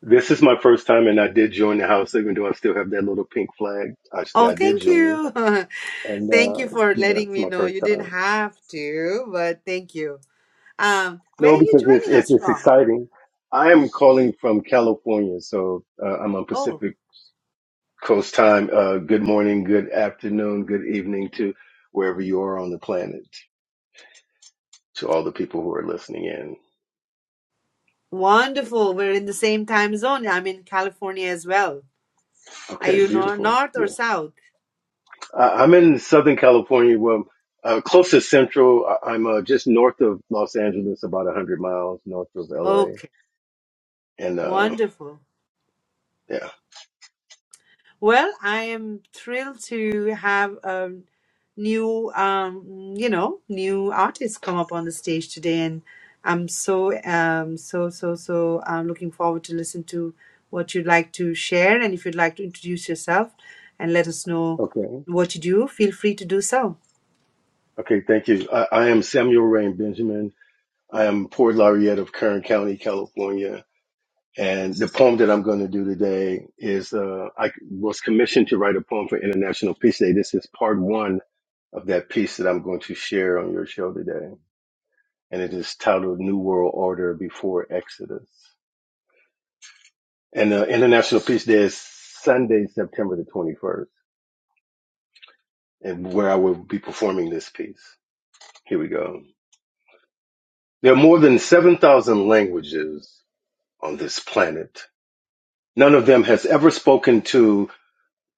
This is my first time, and I did join the house, even though I still have that little pink flag. I,
Oh,
I did
thank
join,
you.
and
thank you
uh,
for
yeah,
letting
it's
me
my
know.
first
You didn't
time.
have to, but thank you. Um, where
No,
are you
because it's
joining
it's,
us
it's
from?
exciting. I am calling from California, so uh, I'm on
Oh,
Pacific. Coast time. Uh, good morning, good afternoon, good evening to wherever you are on the planet, to all the people who are listening in.
wonderful. We're in the same time zone. I'm in California as well. Are
Okay,
you nor
beautiful.
north or
Yeah,
south?
I, I'm in Southern California. Well, uh, close to Central. I, I'm uh, just north of Los Angeles, about 100 miles north of LA.
Okay,
And uh,
wonderful.
yeah,
Well, I am thrilled to have a new, um, you know, new artist come up on the stage today, and I'm so, um, so, so, so uh, looking forward to listen to what you'd like to share, and if you'd like to introduce yourself and let us know
okay,
what you do, feel free to do so.
okay. Thank you. I, I am Samuel Rain Benjamin. I am Port Laureate of Kern County, California. And the poem that I'm going to do today is uh, I was commissioned to write a poem for International Peace Day. This is part one of that piece that I'm going to share on your show today. And it is titled New World Order Before Exodus. And uh, International Peace Day is Sunday, September the 21st, and where I will be performing this piece. Here we go. There are more than 7,000 languages on this planet. None of them has ever spoken to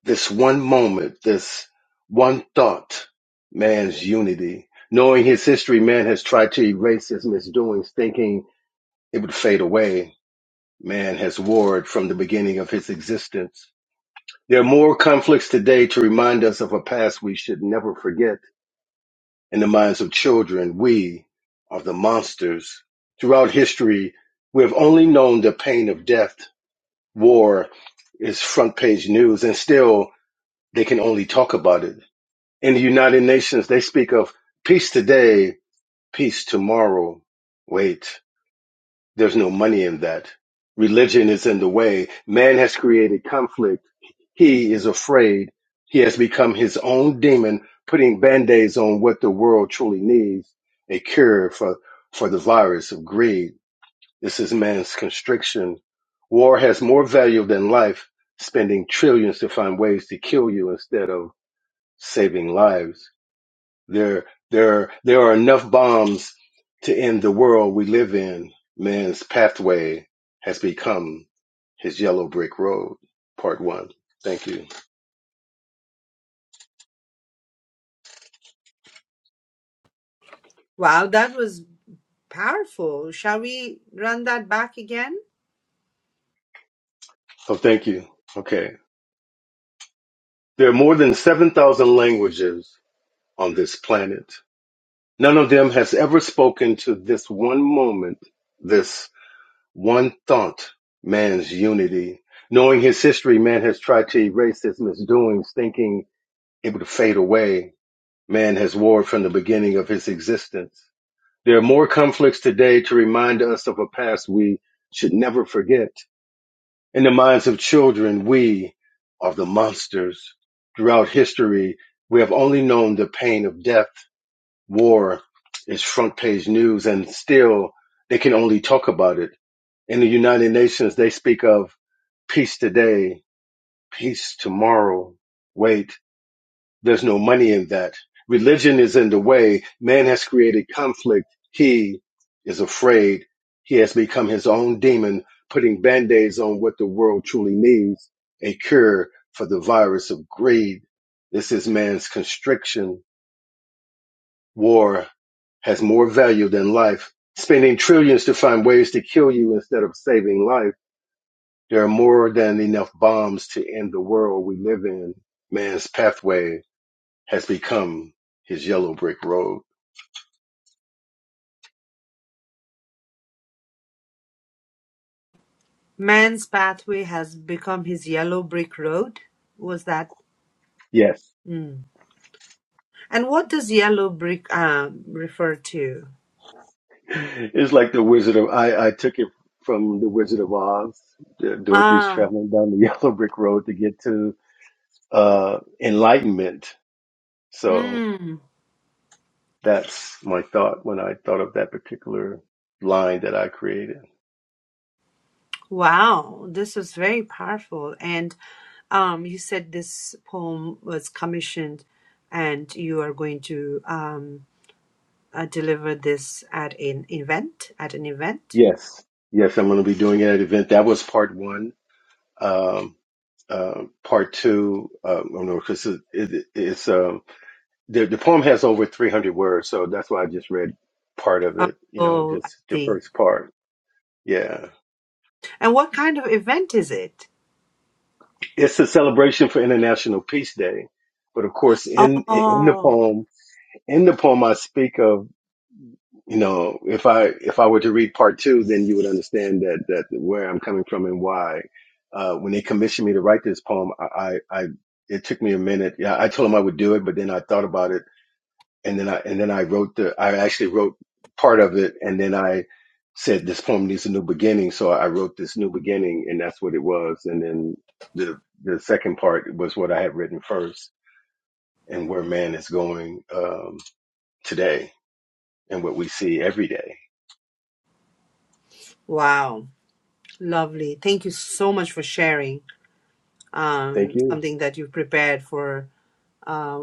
This one moment, this one thought, man's unity. Knowing his history, man has tried to erase his misdoings, thinking it would fade away. Man has warred from the beginning of his existence. There are more conflicts today to remind us of a past we should never forget. In the minds of children, we are the monsters. Throughout history, we have only known the pain of death. War is front page news, and still they can only talk about it. In the United Nations, they speak of peace today, peace tomorrow. Wait, there's no money in that. Religion is in the way. Man has created conflict. He is afraid. He has become his own demon, putting band-aids on what the world truly needs, a cure for, for the virus of greed. This is man's constriction. War has more value than life, spending trillions to find ways to kill you instead of saving lives. There, there, there are enough bombs to end the world we live in. Man's pathway has become his yellow brick road. Part one. Thank you.
Wow, that was powerful. Shall we run that back again?
Oh, thank you. Okay. There are more than 7,000 languages on this planet. None of them has ever spoken to this one moment, this one thought, man's unity. Knowing his history, man has tried to erase his misdoings, thinking it would fade away man has warred from the beginning of his existence. There are more conflicts today to remind us of a past we should never forget. In the minds of children, we are the monsters. Throughout history, we have only known the pain of death. War is front page news and still they can only talk about it. In the United Nations, they speak of peace today, peace tomorrow. Wait, there's no money in that. Religion is in the way. Man has created conflict. He is afraid. He has become his own demon, putting band aids on what the world truly needs a cure for the virus of greed. This is man's constriction. War has more value than life. Spending trillions to find ways to kill you instead of saving life. There are more than enough bombs to end the world we live in. Man's pathway has become his yellow brick road.
Man's pathway has become his yellow brick road. Was that?
Yes.
hmm, And what does yellow brick um, refer to?
It's like the Wizard of I. I took it from the Wizard of Oz. Dorothy's
Ah,
traveling down the yellow brick road to get to uh, enlightenment. So
mm,
that's my thought when I thought of that particular line that I created.
wow, this was very powerful. And um, you said this poem was commissioned, and you are going to um, uh, deliver this at an event. At an event.
Yes, yes, I'm going to be doing it at an event. That was part one. Um, uh, part two, uh, I don't know because it, it, it's. um, the, the poem has over 300 words, so that's why I just read part of it, you know,
Oh, I
just the
see.
first part. Yeah.
And what kind of event is it?
It's a celebration for International Peace Day. But of course, in, in the
Oh,
poem, in the poem, I speak of, you know, if I, if I were to read part two, then you would understand that, that where I'm coming from and why. Uh, when they commissioned me to write this poem, I, I, I it took me a minute. Yeah, I told them I would do it, but then I thought about it and then I and then I wrote the I actually wrote part of it and then I said this poem needs a new beginning so I wrote this new beginning and that's what it was and then the the second part was what I had written first and where man is going um today and what we see every day
wow, lovely. Thank you so much for sharing
thank
um,
you
something that you've prepared for. uh.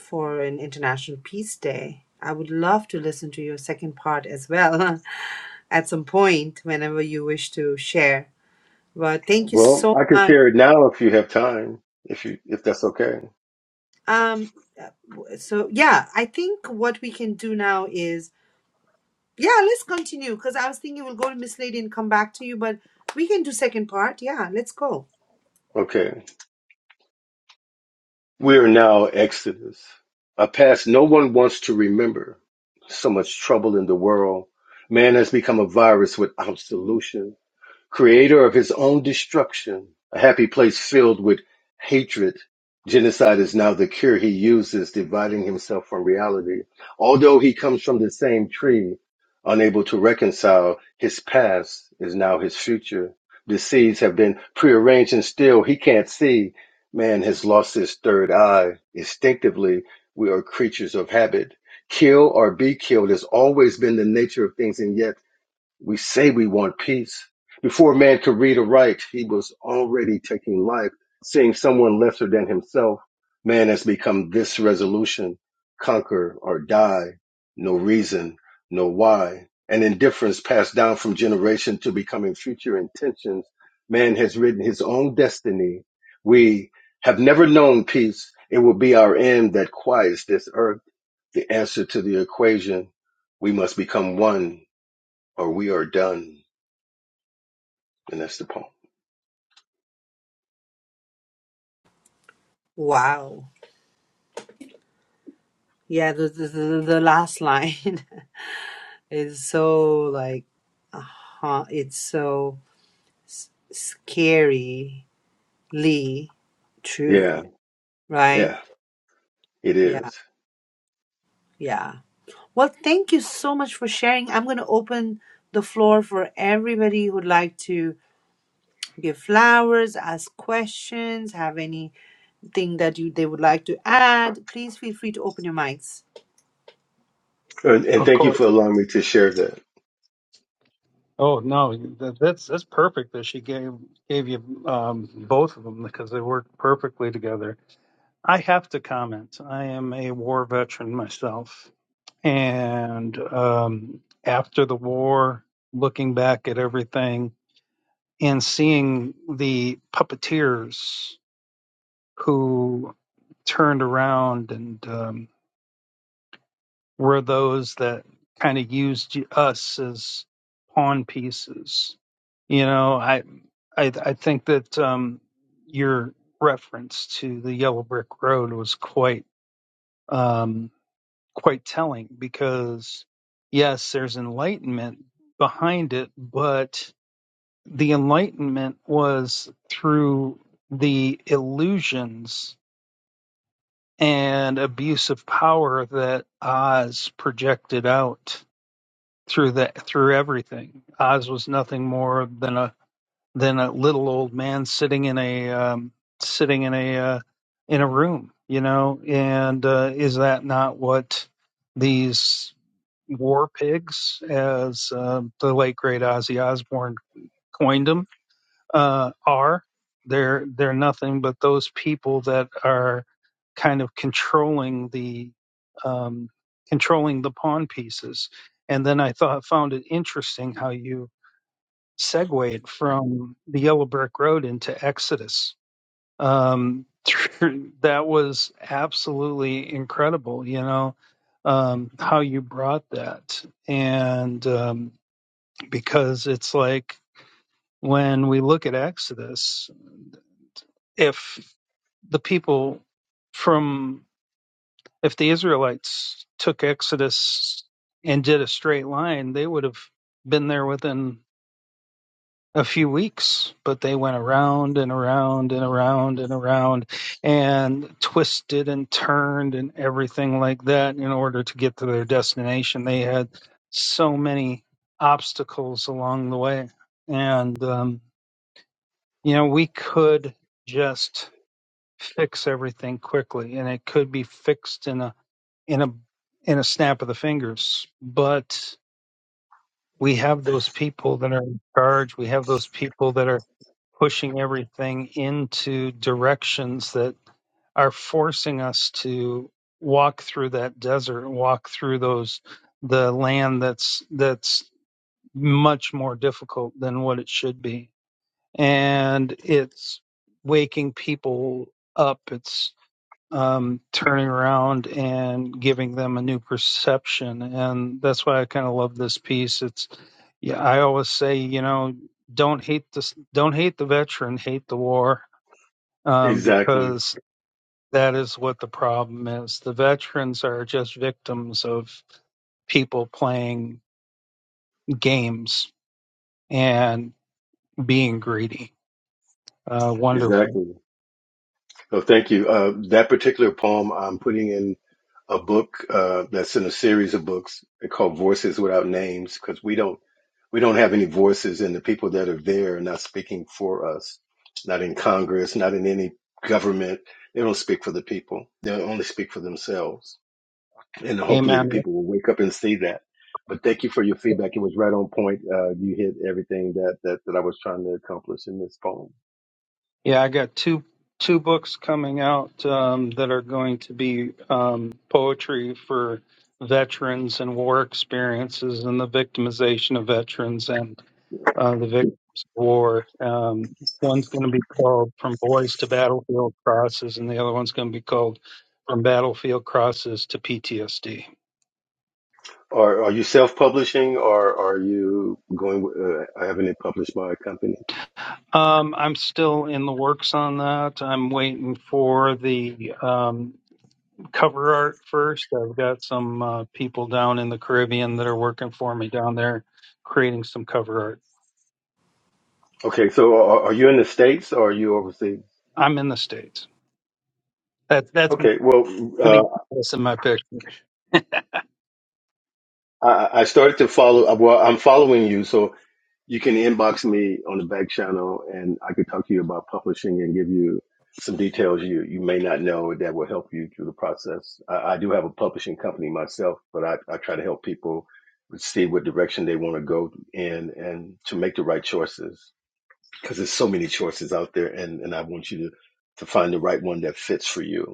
for an International Peace Day. I would love to listen to your second part as well at some point whenever you wish to share. But thank you
well
so
I could
much.
share it now if you have time if you if that's okay
Um, uh, w- so yeah, I think what we can do now is yeah, let's continue because I was thinking we'll go to Miss Lady and come back to you, but we can do second part. Yeah, let's go.
okay We are now Exodus, a past no one wants to remember. So much trouble in the world. Man has become a virus without solution. Creator of his own destruction, a happy place filled with hatred, genocide is now the cure he uses, dividing himself from reality. Although he comes from the same tree, unable to reconcile, his past is now his future. The seeds have been prearranged and still he can't see. Man has lost his third eye. Instinctively, we are creatures of habit. Kill or be killed has always been the nature of things, and yet we say we want peace. Before man could read or write, he was already taking life. Seeing someone lesser than himself, man has become this resolution conquer or die. No reason, no why. An indifference passed down from generation to becoming future intentions. Man has written his own destiny. We have never known peace. It will be our end that quiets this earth. The answer to the equation. We must become one or we are done. And that's the poem.
Wow. Yeah, the the, the, the last line is so like, uh huh, it's so s- scary Lee. True.
Yeah,
Right?
yeah, it
Yeah.
is.
Yeah. Well, thank you so much for sharing. I'm going to open the floor for everybody who would like to give flowers, ask questions, have anything that you they would like to add. Please feel free to open your mics.
And, and
Of
thank
course.
you for allowing me to share that.
Oh no, that, that's that's perfect that she gave gave you um, both of them because they work perfectly together. I have to comment. I am a war veteran myself, and um, after the war, looking back at everything and seeing the puppeteers who turned around and. um, were those that kind of used us as pawn pieces. You know, I I, I think that um, your reference to the Yellow Brick Road was quite um, quite telling because yes, there's enlightenment behind it, but the enlightenment was through the illusions and abuse of power that Oz projected out through that through everything. Oz was nothing more than a than a little old man sitting in a um, sitting in a uh, in a room, you know. And uh, is that not what these war pigs, as uh, the late great Ozzy Osbourne coined them? uh, are. They're they're nothing but those people that are kind of controlling the um, controlling the pawn pieces. And then I thought found it interesting how you segued from the Yellow Brick Road into Exodus. Um, that was absolutely incredible. You know um, how you brought that, and um, because it's like when we look at Exodus. if the people from if the Israelites took Exodus and did a straight line, they would have been there within a few weeks, but they went around and around and around and around and twisted and turned and everything like that in order to get to their destination. They had so many obstacles along the way. And, um, you know, we could just fix everything quickly and it could be fixed in a in a in a snap of the fingers but we have those people that are in charge we have those people that are pushing everything into directions that are forcing us to walk through that desert walk through those the land that's that's much more difficult than what it should be and it's waking people up It's um, turning around and giving them a new perception. And that's why I kind of love this piece. It's, yeah, I always say, you know, don't hate this, don't hate the veteran, hate the war, um,
Exactly,
because that is what the problem is. The veterans are just victims of people playing games and being greedy. Uh, wonderful.
exactly. So thank you. Uh, that particular poem I'm putting in a book uh, that's in a series of books called Voices Without Names because we don't we don't have any voices, and the people that are there are not speaking for us. Not in Congress, not in any government. They don't speak for the people. They only speak for themselves. and hopefully the
Amen.
people will wake up and see that. But thank you for your feedback. It was right on point. Uh, you hit everything that, that, that I was trying to accomplish in this poem.
Yeah, I got two two books coming out um, that are going to be um, poetry for veterans and war experiences and the victimization of veterans and uh, the victims of war. Um, one's going to be called "From Boys to Battlefield Crosses," and the other one's going to be called "From Battlefield Crosses to PTSD."
Are, are you self-publishing or are you going, uh, I haven't published by a company.
Um, I'm still in the works on that. I'm waiting for the um, cover art first. I've got some uh, people down in the Caribbean that are working for me down there, creating some cover art.
Okay. So are, are you in the States or are you overseas?
I'm in the states. That's that's
Okay. Well, uh,
many that's in my picture.
I, I started to follow. uh, Well, I'm following you, so you can inbox me on the back channel, and I could talk to you about publishing and give you some details you you may not know that will help you through the process. I, I do have a publishing company myself, but I, I try to help people see what direction they want to go in and to make the right choices because there's so many choices out there, and and I want you to to find the right one that fits for you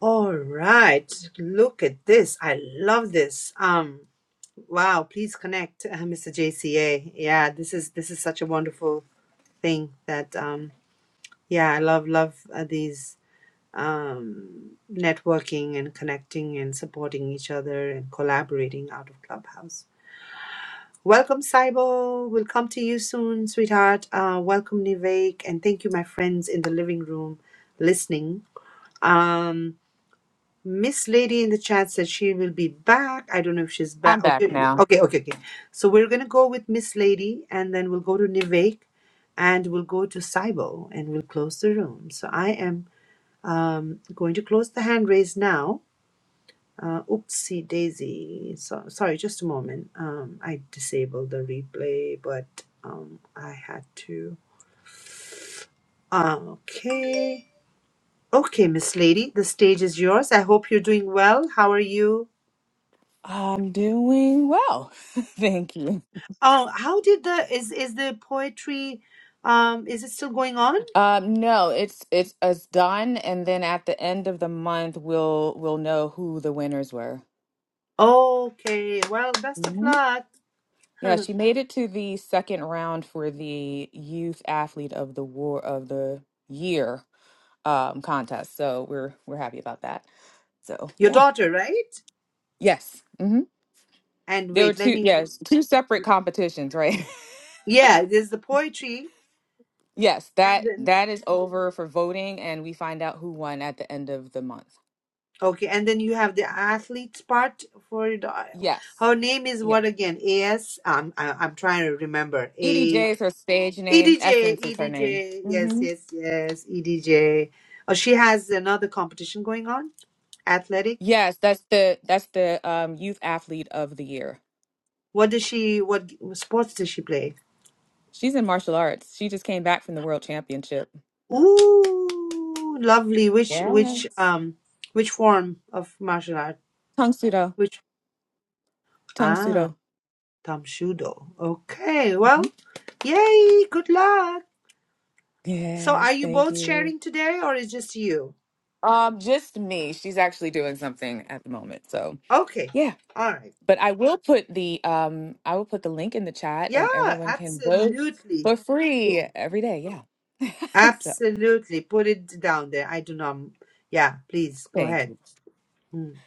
All right. Look at this. I love this. Um wow, please connect uh, Mr. JCA. Yeah, this is this is such a wonderful thing that um yeah, I love love uh, these um, networking and connecting and supporting each other and collaborating out of Clubhouse. Welcome, Saibo. We'll come to you soon, sweetheart. Uh, welcome, Nivek. And thank you, my friends in the living room listening. Um, Miss Lady in the chat said she will be back. I don't know if she's
I'm
back.
back
Okay,
now.
okay, okay. okay. So we're going to go with Miss Lady and then we'll go to Nivek and we'll go to Saibo and we'll close the room. So I am um, going to close the hand raise now. Uh, oopsie daisy. So, sorry, just a moment. Um, I disabled the replay, but um, I had to. Ah, Okay. Okay, Miss Lady, the stage is yours. I hope you're doing well. How are you?
I'm doing well. Thank you.
Oh, how did the is is the poetry um is it still going on?
Um, no, it's it's it's done, and then at the end of the month, we'll we'll know who the winners were.
Okay. Well, best of
hmm
luck.
Yeah, she made it to the second round for the Youth Athlete of the War of the Year um, contest. So we're we're happy about that. So
Your
yeah,
daughter, right?
yes, hmm
And
there were
wait, let
two
me
yes two separate competitions, right?
Yeah, there's the poetry
Yes,
and
that
then
that is over for voting, and we find out who won at the end of the month.
Okay, and then you have the athletes part for it. Uh,
Yes,
Her name is
yeah.
what again? AS? Um, I, I'm trying to remember. A
EDJ is her stage
E
name.
D J
Essence
E
is her
D
name.
J. Yes,
hmm
yes, yes, EDJ. Oh, she has another competition going on. Athletic.
Yes, that's the that's the um, youth athlete of the year.
What does she? What sports does she play?
She's in martial arts. She just came back from the world championship.
Ooh, lovely. Which which
Yes,
um which form of martial art?
tung sudo,
Which
tung
ah,
sudo.
tamshudo. Okay, well,
hmm
yay! Good luck. So are
Yes,
you
thank
both
you.
sharing today or is just you?
Um, just me. She's actually doing something at the moment. So
Okay.
yeah.
All right.
But I will put the um I will put the link in the chat
Yeah,
and everyone can vote
absolutely.
for
Y-
free every day. Yeah. so
Absolutely. Put it down there. I do not. Yeah, please go
thank
ahead.
you.
Mm.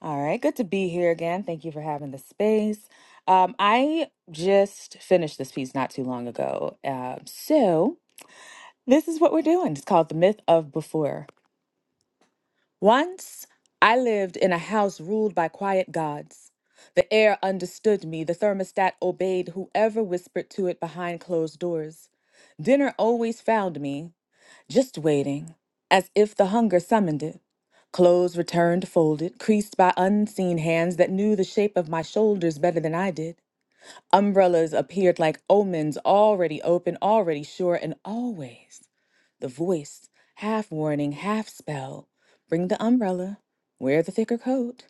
All right, good to be here again. Thank you for having the space. Um, I just finished this piece not too long ago. Um, so this is what we're doing. It's called The Myth of Before. Once I lived in a house ruled by quiet gods. The air understood me, the thermostat obeyed whoever whispered to it behind closed doors. Dinner always found me, just waiting, as if the hunger summoned it. Clothes returned folded, creased by unseen hands that knew the shape of my shoulders better than I did. Umbrellas appeared like omens, already open, already sure, and always. The voice, half warning, half spell. Bring the umbrella. Wear the thicker coat.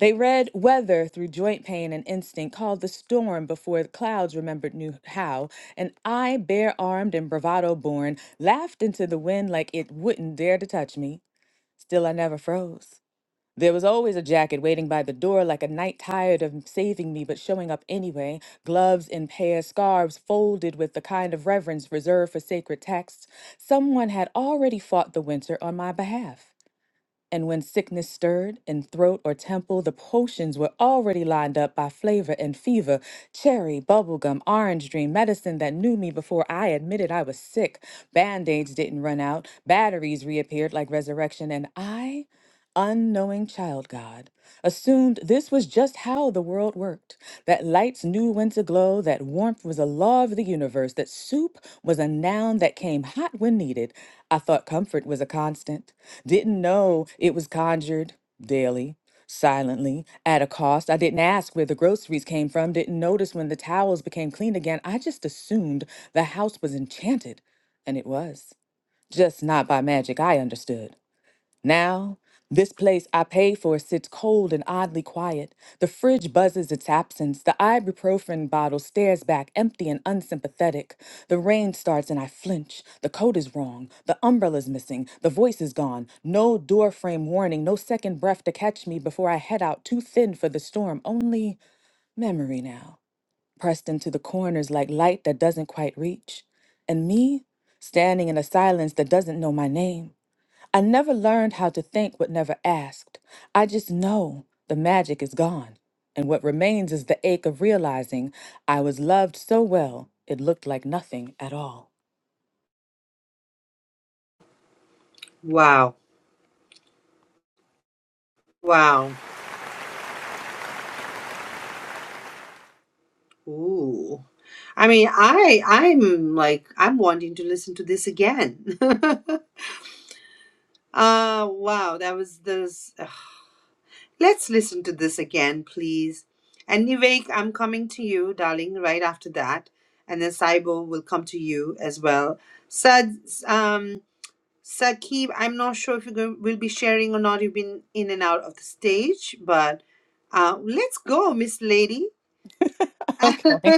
They read weather through joint pain and instinct, called the storm before the clouds remembered knew how, and I, bare armed and bravado born, laughed into the wind like it wouldn't dare to touch me. Still, I never froze. There was always a jacket waiting by the door, like a knight tired of saving me but showing up anyway, gloves in pairs, scarves folded with the kind of reverence reserved for sacred texts. Someone had already fought the winter on my behalf. And when sickness stirred in throat or temple, the potions were already lined up by flavor and fever cherry, bubblegum, orange dream, medicine that knew me before I admitted I was sick. Band aids didn't run out, batteries reappeared like resurrection, and I unknowing child God, assumed this was just how the world worked that lights knew when to glow, that warmth was a law of the universe, that soup was a noun that came hot when needed. I thought comfort was a constant, didn't know it was conjured daily. Silently, at a cost. I didn't ask where the groceries came from, didn't notice when the towels became clean again. I just assumed the house was enchanted, and it was. Just not by magic, I understood. Now, this place I paid for sits cold and oddly quiet. The fridge buzzes its absence. The ibuprofen bottle stares back, empty and unsympathetic. The rain starts and I flinch. The coat is wrong. The umbrella's missing. The voice is gone. No door frame warning, no second breath to catch me before I head out too thin for the storm. Only memory now, pressed into the corners like light that doesn't quite reach. And me, standing in a silence that doesn't know my name. I never learned how to think but never asked. I just know the magic is gone. And what remains is the ache of realizing I was loved so well, it looked like nothing at all.
Wow. Wow. Ooh. I mean, I I'm like I'm wanting to listen to this again. Ah, wow, that was this. Let's listen to this again, please. And Nivek, I'm coming to you, darling, right after that. And then Saibo will come to you as well. Sad, um, Sakib, I'm not sure if you go- will be sharing or not. You've been in and out of the stage, but uh, let's go, Miss Lady.
Okay.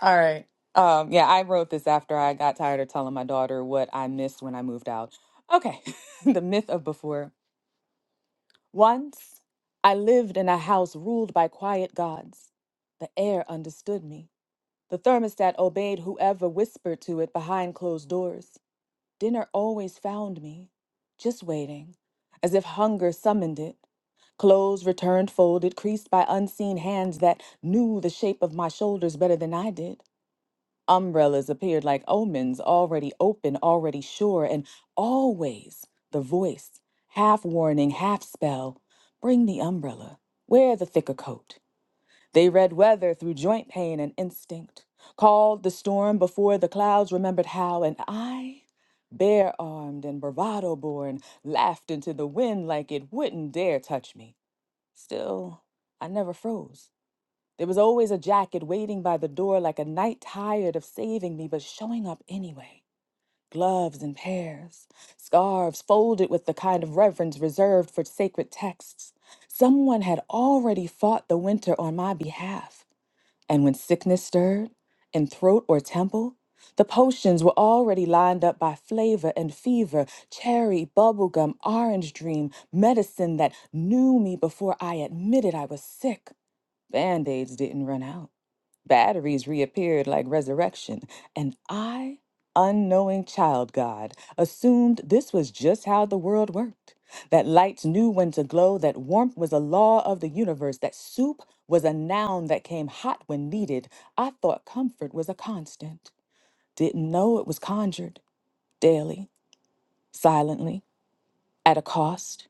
All right. Um, yeah, I wrote this after I got tired of telling my daughter what I missed when I moved out. Okay. the myth of before. Once I lived in a house ruled by quiet gods. The air understood me. The thermostat obeyed whoever whispered to it behind closed doors. Dinner always found me, just waiting, as if hunger summoned it. Clothes returned folded, creased by unseen hands that knew the shape of my shoulders better than I did. Umbrellas appeared like omens, already open, already sure, and always the voice, half warning, half spell. Bring the umbrella. Wear the thicker coat. They read weather through joint pain and instinct, called the storm before the clouds remembered how, and I, bare armed and bravado born, laughed into the wind like it wouldn't dare touch me. Still, I never froze. There was always a jacket waiting by the door like a knight tired of saving me, but showing up anyway. Gloves in pairs, scarves folded with the kind of reverence reserved for sacred texts. Someone had already fought the winter on my behalf. And when sickness stirred, in throat or temple, the potions were already lined up by flavor and fever cherry, bubblegum, orange dream, medicine that knew me before I admitted I was sick. Band aids didn't run out. Batteries reappeared like resurrection, and I, unknowing child God, assumed this was just how the world worked. That lights knew when to glow, that warmth was a law of the universe, that soup was a noun that came hot when needed. I thought comfort was a constant. Didn't know it was conjured daily, silently, at a cost.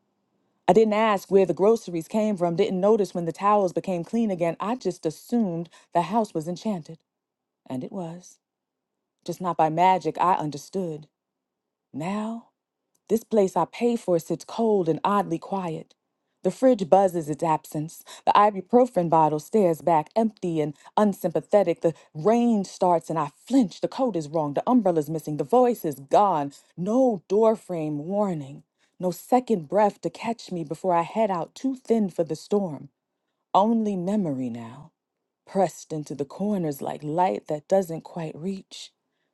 I didn't ask where the groceries came from, didn't notice when the towels became clean again. I just assumed the house was enchanted, and it was. Just not by magic, I understood. Now, this place I pay for sits cold and oddly quiet. The fridge buzzes its absence. The ibuprofen bottle stares back, empty and unsympathetic. The rain starts and I flinch. The coat is wrong. The umbrella's missing. The voice is gone. No doorframe warning. No second breath to catch me before I head out too thin for the storm. Only memory now, pressed into the corners like light that doesn't quite reach.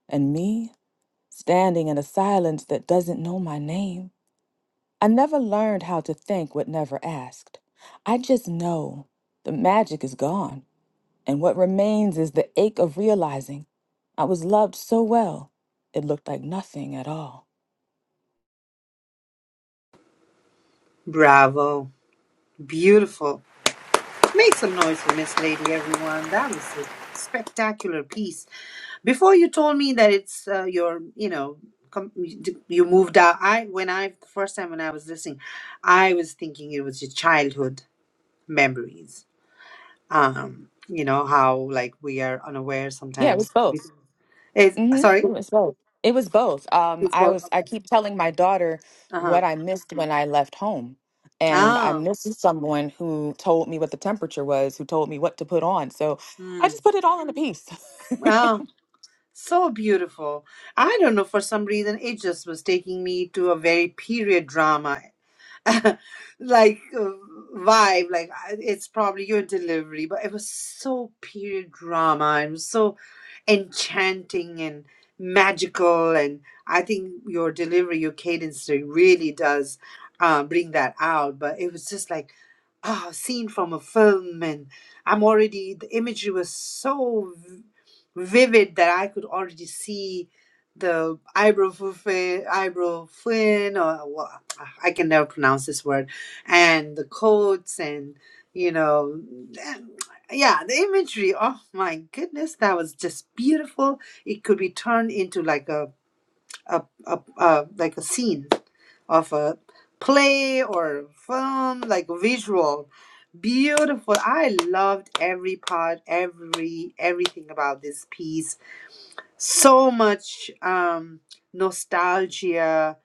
And me? standing in a silence that doesn't know my name. I never learned how to thank what never asked. I just know the magic is gone, and what remains is the ache of realizing I was loved so well, it looked like nothing at all.
Bravo. Beautiful. Make some noise for Miss Lady, everyone. That was a spectacular piece. Before you told me that it's uh, your, you know, com- you moved out. I when I the first time when I was listening, I was thinking it was your childhood memories. Um, you know how like we are unaware
Yeah, it
sometimes.
was both.
Is
hmm It
sorry,
was both. It was both. Um,
it's
I
both.
was I
Okay.
keep telling my daughter
Uh huh.
what I missed when I left home. And I
Ah.
missed someone who told me what the temperature was, who told me what to put on. So I
Hmm.
just put it all in a piece.
Wow. So beautiful. I don't know for some reason it just was taking me to a very period drama like uh, vibe like I- it's probably your delivery but it was so period drama and so enchanting and magical and i think your delivery your cadence there really does uh, bring that out but it was just like ah, scene from a film, and I'm already, the imagery was so v- vivid that I could already see the eyebrow fin, eyebrow fin, or well, I can never pronounce this word, and the coats, and you know, and- yeah, the imagery. Oh my goodness, that was just beautiful. It could be turned into like a a, a, a like a scene of a play or film, like visual. Beautiful. I loved every part, every everything about this piece. So much um, nostalgia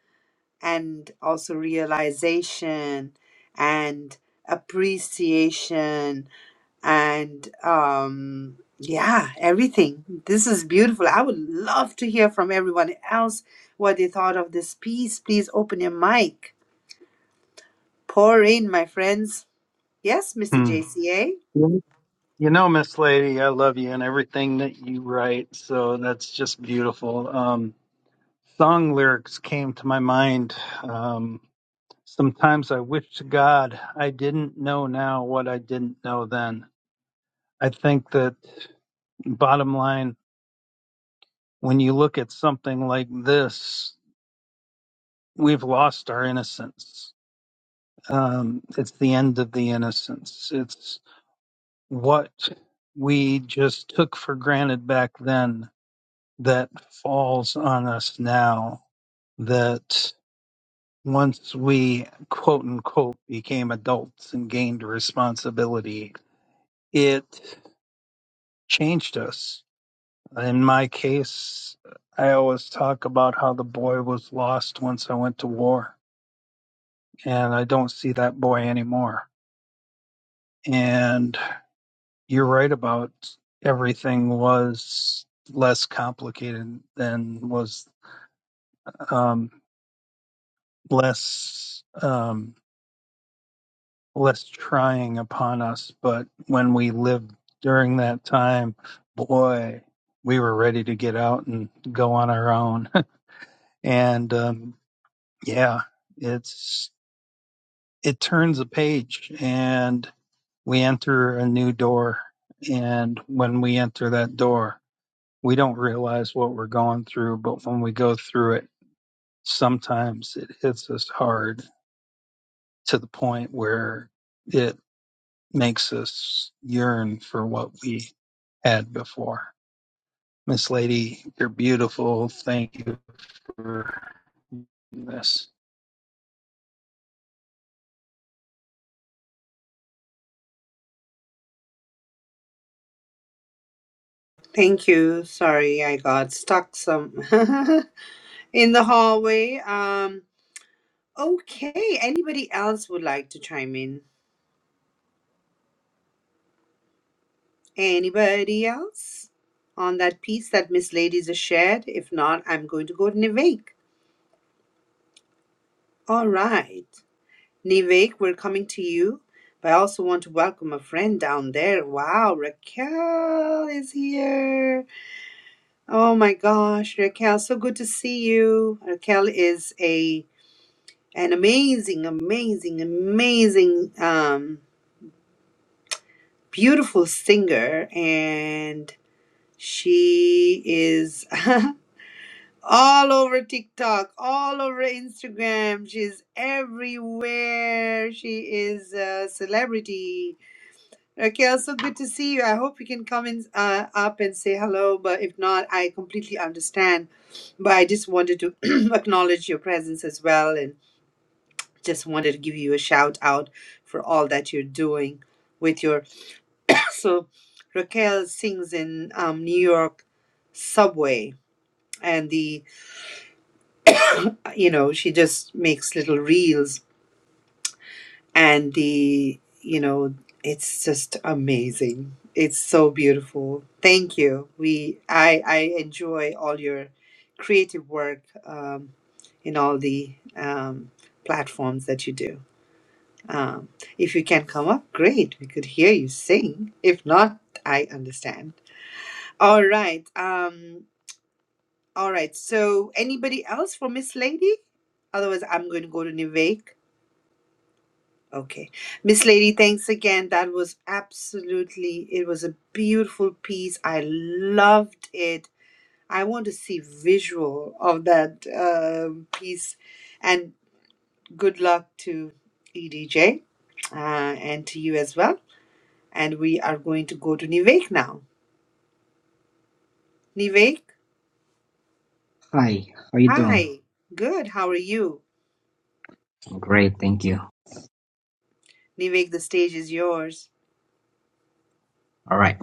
and also realization and appreciation and um yeah everything this is beautiful i would love to hear from everyone else what they thought of this piece please open your mic pour in my friends yes mr
Hmm.
jca
You know, Miss Lady, I love you and everything that you write. So that's just beautiful. Um, song lyrics came to my mind. Um, sometimes I wish to God I didn't know now what I didn't know then. I think that bottom line. when you look at something like this, we've lost our innocence. Um, it's the end of the innocence. It's what we just took for granted back then that falls on us now. That once we, quote unquote, became adults and gained responsibility, it changed us. In my case, I always talk about how the boy was lost once I went to war and I don't see that boy anymore. And you're right about everything was less complicated than was um, less um, less trying upon us. But when we lived during that time, boy, we were ready to get out and go on our own. and um, yeah, it's it turns a page and we enter a new door and when we enter that door we don't realize what we're going through but when we go through it sometimes it hits us hard to the point where it makes us yearn for what we had before miss lady you're beautiful thank you for this
thank you sorry i got stuck some in the hallway um okay anybody else would like to chime in anybody else on that piece that miss ladies has shared if not i'm going to go to nivek all right Nivek, we're coming to you. But I also want to welcome a friend down there. Wow, Raquel is here. Oh my gosh, Raquel, so good to see you. Raquel is a an amazing, amazing, amazing, um, beautiful singer, and she is all over TikTok, all over Instagram. She's everywhere. She is a celebrity Raquel, so good to see you. I hope you can come in uh, up and say hello, but if not, I completely understand. But I just wanted to acknowledge your presence as well and just wanted to give you a shout out for all that you're doing with your. so, Raquel sings in um, New York subway and the, uh, you know, she just makes little reels and the you know it's just amazing it's so beautiful thank you we i i enjoy all your creative work um, in all the um, platforms that you do um, if you can come up great we could hear you sing if not i understand all right um all right so anybody else for miss lady otherwise i'm going to go to nivek Okay. Miss Lady, thanks again. That was absolutely, it was a beautiful piece. I loved it. I want to see visual of that um piece. And good luck to EDJ uh, and to you as well. And we are going to go to Nivek now. Nivek,
Hi, how you doing?
hi. Good. How are you?
Great, thank you.
Nivek, the stage is yours.
All right.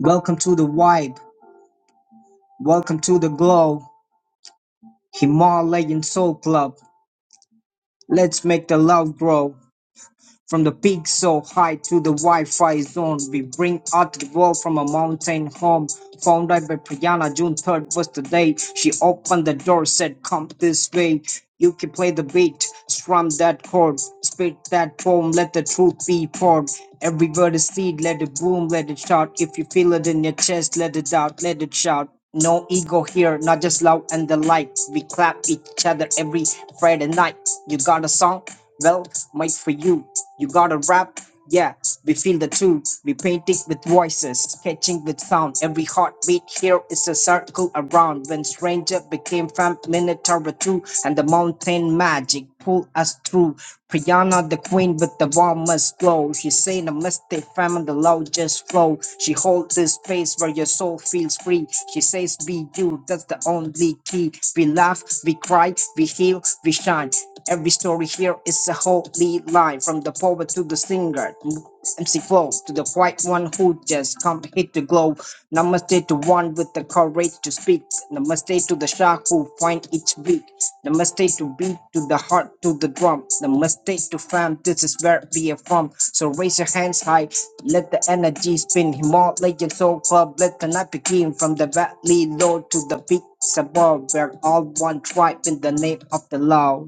Welcome to the vibe. Welcome to the glow. Himalayan Soul Club. Let's make the love grow. From the peak so high to the Wi-Fi zone, we bring out the world from a mountain home. Founded by Priyana, June 3rd was the day. She opened the door, said, come this way. You can play the beat, strum that chord, spit that poem, let the truth be poured. Every word is seed, let it boom, let it shout. If you feel it in your chest, let it out, let it shout. No ego here, not just love and the light. We clap each other every Friday night. You got a song? Well, made for you. You gotta rap, yeah. We feel the truth. We paint it with voices, sketching with sound. Every heartbeat here is a circle around. When stranger became fam, Minotaur two, and the mountain magic pull us through. Priyana, the queen with the warmest glow. She say the mistake, fam, and the largest flow. She holds this space where your soul feels free. She says, Be you, that's the only key. We laugh, we cry, we heal, we shine. Every story here is a whole lead line from the poet to the singer, MC Flow to the quiet one who just can't hit the glow. Namaste to one with the courage to speak. Namaste to the shark who find each beat. Namaste to beat to the heart to the drum. Namaste to fam. This is where we are from. So raise your hands high. Let the energy spin. Himalayan Soul Club. Let the night begin from the valley low to the peaks above. We're all one tribe in the name of the law.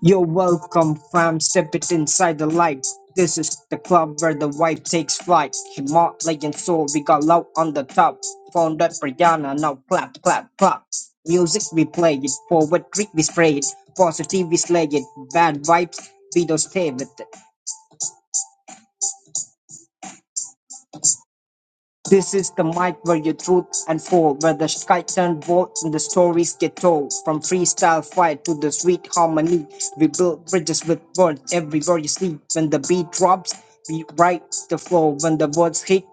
You're welcome, fam. Step it inside the light. This is the club where the vibe takes flight. Himalayan soul, we got loud on the top. Found that Brianna, now clap, clap, clap. Music we play it, poetry we spray it, positive we slay it, bad vibes we don't stay with it. This is the mic where your truth unfold, where the sky turns bold and the stories get told. From freestyle fight to the sweet harmony, we build bridges with words everywhere you sleep. When the beat drops, we write the flow. When the words hit,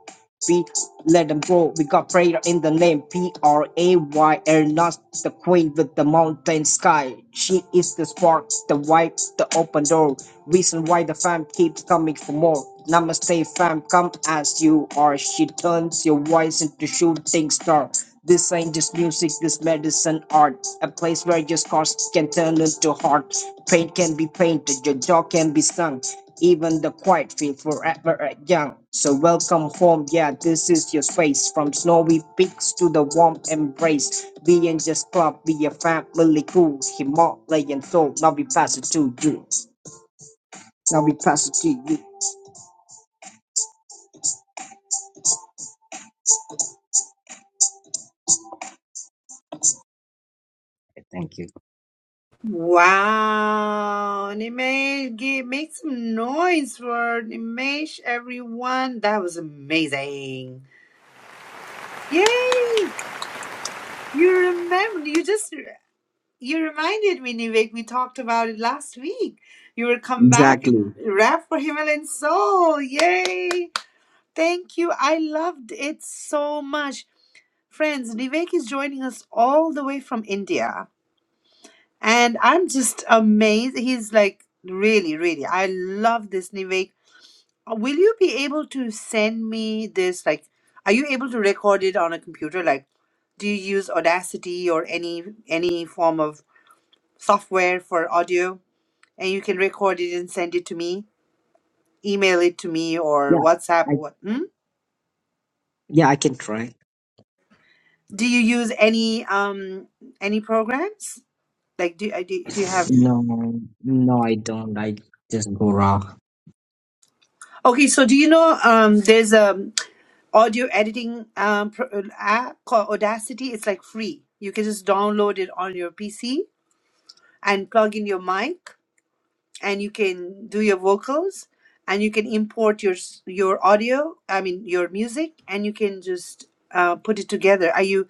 See, let them grow. We got prayer in the name P R A Y L, not the queen with the mountain sky. She is the spark, the wipe, the open door. Reason why the fam keeps coming for more. Namaste, fam, come as you are. She turns your voice into shooting star. This ain't just music, this medicine art. A place where your scars can turn into heart. Pain can be painted, your jaw can be sung even the quiet feel forever at young. So welcome home, yeah, this is your space. From snowy peaks to the warm embrace. We ain't just club, we a family cruise. Himalayan soul, now we pass it to you. Now we pass it to you. Thank you.
Wow, Nimesh, give, make some noise for Nimesh, everyone. That was amazing. Yay! You remember, you just, you reminded me, Nivek. we talked about it last week. You will come back and
Exactly.
rap for Himalayan Soul. Yay! Thank you. I loved it so much. Friends, Nivek is joining us all the way from India. And I'm just amazed. He's like, really, really, I love this, Nivek. Will you be able to send me this? Like, are you able to record it on a computer? Like, do you use Audacity or any any form of software for audio? And you can record it and send it to me, email it to me, or
Yeah,
WhatsApp
I
or what? Hmm?
yeah I can try.
Do you use any um any programs? Like, do, uh, do do you have?
No, no, I don't. I just go raw.
Okay, so do you know um there's a audio editing um, pro- uh, app called Audacity. It's like free. You can just download it on your PC and plug in your mic, and you can do your vocals, and you can import your s- your audio. I mean your music, and you can just uh, put it together. Are you?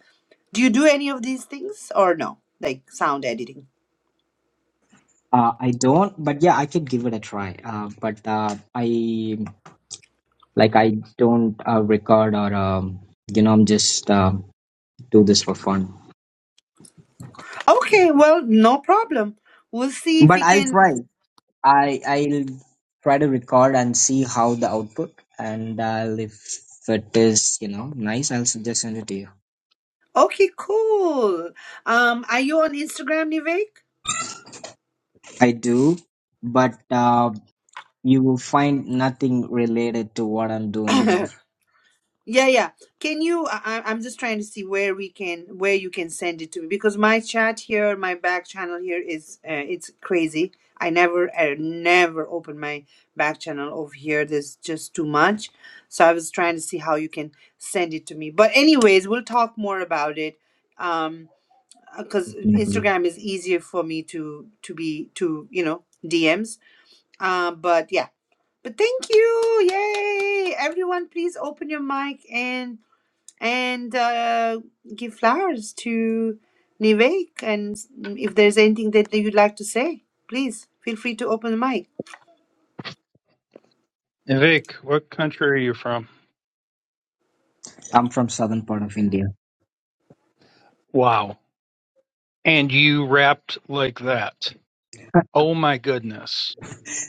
Do you do any of these things or no? Like sound editing.
Uh, I don't, but yeah, I can give it a try. Uh, but uh, I Like I don't uh, record or um, you know I'm just uh, do this for fun.
Okay, well, no problem. We'll see if
But
we
I'll
can.
try. I I'll try to record and see how the output and I'll if it is you know nice I'll suggest send it to you.
Okay, cool. Um, are you on Instagram, Nivek?
I do, but uh, you will find nothing related to what I'm doing here.
Yeah, yeah. Can you? I, I- I'm just trying to see where we can, where you can send it to me because my chat here, my back channel here is, uh, it's crazy. I never, I never open my back channel over here. There's just too much. So I was trying to see how you can send it to me. But anyways, we'll talk more about it. Um, because
Definitely,
Instagram is easier for me to to be to you know DMs. Um, but yeah. But thank you, yay! Everyone, please open your mic and and uh, give flowers to Nivek. And if there's anything that you'd like to say, please feel free to open the mic.
and vic what country are you from
I'm from southern part of India.
wow and you rapped like that oh my goodness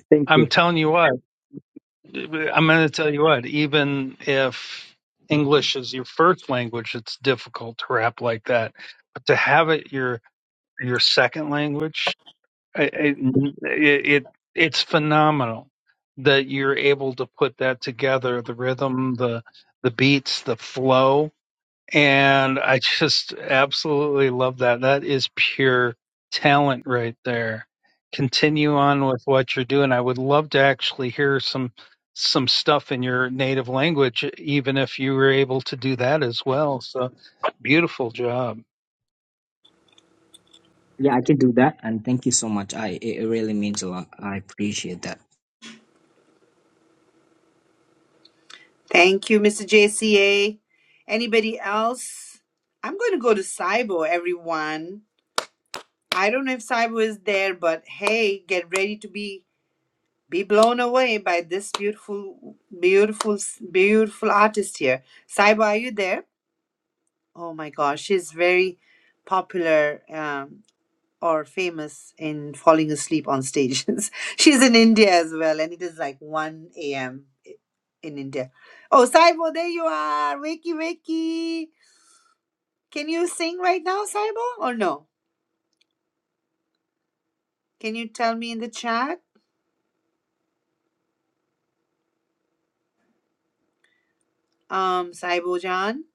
Thank
i'm
you.
telling you what I'm going to tell you what, even if English is your first language, it's difficult to rap like that. But to have it your your second language, I- I- it, it it's phenomenal that you're able to put that together, the rhythm, the the beats, the flow. And I just absolutely love that. That is pure talent right there. Continue on with what you're doing. I would love to actually hear some some stuff in your native language, even if you were able to do that as well. So beautiful job.
Yeah, I can do that, and thank you so much. I it it really means a lot. I appreciate that.
Thank you, Mr. JCA. Anybody else? I'm going to go to Cybo, everyone. I don't know if Cybo is there, but hey, get ready to be be blown away by this beautiful, beautiful, beautiful artist here. Cybo, are you there? Oh my gosh, she's very popular. Um, or famous in falling asleep on stages. She's in India as well, and it is like 1 a.m. in India. Oh, Saibo, there you are. Wakey, wakey. Can you sing right now, Saibo, or no? Can you tell me in the chat, um, Saibo Jan?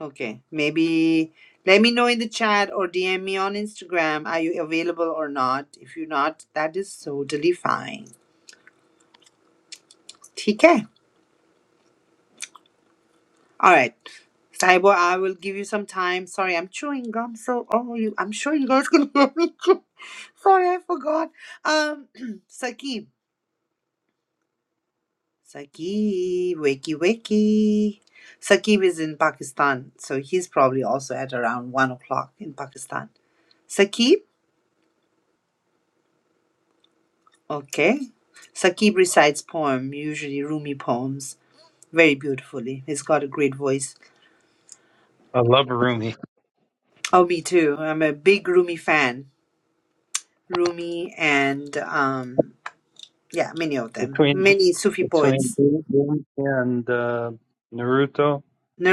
Okay, maybe let me know in the chat or DM me on Instagram. Are you available or not? If you're not, that is totally fine. TK. All right. Cyborg, I will give you some time. Sorry, I'm chewing gum, so oh, you. I'm sure you guys can hear me. chew. Sorry, I forgot. Um, Saqib, Saqib, wakey wakey. Saqib is in Pakistan, so he's probably also at around one o'clock in Pakistan. Saqib, okay. Saqib recites poem, usually Rumi poems, very beautifully. He's got a great voice.
I love Rumi.
Oh, me too. I'm a big Rumi fan. Rumi and um. Yeah, many of them.
Between
Many Sufi
between
poets.
Rumi and uh, Naruto,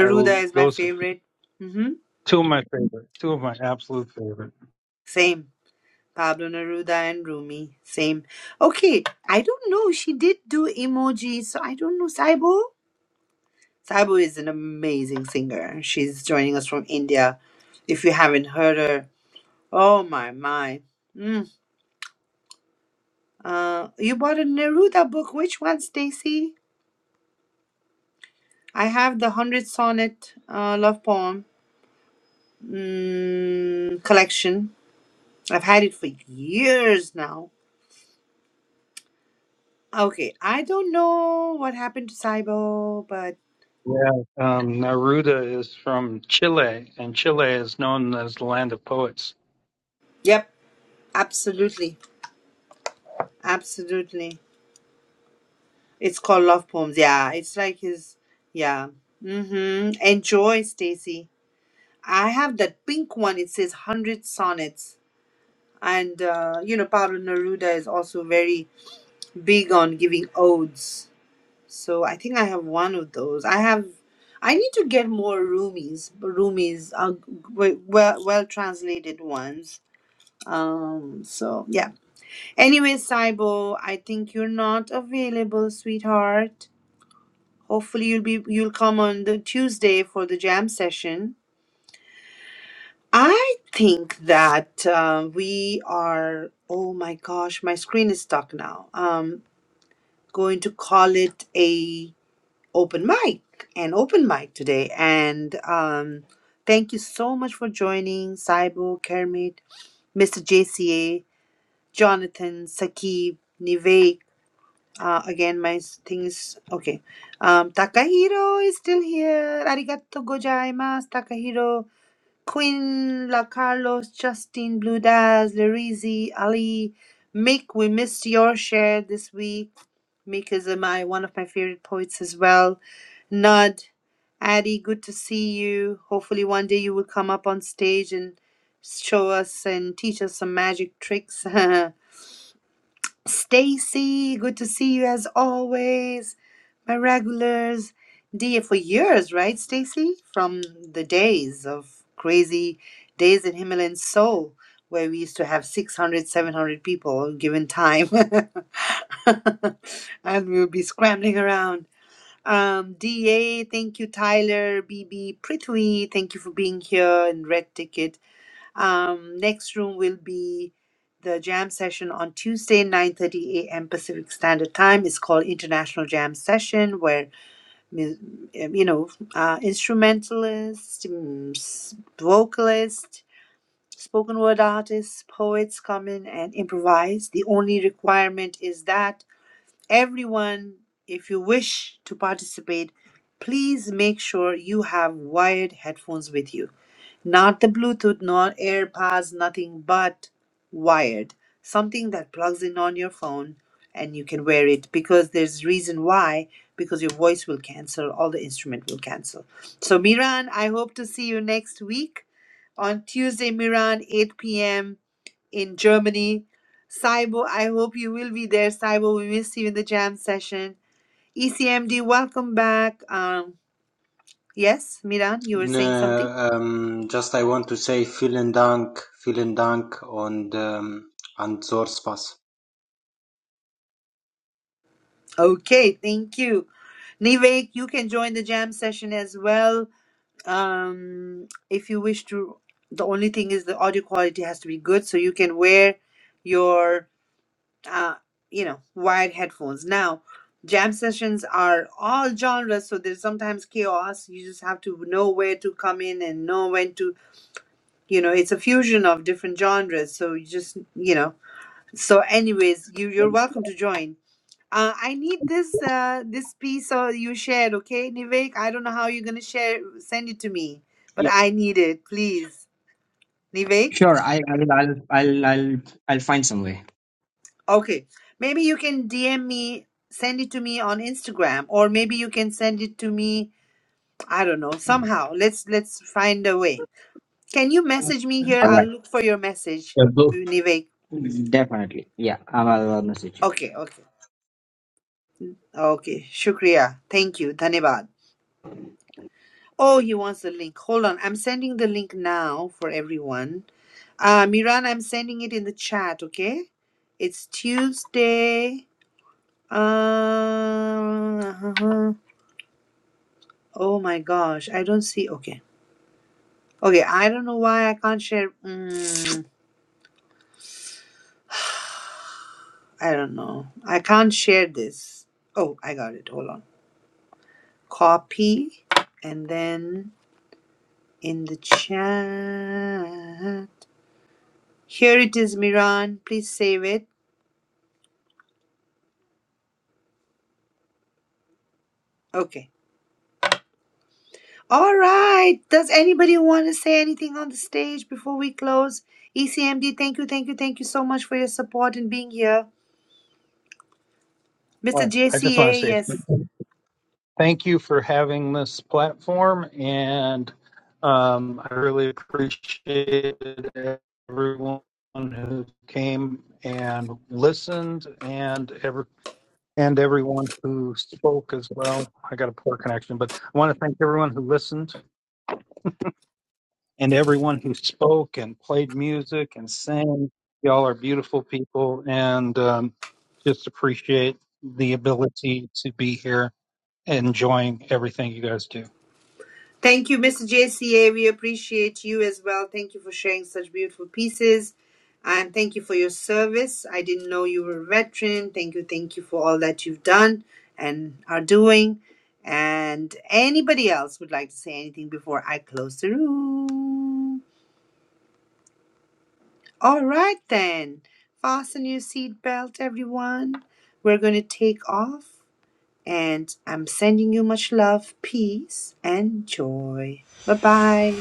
I, l-
is my
those are
favorite. hmm
two of my favorite, two of my absolute favorite.
Same. Pablo Neruda and Rumi. Same. Okay, I don't know. She did do emojis, so I don't know. Saibo? Saibo is an amazing singer. She's joining us from India. If you haven't heard her, oh my, my. Mm. Uh, you bought a Neruda book. Which one, Stacy? I have the 100 Sonnet uh, Love Poem mm, collection. I've had it for years now. Okay, I don't know what happened to Saibo, but
Yeah, um, Neruda is from Chile, and Chile is known as the land of poets.
yep, absolutely. Absolutely. It's called Love Poems. Yeah, it's like his yeah. Mhm. Enjoy, Stacy. I have that pink one. It says 100 sonnets. And uh, you know, Pablo Neruda is also very big on giving odes. So I think I have one of those. I have. I need to get more roomies, roomies, uh, well, well translated ones. Um. So yeah. Anyway, Saibo, I think you're not available, sweetheart. Hopefully you'll be you'll come on the Tuesday for the jam session. I think that uh, we are. Oh my gosh, my screen is stuck now. Um, going to call it a open mic and open mic today. And um, thank you so much for joining Saibu, Kermit, Mr. JCA, Jonathan, Sakib, Nivek. Uh, again, my s- thing is okay. Um, Takahiro is still here. Arigato gozaimasu, Takahiro. Quinn, La Carlos, Justin, Blue Daz, Larizi, Ali, Mick, we missed your share this week. Mika Zamai, one of my favorite poets as well. Nud, Addie, good to see you. Hopefully, one day you will come up on stage and show us and teach us some magic tricks. Stacy, good to see you as always. My regulars, D for years, right, Stacy? From the days of crazy days in Himalayan Seoul, where we used to have 600, 700 people given time. and we would be scrambling around. Um, DA, thank you, Tyler, B B, Prithvi, thank you for being here, and Red Ticket. Um, next room will be the jam session on Tuesday, 9:30 a.m. Pacific Standard Time. It's called International Jam Session, where mu- um, you know uh, instrumentalists, mm, s- vocalists, spoken word artists, poets come in and improvise. The only requirement is that everyone, if you wish to participate, please make sure you have wired headphones with you not the Bluetooth, not AirPods, nothing but wired. Something that plugs in on your phone and you can wear it because there's reason why because your voice will cancel, all the instrument will cancel. So Miran, I hope to see you next week on Tuesday, Miran, 8 p.m. in Germany. Saibo, I hope you will be there. Saibo, we missed you in the jam session. ECMD, welcome back. Um, yes, Miran, you were saying something?
No, um, just I want to say vielen Dank, vielen Dank, and um, and Zorspas.
Okay, thank you. Nivek, you can join the jam session as well um, if you wish to. The only thing is the audio quality has to be good, so you can wear your, uh, you know, wired headphones. Now, jam sessions are all genres, so there's sometimes chaos. You just have to know where to come in and know when to, you know, it's a fusion of different genres. So you just, you know, so anyways, you you're welcome to join. Uh, I need this uh, this piece or you shared, okay, Nivek? I don't know how you're gonna share send it to me, but I need it, please. Nivek?
Sure, I, I'll, I'll, I'll, I'll, I'll find some way.
Okay. Maybe you can DM me, send it to me on Instagram, or maybe you can send it to me, I don't know, somehow. Let's let's find a way. Can you message me here?
All
I'll
right.
look for your message,
Yeah, so
Nivek.
Definitely. Yeah, I'll, I'll message you.
Okay, okay. Okay. Shukriya. Thank you. Dhanibad. Oh, he wants the link. Hold on. I'm sending the link now for everyone. Uh, Miran, I'm sending it in the chat, okay? It's Tuesday. Uh, oh my gosh, I don't see. Okay. Okay, I don't know why I can't share. Mm, I don't know. I can't share this. Oh, I got it. Hold on. Copy and then in the chat. Here it is, Miran. Please save it. Okay. All right. Does anybody want to say anything on the stage before we close? ECMD, thank you, thank you, thank you so much for your support and being here. Mr.
Well, I just want to
JCA,
say
yes.
thank you for having this platform, and um, I really appreciated everyone who came and listened, and ever and everyone who spoke as well. I got a poor connection, but I want to thank everyone who listened and everyone who spoke and played music and sang. Y'all are beautiful people, and um, just appreciate the ability to be here, enjoying everything you guys do.
Thank you, Mr. JCA. We appreciate you as well. Thank you for sharing such beautiful pieces. And thank you for your service. I didn't know you were a veteran. Thank you, thank you for all that you've done and are doing. And anybody else would like to say anything before I close the room? All right, then. Fasten your seatbelt, everyone. We're going to take off, and I'm sending you much love, peace, and joy. Bye bye.